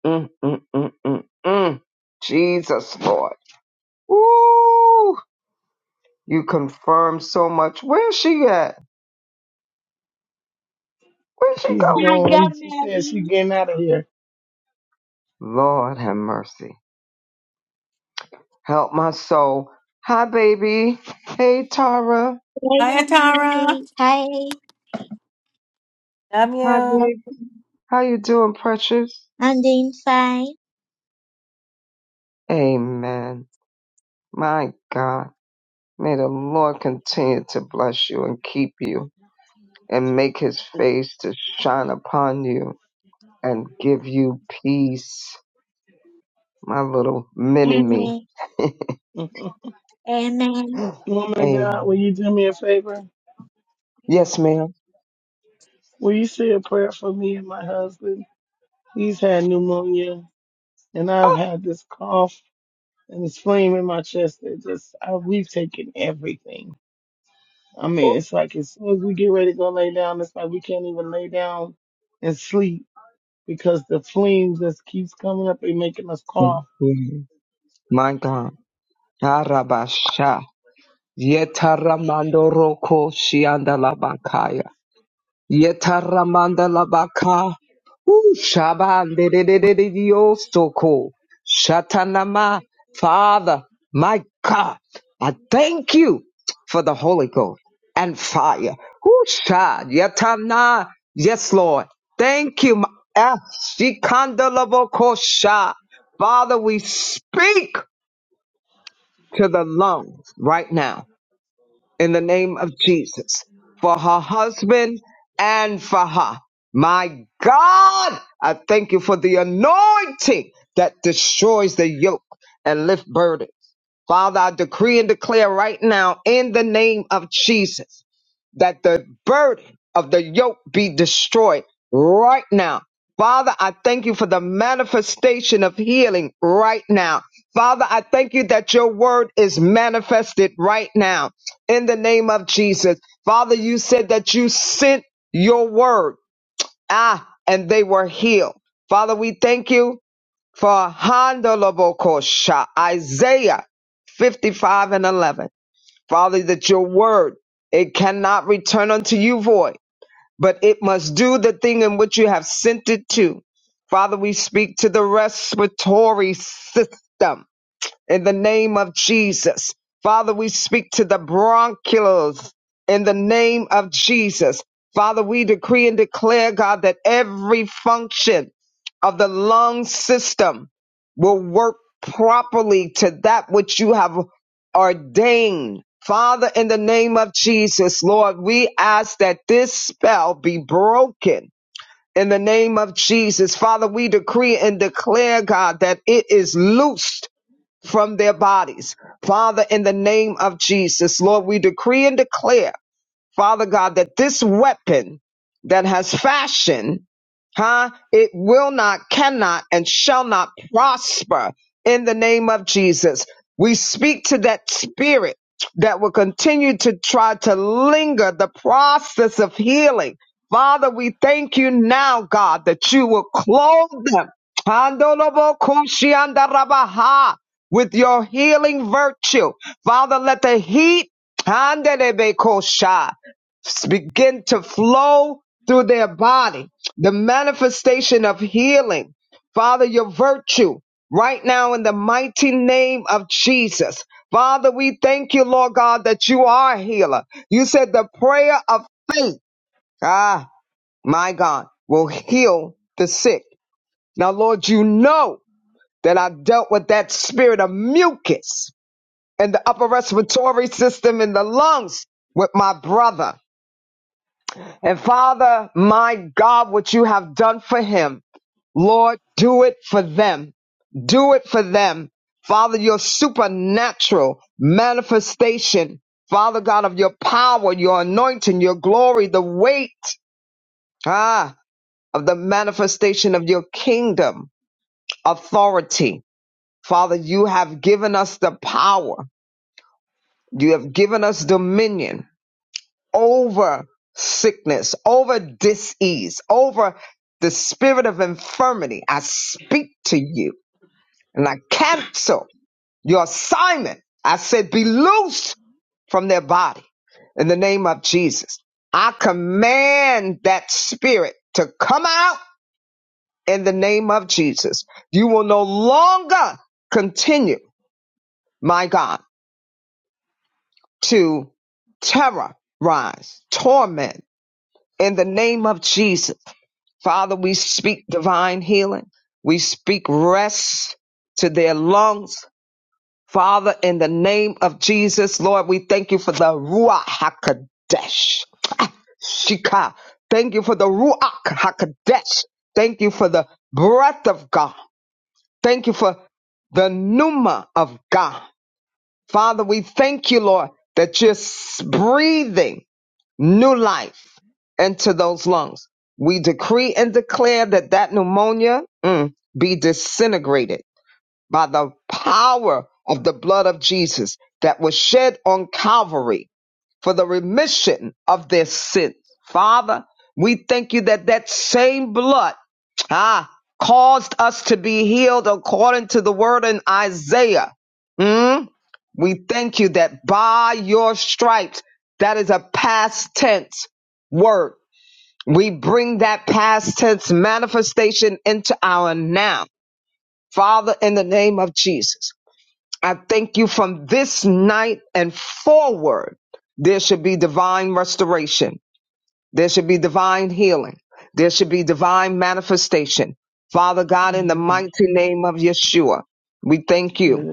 Speaker 3: mm, mm, mm, mm, mm. Jesus, Lord. Ooh, you confirm so much. Where's she at? Where'd she
Speaker 7: She's
Speaker 3: go?
Speaker 9: I got
Speaker 7: gone. She said
Speaker 9: Mary,
Speaker 7: she's getting out of here.
Speaker 3: Lord have mercy. Help my soul. Hi, baby. Hey, Tara.
Speaker 9: I
Speaker 1: Hi,
Speaker 9: got
Speaker 1: Tara.
Speaker 9: Mary. Hi,
Speaker 1: Love
Speaker 3: Hi,
Speaker 1: you.
Speaker 3: baby. How you doing, precious?
Speaker 9: I'm doing fine.
Speaker 3: Amen. My God. May the Lord continue to bless you and keep you and make his face to shine upon you and give you peace. My little mini me.
Speaker 9: Amen.
Speaker 3: [laughs]
Speaker 7: [laughs]
Speaker 9: Amen.
Speaker 7: Woman of
Speaker 3: Amen.
Speaker 7: God, will you do me a favor?
Speaker 3: Yes, ma'am.
Speaker 7: Will you say a prayer for me and my husband? He's had pneumonia, and I've
Speaker 3: Ah,
Speaker 7: had this cough and this flame in my chest that just I, we've taken everything. I mean,
Speaker 3: Oh,
Speaker 7: it's like as soon as we get ready to go lay down, it's like we can't even lay down and sleep because the flame just keeps coming up and making us cough. [laughs]
Speaker 3: Mhm. My God. Arabasha. Yetaramandoroko shiandalabakaya. Yetaramanda labaka. Ooh, Shaban de de de de de de- yo soko. Shatanama. Father, my God, I thank you for the Holy Ghost and fire. Ooh, Sha Yatana. Yes, Lord. Thank you. my- Ah, Shikanda laboko sha. Father, we speak to the lungs right now in the name of Jesus for her husband and for her. My God, I thank you for the anointing that destroys the yoke and lift burdens. Father, I decree and declare right now in the name of Jesus that the burden of the yoke be destroyed right now. Father, I thank you for the manifestation of healing right now. Father, I thank you that your word is manifested right now in the name of Jesus. Father, you said that you sent your word, ah, and they were healed. Father, we thank you for Handalabokosha, Isaiah 55 and 11. Father, that your word, it cannot return unto you void, but it must do the thing in which you have sent it to. Father, we speak to the respiratory system in the name of Jesus. Father, we speak to the bronchioles in the name of Jesus. Father, we decree and declare, God, that every function of the lung system will work properly to that which you have ordained. Father, in the name of Jesus, Lord, we ask that this spell be broken. In the name of Jesus, Father, we decree and declare, God, that it is loosed from their bodies. Father, in the name of Jesus, Lord, we decree and declare, Father God, that this weapon that has fashioned huh? It will not, cannot, and shall not prosper in the name of Jesus. We speak to that spirit that will continue to try to linger the process of healing. Father, we thank you now, God, that you will clothe them Handolobokushiandarabaha, with your healing virtue. Father, let the heat Handelebekosha, begin to flow through their body the manifestation of healing. Father, your virtue right now in the mighty name of Jesus. Father, we thank you, Lord God, that you are a healer. You said the prayer of faith, ah, my God, will heal the sick. Now, Lord, you know that I dealt with that spirit of mucus in the upper respiratory system in the lungs with my brother. And Father, my God, what you have done for him. Lord, do it for them. Do it for them. Father, your supernatural manifestation, Father God, of your power, your anointing, your glory, the weight, ah, of the manifestation of your kingdom authority. Father, you have given us the power. You have given us dominion over sickness, over disease, over the spirit of infirmity. I speak to you and I cancel Your assignment, I said, be loosed from their body in the name of Jesus. I command that spirit to come out in the name of Jesus. You will no longer continue, my God, to terrorize, torment in the name of Jesus. Father, we speak divine healing. We speak rest to their lungs. Father, in the name of Jesus, Lord, we thank you for the Ruach HaKodesh. Shika. Thank you for the Ruach HaKodesh. Thank you for the breath of God. Thank you for the Pneuma of God. Father, we thank you, Lord, that you're s- breathing new life into those lungs. We decree and declare that that pneumonia mm, be disintegrated by the power of the blood of Jesus that was shed on Calvary for the remission of their sins. Father, we thank you that that same blood, ah, caused us to be healed according to the word in Isaiah. Mm? We thank you that by your stripes, that is a past tense word. We bring that past tense manifestation into our now. Father, in the name of Jesus. I thank you from this night and forward, there should be divine restoration. There should be divine healing. There should be divine manifestation. Father God, in the
Speaker 7: Hallelujah!
Speaker 3: mighty name of Yeshua, we thank you.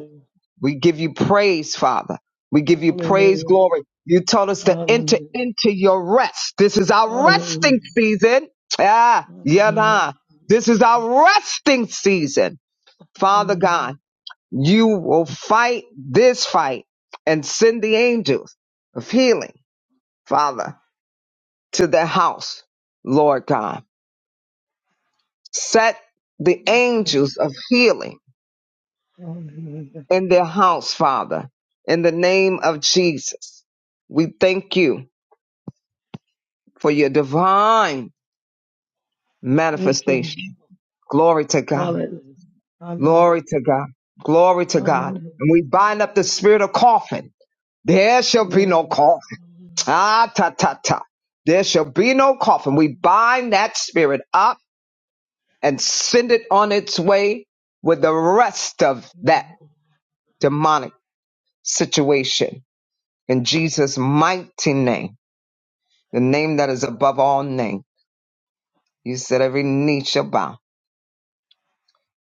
Speaker 3: We give you praise, Father. We give you praise,
Speaker 7: Hallelujah!
Speaker 3: glory. You told us to
Speaker 7: Hallelujah!
Speaker 3: enter into your rest. This is our resting
Speaker 7: Hallelujah!
Speaker 3: season. Ah, yeah,
Speaker 7: Hallelujah!
Speaker 3: nah. This is our resting season. Father God, you will fight this fight and send the angels of healing, Father, to their house, Lord God. Set the
Speaker 7: Hallelujah!
Speaker 3: angels of healing
Speaker 7: Hallelujah! Hallelujah.
Speaker 3: in their house, Father, in the name of Jesus. We thank you for your divine
Speaker 7: Thank you.
Speaker 3: manifestation. Glory to God.
Speaker 7: Hallelujah. Hallelujah.
Speaker 3: Glory to God. Glory to God.
Speaker 7: Hallelujah.
Speaker 3: And we bind up the spirit of coughing. There shall be
Speaker 7: Yeah.
Speaker 3: no cough. Ah, ta, ta, ta. There shall be no coffin. We bind that spirit up and send it on its way with the rest of that
Speaker 7: Hallelujah.
Speaker 3: demonic situation. In Jesus' mighty name, the name that is above all name. You said every knee shall bow.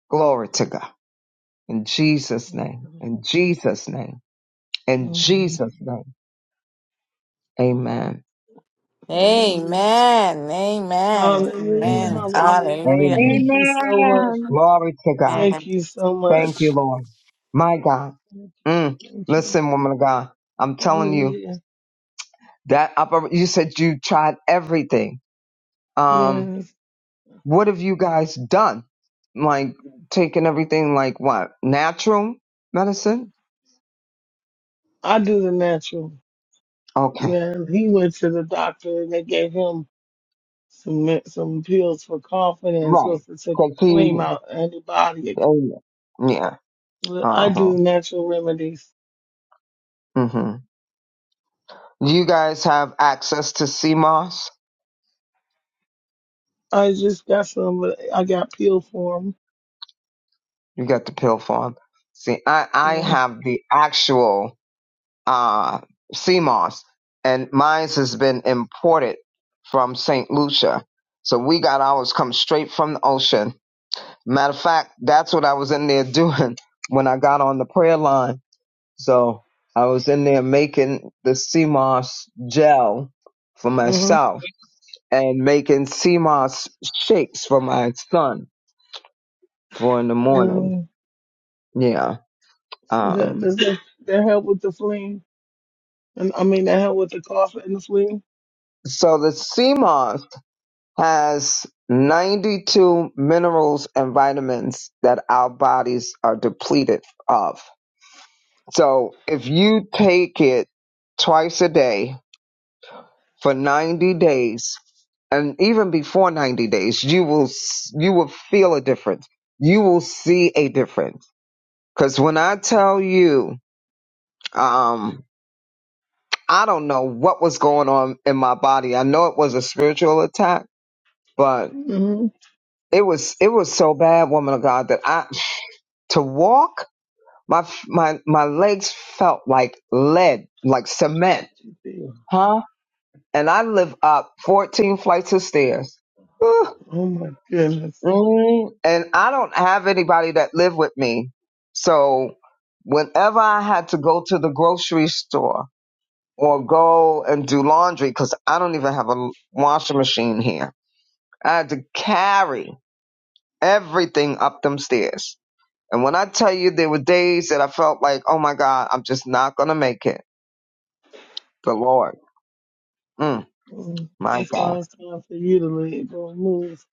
Speaker 3: Glory to God. In Jesus' name. In Jesus' name. In Jesus' name. Amen.
Speaker 7: Hallelujah.
Speaker 1: Amen. Amen.
Speaker 7: Hallelujah.
Speaker 1: Amen.
Speaker 3: Amen.
Speaker 7: Hallelujah.
Speaker 1: Hallelujah.
Speaker 7: Thank
Speaker 3: Amen.
Speaker 7: you so much.
Speaker 9: Amen.
Speaker 3: Glory to God.
Speaker 7: Thank
Speaker 1: Amen!
Speaker 7: you so
Speaker 3: Thank you,
Speaker 7: much.
Speaker 3: Lord. My God.
Speaker 7: Thank
Speaker 3: Mm.
Speaker 7: you. Thank you.
Speaker 3: Listen, woman of God, I'm telling you
Speaker 7: Hallelujah.
Speaker 3: that upper, you said you tried everything. Um,
Speaker 7: Yes.
Speaker 3: what have you guys done? Like taking everything like what? Natural medicine?
Speaker 7: I do the natural.
Speaker 3: Okay.
Speaker 7: Man, he went to the doctor and they gave him some me- some pills for coughing and it's
Speaker 3: Right.
Speaker 7: supposed to take
Speaker 3: Cause
Speaker 7: the flame
Speaker 3: he,
Speaker 7: out of your body.
Speaker 3: uh, yeah.
Speaker 7: Well,
Speaker 3: Uh
Speaker 7: I
Speaker 3: huh.
Speaker 7: do natural remedies.
Speaker 3: hmm Do you guys have access to CMOS?
Speaker 7: I just got some, but I got peeled for them.
Speaker 3: You got the pill form. See, I, I
Speaker 7: Yeah.
Speaker 3: have the actual uh, sea moss, and mine has been imported from St. Lucia. So we got ours come straight from the ocean. Matter of fact, that's what I was in there doing [laughs] when I got on the prayer line. So I was in there making the sea moss gel for
Speaker 7: Mhm.
Speaker 3: myself and making sea moss shakes for my son for in the morning.
Speaker 7: mm
Speaker 3: Yeah.
Speaker 7: That,
Speaker 3: Um,
Speaker 7: does that that help with the fling? And I mean that help with the cough and the fling.
Speaker 3: so the sea moss. has 92 minerals and vitamins that our bodies are depleted of. So if you take it twice a day for 90 days, and even before 90 days, you will, s- you will feel a difference. You will see a difference. Cause when I tell you, um, I don't know what was going on in my body. I know it was a spiritual attack, but
Speaker 7: hmm
Speaker 3: it was it was so bad, woman of God, that I To walk, my my my legs felt like lead, like cement, huh? And I live up 14 flights of stairs. Ooh,
Speaker 7: Oh my goodness.
Speaker 3: mm, and I don't have anybody that live with me. So whenever I had to go to the grocery store or go and do laundry, cause I don't even have a washing machine here. I had to carry everything up them stairs And when I tell you there were days that I felt like, oh my God, I'm just not going to make it. The Lord. Mm,
Speaker 7: Mm.
Speaker 3: my
Speaker 7: That's why
Speaker 3: God.
Speaker 7: it's time for you to let it go and move.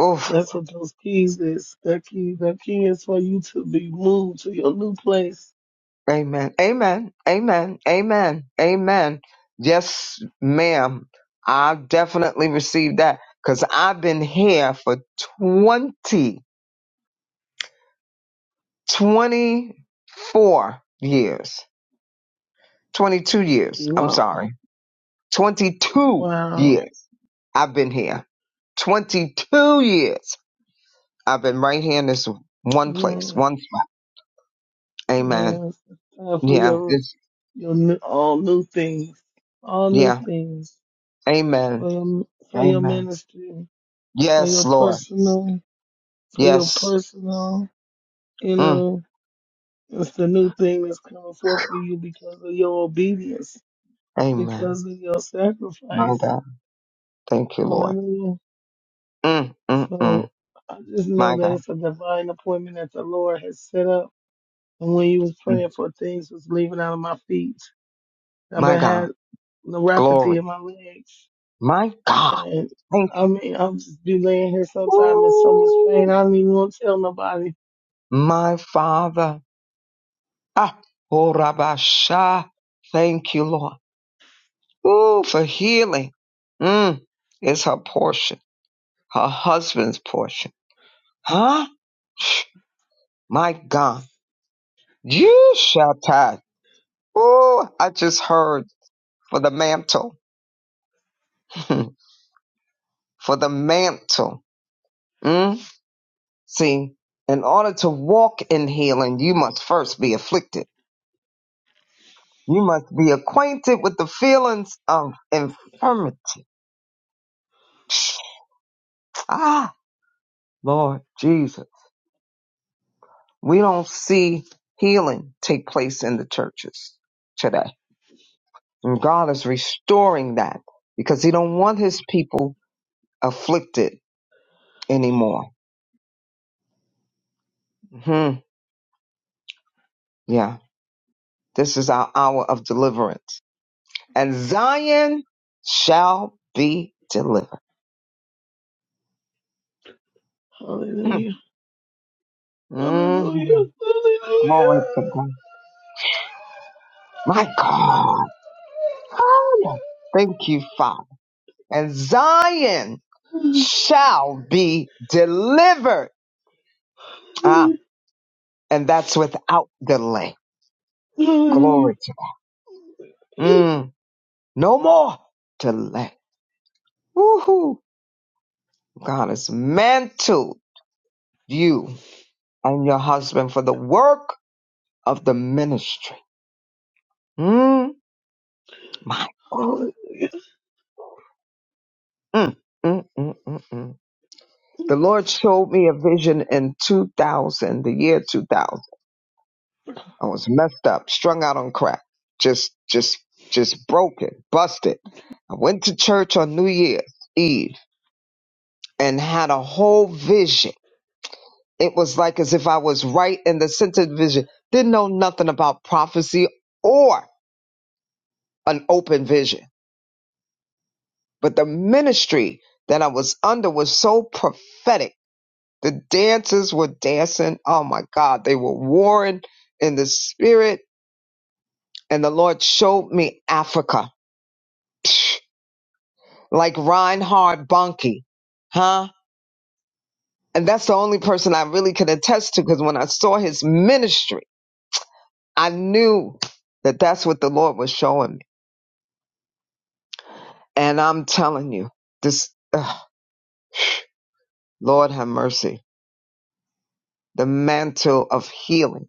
Speaker 3: Oof.
Speaker 7: That's what those keys is. That key, that key is for you to be moved to your new place.
Speaker 3: Amen. Amen. Amen. Amen. Amen. Yes, ma'am. I definitely received that because I've been here for twenty, twenty-four years, 22 years. I'm
Speaker 7: Wow.
Speaker 3: sorry. 22
Speaker 7: Wow.
Speaker 3: years. I've been here. 22 years. I've been right here in this one place,
Speaker 7: Yes.
Speaker 3: one spot. Amen.
Speaker 7: Yes. It's time for
Speaker 3: Yeah.
Speaker 7: your
Speaker 3: It's,
Speaker 7: your new, all new things, all new
Speaker 3: yeah.
Speaker 7: things
Speaker 3: Amen.
Speaker 7: for your for your
Speaker 3: Amen.
Speaker 7: ministry, for
Speaker 3: Yes,
Speaker 7: your
Speaker 3: Lord.
Speaker 7: personal, for your
Speaker 3: Yes.
Speaker 7: personal. You
Speaker 3: Mm.
Speaker 7: know, it's the new thing that's coming forth for you because of your obedience,
Speaker 3: Amen.
Speaker 7: because of your
Speaker 3: My
Speaker 7: sacrifice.
Speaker 3: God. Thank you, Lord.
Speaker 7: Hallelujah.
Speaker 3: Mm, mm, mm.
Speaker 7: So I just know
Speaker 3: My
Speaker 7: that
Speaker 3: God.
Speaker 7: it's a divine appointment that the Lord has set up. And when you was
Speaker 3: Mm.
Speaker 7: praying for things was leaving out of my feet, I've
Speaker 3: My
Speaker 7: been
Speaker 3: God.
Speaker 7: had neuropathy
Speaker 3: Glory.
Speaker 7: in my legs.
Speaker 3: My God.
Speaker 7: And
Speaker 3: Thank
Speaker 7: I mean, I'm just be laying here
Speaker 3: you.
Speaker 7: sometime in so much
Speaker 3: Ooh,
Speaker 7: pain. I don't even want to tell nobody.
Speaker 3: my Father. Ah. Oh, Rabbi Thank you, Lord. Ooh, for healing. Mm. It's her portion, her husband's portion. Huh? My God. You Shatai. Oh, I just heard for the mantle. [laughs] for the mantle. Mm? See, in order to walk in healing, you must first be afflicted. You must be acquainted with the feelings of infirmity. Ah, Lord Jesus. We don't see healing take place in the churches today. And God is restoring that because he don't want his people afflicted anymore. Mhm. Yeah, this is our hour of deliverance. And Zion shall be delivered. hmm
Speaker 7: Hallelujah.
Speaker 3: Mm-hmm.
Speaker 7: Hallelujah.
Speaker 3: Glory
Speaker 7: Hallelujah.
Speaker 3: to God. My God. Hallelujah. Thank you, Father. And Zion shall be delivered. Ah, and that's without delay.
Speaker 7: Hallelujah.
Speaker 3: Glory to God. Mm, no more delay. Woohoo. God has mantled you and your husband for the work of the ministry Mm, my,
Speaker 7: Hallelujah.
Speaker 3: mm, mm, mm, mm, mm. The Lord showed me a vision in 2000, the year 2000. I was messed up, strung out on crack, just, just, just broken, busted. I went to church on New Year's Eve and had a whole vision. It was like as if I was right in the center of the vision. Didn't know nothing about prophecy or an open vision, but the ministry that I was under was so prophetic The dancers were dancing. Oh my God, they were warring in the spirit. And the Lord showed me Africa, psh, like Reinhard Bonnke, huh? And that's the only person I really could attest to because when I saw his ministry, I knew that that's what the Lord was showing me. And I'm telling you, this, ugh, Lord have mercy, the mantle of healing,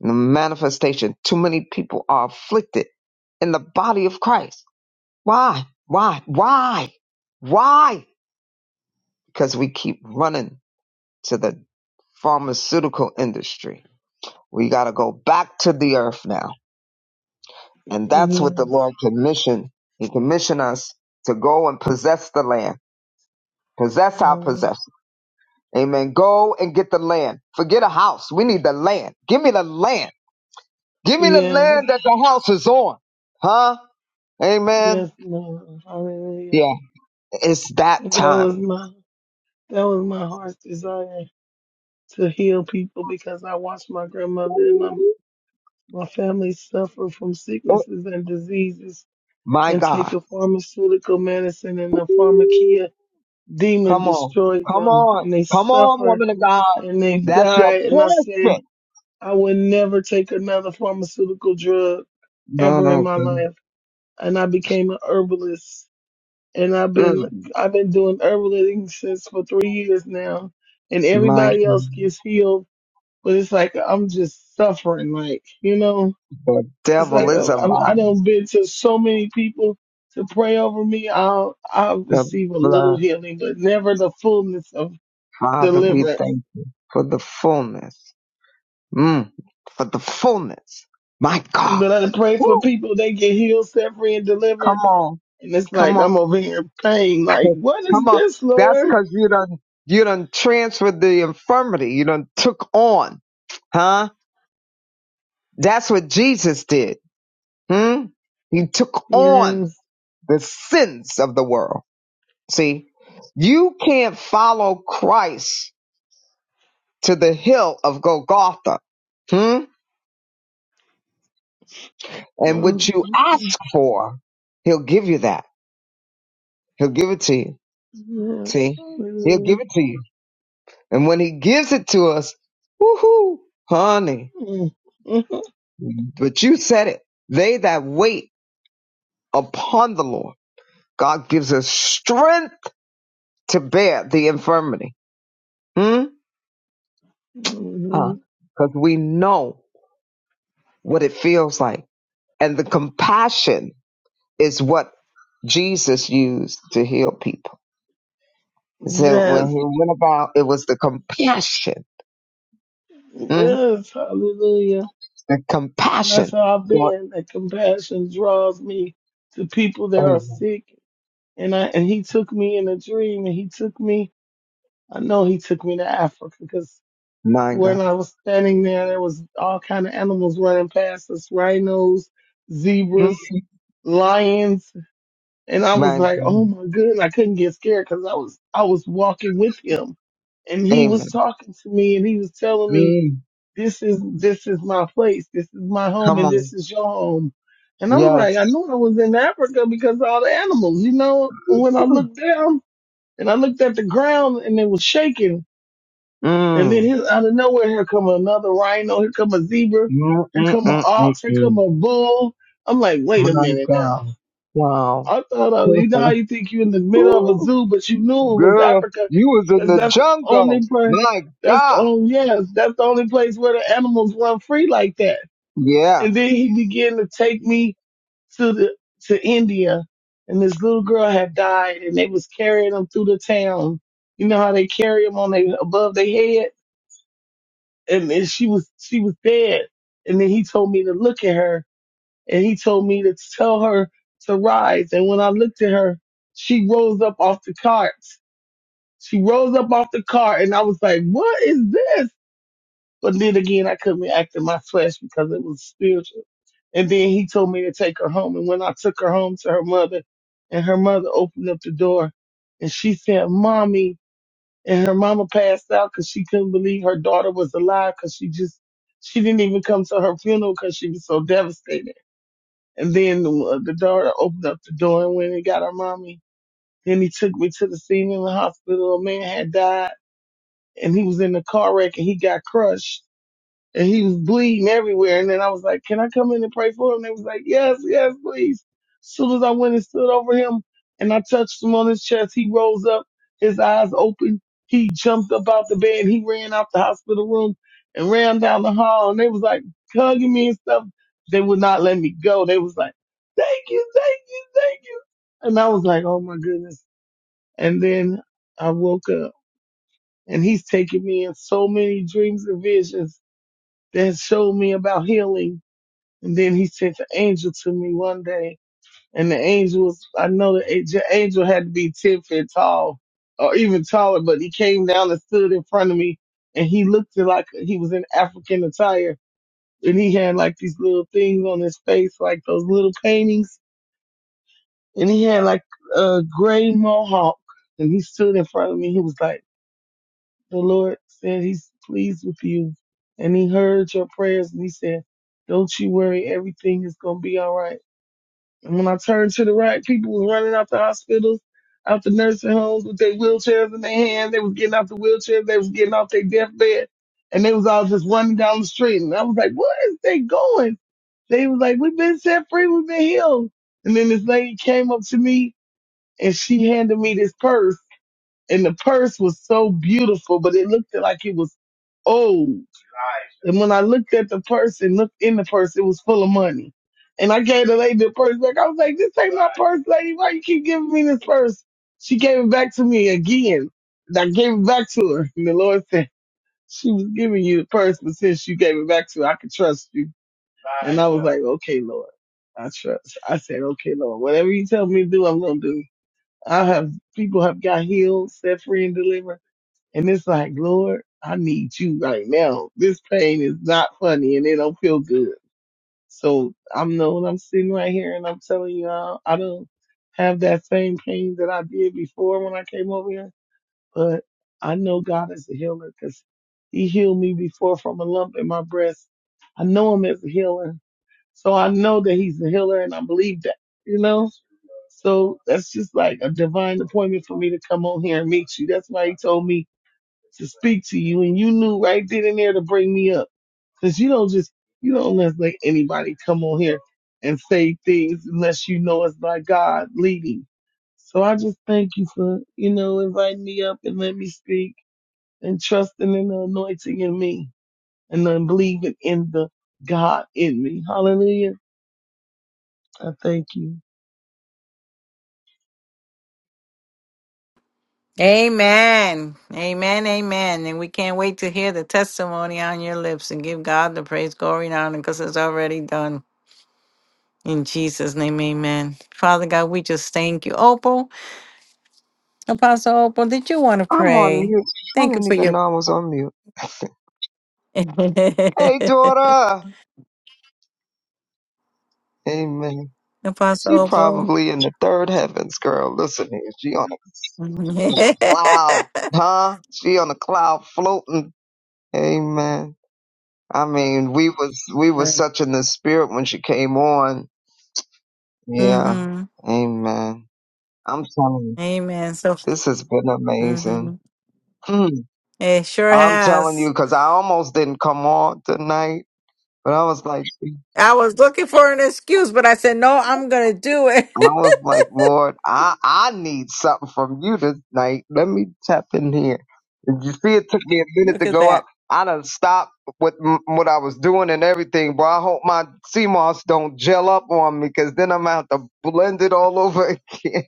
Speaker 3: the manifestation. Too many people are afflicted in the body of Christ Why? Why? Why? Why? Because we keep running to the pharmaceutical industry. We got to go back to the earth now. And that's what the
Speaker 7: Yes.
Speaker 3: Lord commissioned. He commissioned us to go and possess the land, possess our possession.
Speaker 7: Yes.
Speaker 3: Amen. Go and get the land. Forget a house. We need the land. Give me the land. Give me the
Speaker 7: Yes.
Speaker 3: land that the house is on. Huh? Amen.
Speaker 7: Yes, Lord. Hallelujah.
Speaker 3: Yeah. It's that
Speaker 7: That
Speaker 3: time.
Speaker 7: was my that was my heart's desire to heal people because I watched my grandmother and my My family suffer from
Speaker 3: Oh,
Speaker 7: sicknesses and diseases
Speaker 3: my
Speaker 7: and
Speaker 3: God.
Speaker 7: take a pharmaceutical medicine and the pharmakia demon
Speaker 3: Come on.
Speaker 7: destroyed
Speaker 3: Come
Speaker 7: them
Speaker 3: on.
Speaker 7: and they
Speaker 3: Come on,
Speaker 7: suffer
Speaker 3: woman of God.
Speaker 7: and they
Speaker 3: That's your
Speaker 7: die. And I said,
Speaker 3: portion.
Speaker 7: I would never take another pharmaceutical drug
Speaker 3: No,
Speaker 7: ever in
Speaker 3: no.
Speaker 7: my
Speaker 3: God.
Speaker 7: life. And I became an herbalist and I've
Speaker 3: Mm,
Speaker 7: been, I've been doing herbalism since for three years now and
Speaker 3: my
Speaker 7: everybody else gets healed, but it's like, I'm just suffering, like, you know?
Speaker 3: the
Speaker 7: It's
Speaker 3: devil
Speaker 7: like
Speaker 3: is
Speaker 7: oh,
Speaker 3: a
Speaker 7: I, I
Speaker 3: lie.
Speaker 7: done been to so many people to pray over me. I'll I'll
Speaker 3: The
Speaker 7: receive a little
Speaker 3: blood.
Speaker 7: healing, but never the fullness of
Speaker 3: Father, we
Speaker 7: deliverance.
Speaker 3: thank you for the fullness. Mm, for the fullness. My God.
Speaker 7: But I pray for
Speaker 3: Woo.
Speaker 7: people they get healed, set free, and
Speaker 3: Come
Speaker 7: delivered,
Speaker 3: on.
Speaker 7: and it's
Speaker 3: Come
Speaker 7: like
Speaker 3: on.
Speaker 7: I'm over here in pain. Like what
Speaker 3: Come
Speaker 7: is
Speaker 3: on.
Speaker 7: this,
Speaker 3: That's
Speaker 7: Lord?
Speaker 3: cause you done you done transferred the infirmity. You done took on. Huh? That's what Jesus did. Hmm? He took on.
Speaker 7: Yes.
Speaker 3: the sins of the world. See, you can't follow Christ to the hill of Golgotha. Hmm? And what
Speaker 7: Mm,
Speaker 3: you ask for, he'll give you that. He'll give it to you.
Speaker 7: mm, mm, Yes.
Speaker 3: See? He'll
Speaker 7: Hallelujah.
Speaker 3: give it to you. And when he gives it to us, woohoo, honey.
Speaker 7: Mm, mhm.
Speaker 3: But you said it. They that wait upon the Lord, God gives us strength to bear the infirmity. Hmm? Huh?
Speaker 7: Hallelujah.
Speaker 3: Because we know what it feels like And the compassion is what Jesus used to heal people. So when he
Speaker 7: Yes.
Speaker 3: went about, it was the compassion, mm,
Speaker 7: Yes. Hallelujah.
Speaker 3: the
Speaker 7: And
Speaker 3: compassion.
Speaker 7: that's how I've
Speaker 3: So,
Speaker 7: been. That compassion draws me to people that
Speaker 3: oh
Speaker 7: are sick. And I and he took me in a dream and he took me I know he took me to Africa because
Speaker 3: my God,
Speaker 7: when I was standing there there was all kind of animals running past us, rhinos,
Speaker 3: mm,
Speaker 7: zebras, lions, and I was
Speaker 3: my
Speaker 7: like, Oh
Speaker 3: God,
Speaker 7: my goodness, I couldn't get scared because I was I was walking with him and he was
Speaker 3: Amen.
Speaker 7: talking to me and he was telling me
Speaker 3: Mm,
Speaker 7: this is this is my place, this is my home,
Speaker 3: come
Speaker 7: and this
Speaker 3: on,
Speaker 7: is your home. And I was
Speaker 3: yes.
Speaker 7: like, I knew I was in Africa because of all the animals, you know. And when I looked down and I looked at the ground and it was shaking, and then
Speaker 3: Mm, mm,
Speaker 7: his, out of nowhere, here come another rhino, here come a zebra,
Speaker 3: mm,
Speaker 7: here
Speaker 3: mm,
Speaker 7: come an
Speaker 3: mm,
Speaker 7: ox, here come
Speaker 3: mm.
Speaker 7: a bull. I'm like, wait a
Speaker 3: My
Speaker 7: minute
Speaker 3: God,
Speaker 7: now.
Speaker 3: wow.
Speaker 7: I thought, I, you
Speaker 3: [laughs]
Speaker 7: know how you think you're in the middle of a
Speaker 3: Ooh,
Speaker 7: zoo, but you knew it was
Speaker 3: girl,
Speaker 7: Africa
Speaker 3: you was in
Speaker 7: because
Speaker 3: the
Speaker 7: that's the
Speaker 3: jungle.
Speaker 7: only place.
Speaker 3: My
Speaker 7: That's
Speaker 3: God,
Speaker 7: oh yes, that's the only place where the animals run free like that.
Speaker 3: yeah.
Speaker 7: And then he began to take me to the to India, and this little girl had died, and they was carrying them through the town. You know how they carry them on they above their head, and, and she was she was dead. And then he told me to look at her, and he told me to tell her to rise. And when I looked at her, she rose up off the cart. She rose up off the cart, and I was like, "What is this?" But then again, I couldn't be acting my flesh because it was spiritual. And then he told me to take her home. And when I took her home to her mother, and her mother opened up the door, and she said, "Mommy," and her mama passed out because she couldn't believe her daughter was alive because she just she didn't even come to her funeral because she was so devastated. And then the, uh, the daughter opened up the door and went and got her mommy. Then he took me to the scene in the hospital. A man had died, and he was in a car wreck, and he got crushed and he was bleeding everywhere. And then I was like, "Can I come in and pray for him?" And they was like, "Yes, yes, please." As soon as I went and stood over him and I touched him on his chest, he rose up, his eyes open. He jumped up out the bed. He ran out the hospital room and ran down the hall. And they was like hugging me and stuff. They would not let me go. They was like, "Thank you, thank you, thank you." And I was like, "Oh my goodness!" And then I woke up, and he's taking me in so many dreams and visions that showed me about healing. And then he sent an angel to me one day. And the angel was, I know the angel, angel had to be 10 feet tall or even taller, but he came down and stood in front of me and he looked like he was in African attire. And he had like these little things on his face, like those little paintings. And he had like a gray mohawk. And he stood in front of me. He was like, the Lord said he's pleased with you and he heard your prayers and he said, don't you worry, everything is going to be all right. And when I turned to the right, people was running out the hospitals, out the nursing homes with their wheelchairs in their hands. They was getting out the wheelchairs. They was getting off their deathbed and they was all just running down the street. And I was like, where is they going? They was like, we've been set free. We've been healed. And then this lady came up to me and she handed me this purse and the purse was so beautiful, but it looked like it was old. And when I looked at the purse and looked in the purse, it was full of money. And I gave the lady the purse back. I was like, "This ain't my purse, lady. Why you keep giving me this purse?" She gave it back to me again. And I gave it back to her, and the Lord said she was giving you the purse, but since you gave it back to her, I could trust you. And I was like, "Okay, Lord, I trust." I said, "Okay, Lord, whatever you tell me to do, I'm gonna do." I have people have got healed, set free, and delivered and it's like, Lord, I need you right now. This pain is not funny and it don't feel good. So I'm knowing I'm sitting right here and I'm telling you all I don't have that same pain that I did before when I came over here. But I know God is a healer because he healed me before from a lump in my breast. I know him as a healer. So I know that he's a healer and I believe that, you know? So that's just like a divine appointment for me to come on here and meet you. That's why he told me to speak to you, and you knew right then and there to bring me up. Because you don't just, you don't just let anybody come on here and say things unless you know it's by God leading. So I just thank you for, you know, inviting me up and let me speak and trusting in the anointing in me and then believing in the God in me. Hallelujah. I thank you.
Speaker 1: Amen. Amen. Amen. And we can't wait to hear the testimony on your lips and give God the praise, glory, and honor because it's already done. In Jesus' name, amen. Father God, we just thank you. Opal, Apostle Opal, did you want to
Speaker 3: I'm on
Speaker 1: pray?
Speaker 3: mute. I
Speaker 1: Thank you
Speaker 3: didn't
Speaker 1: for
Speaker 3: even
Speaker 1: your.
Speaker 3: know I was on mute. [laughs]
Speaker 1: [laughs]
Speaker 3: Hey, daughter. Amen.
Speaker 1: Apostle
Speaker 3: She
Speaker 1: Opal.
Speaker 3: probably in the third heavens, girl. Listen here. She on a
Speaker 1: [laughs]
Speaker 3: cloud,
Speaker 1: mm-hmm.
Speaker 3: huh? She on a cloud floating. Amen. I mean, we was we was such in the spirit when she came on. Yeah. Amen. I'm telling you,
Speaker 1: Amen. So,
Speaker 3: this has been amazing.
Speaker 1: hmm
Speaker 3: Hmm.
Speaker 1: it sure
Speaker 3: I'm telling
Speaker 1: has.
Speaker 3: you, cause I almost didn't come on tonight, but I was like,
Speaker 1: I was looking for an excuse, but I said, no, I'm going to do it. [laughs]
Speaker 3: I was like, Lord, I I need something from you tonight. Let me tap in here. And you see, it took me a minute
Speaker 1: Look
Speaker 3: to
Speaker 1: at
Speaker 3: go
Speaker 1: that.
Speaker 3: up. I done stopped with m- what I was doing and everything, but I hope my sea moss don't gel up on me, because then I'm gonna have to blend it all over [laughs] again.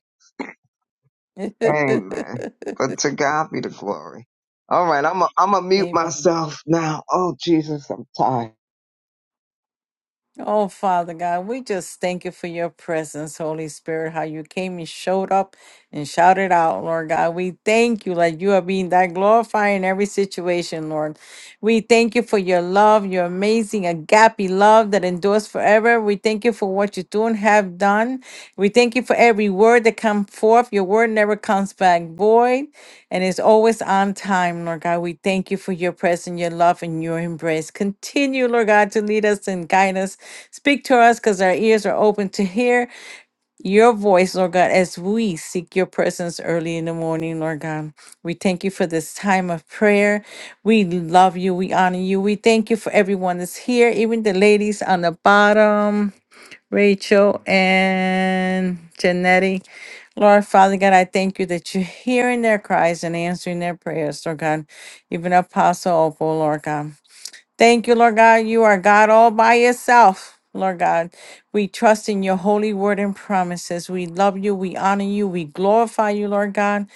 Speaker 1: [laughs]
Speaker 3: Amen. But to God be the glory. All right, I'm a, I'm gonna mute
Speaker 1: Amen.
Speaker 3: myself now. Oh Jesus, I'm tired.
Speaker 1: Oh, Father God, we just thank you for your presence, Holy Spirit, how you came and showed up and shouted out, Lord God. We thank you that you are being that glorified in every situation, Lord. We thank you for your love, your amazing agape love that endures forever. We thank you for what you do and have done. We thank you for every word that come forth. Your word never comes back void. and is always on time, Lord God. We thank you for your presence, your love, and your embrace. Continue, Lord God, to lead us and guide us. Speak to us because our ears are open to hear your voice, Lord God, as we seek your presence early in the morning, Lord God. We thank you for this time of prayer. We love you. We honor you. We thank you for everyone that's here, even the ladies on the bottom. Rachel and Janetti. Lord, Father God, I thank you that you're hearing their cries and answering their prayers, Lord God. Even Apostle Opal, Lord God. Thank you, Lord God. You are God all by yourself, Lord God. We trust in your holy word and promises. We love you. We honor you. We glorify you, Lord God.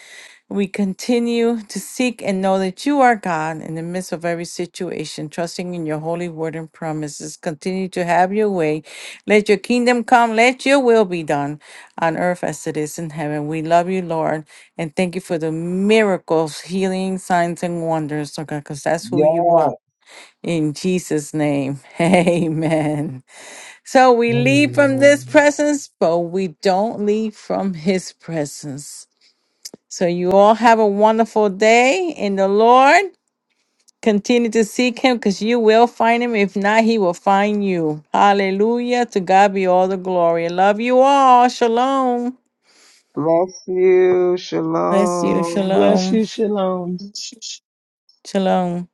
Speaker 1: We continue to seek and know that you are God in the midst of every situation, trusting in your holy word and promises. Continue to have your way. Let your kingdom come. Let your will be done on earth as it is in heaven. We love you, Lord, and thank you for the miracles, healing, signs, and wonders, Lord God, because that's who you are.
Speaker 3: Yeah.
Speaker 1: In Jesus' name, [laughs] amen. So we leave from this
Speaker 3: Amen.
Speaker 1: presence, but we don't leave from his presence. So you all have a wonderful day in the Lord. Continue to seek him because you will find him. If not, he will find you. Hallelujah. To God be all the glory. Love you all. Shalom.
Speaker 3: Bless you.
Speaker 1: Bless you.
Speaker 3: Shalom.
Speaker 7: Bless
Speaker 1: Shalom.
Speaker 7: you. Shalom.
Speaker 1: Shalom.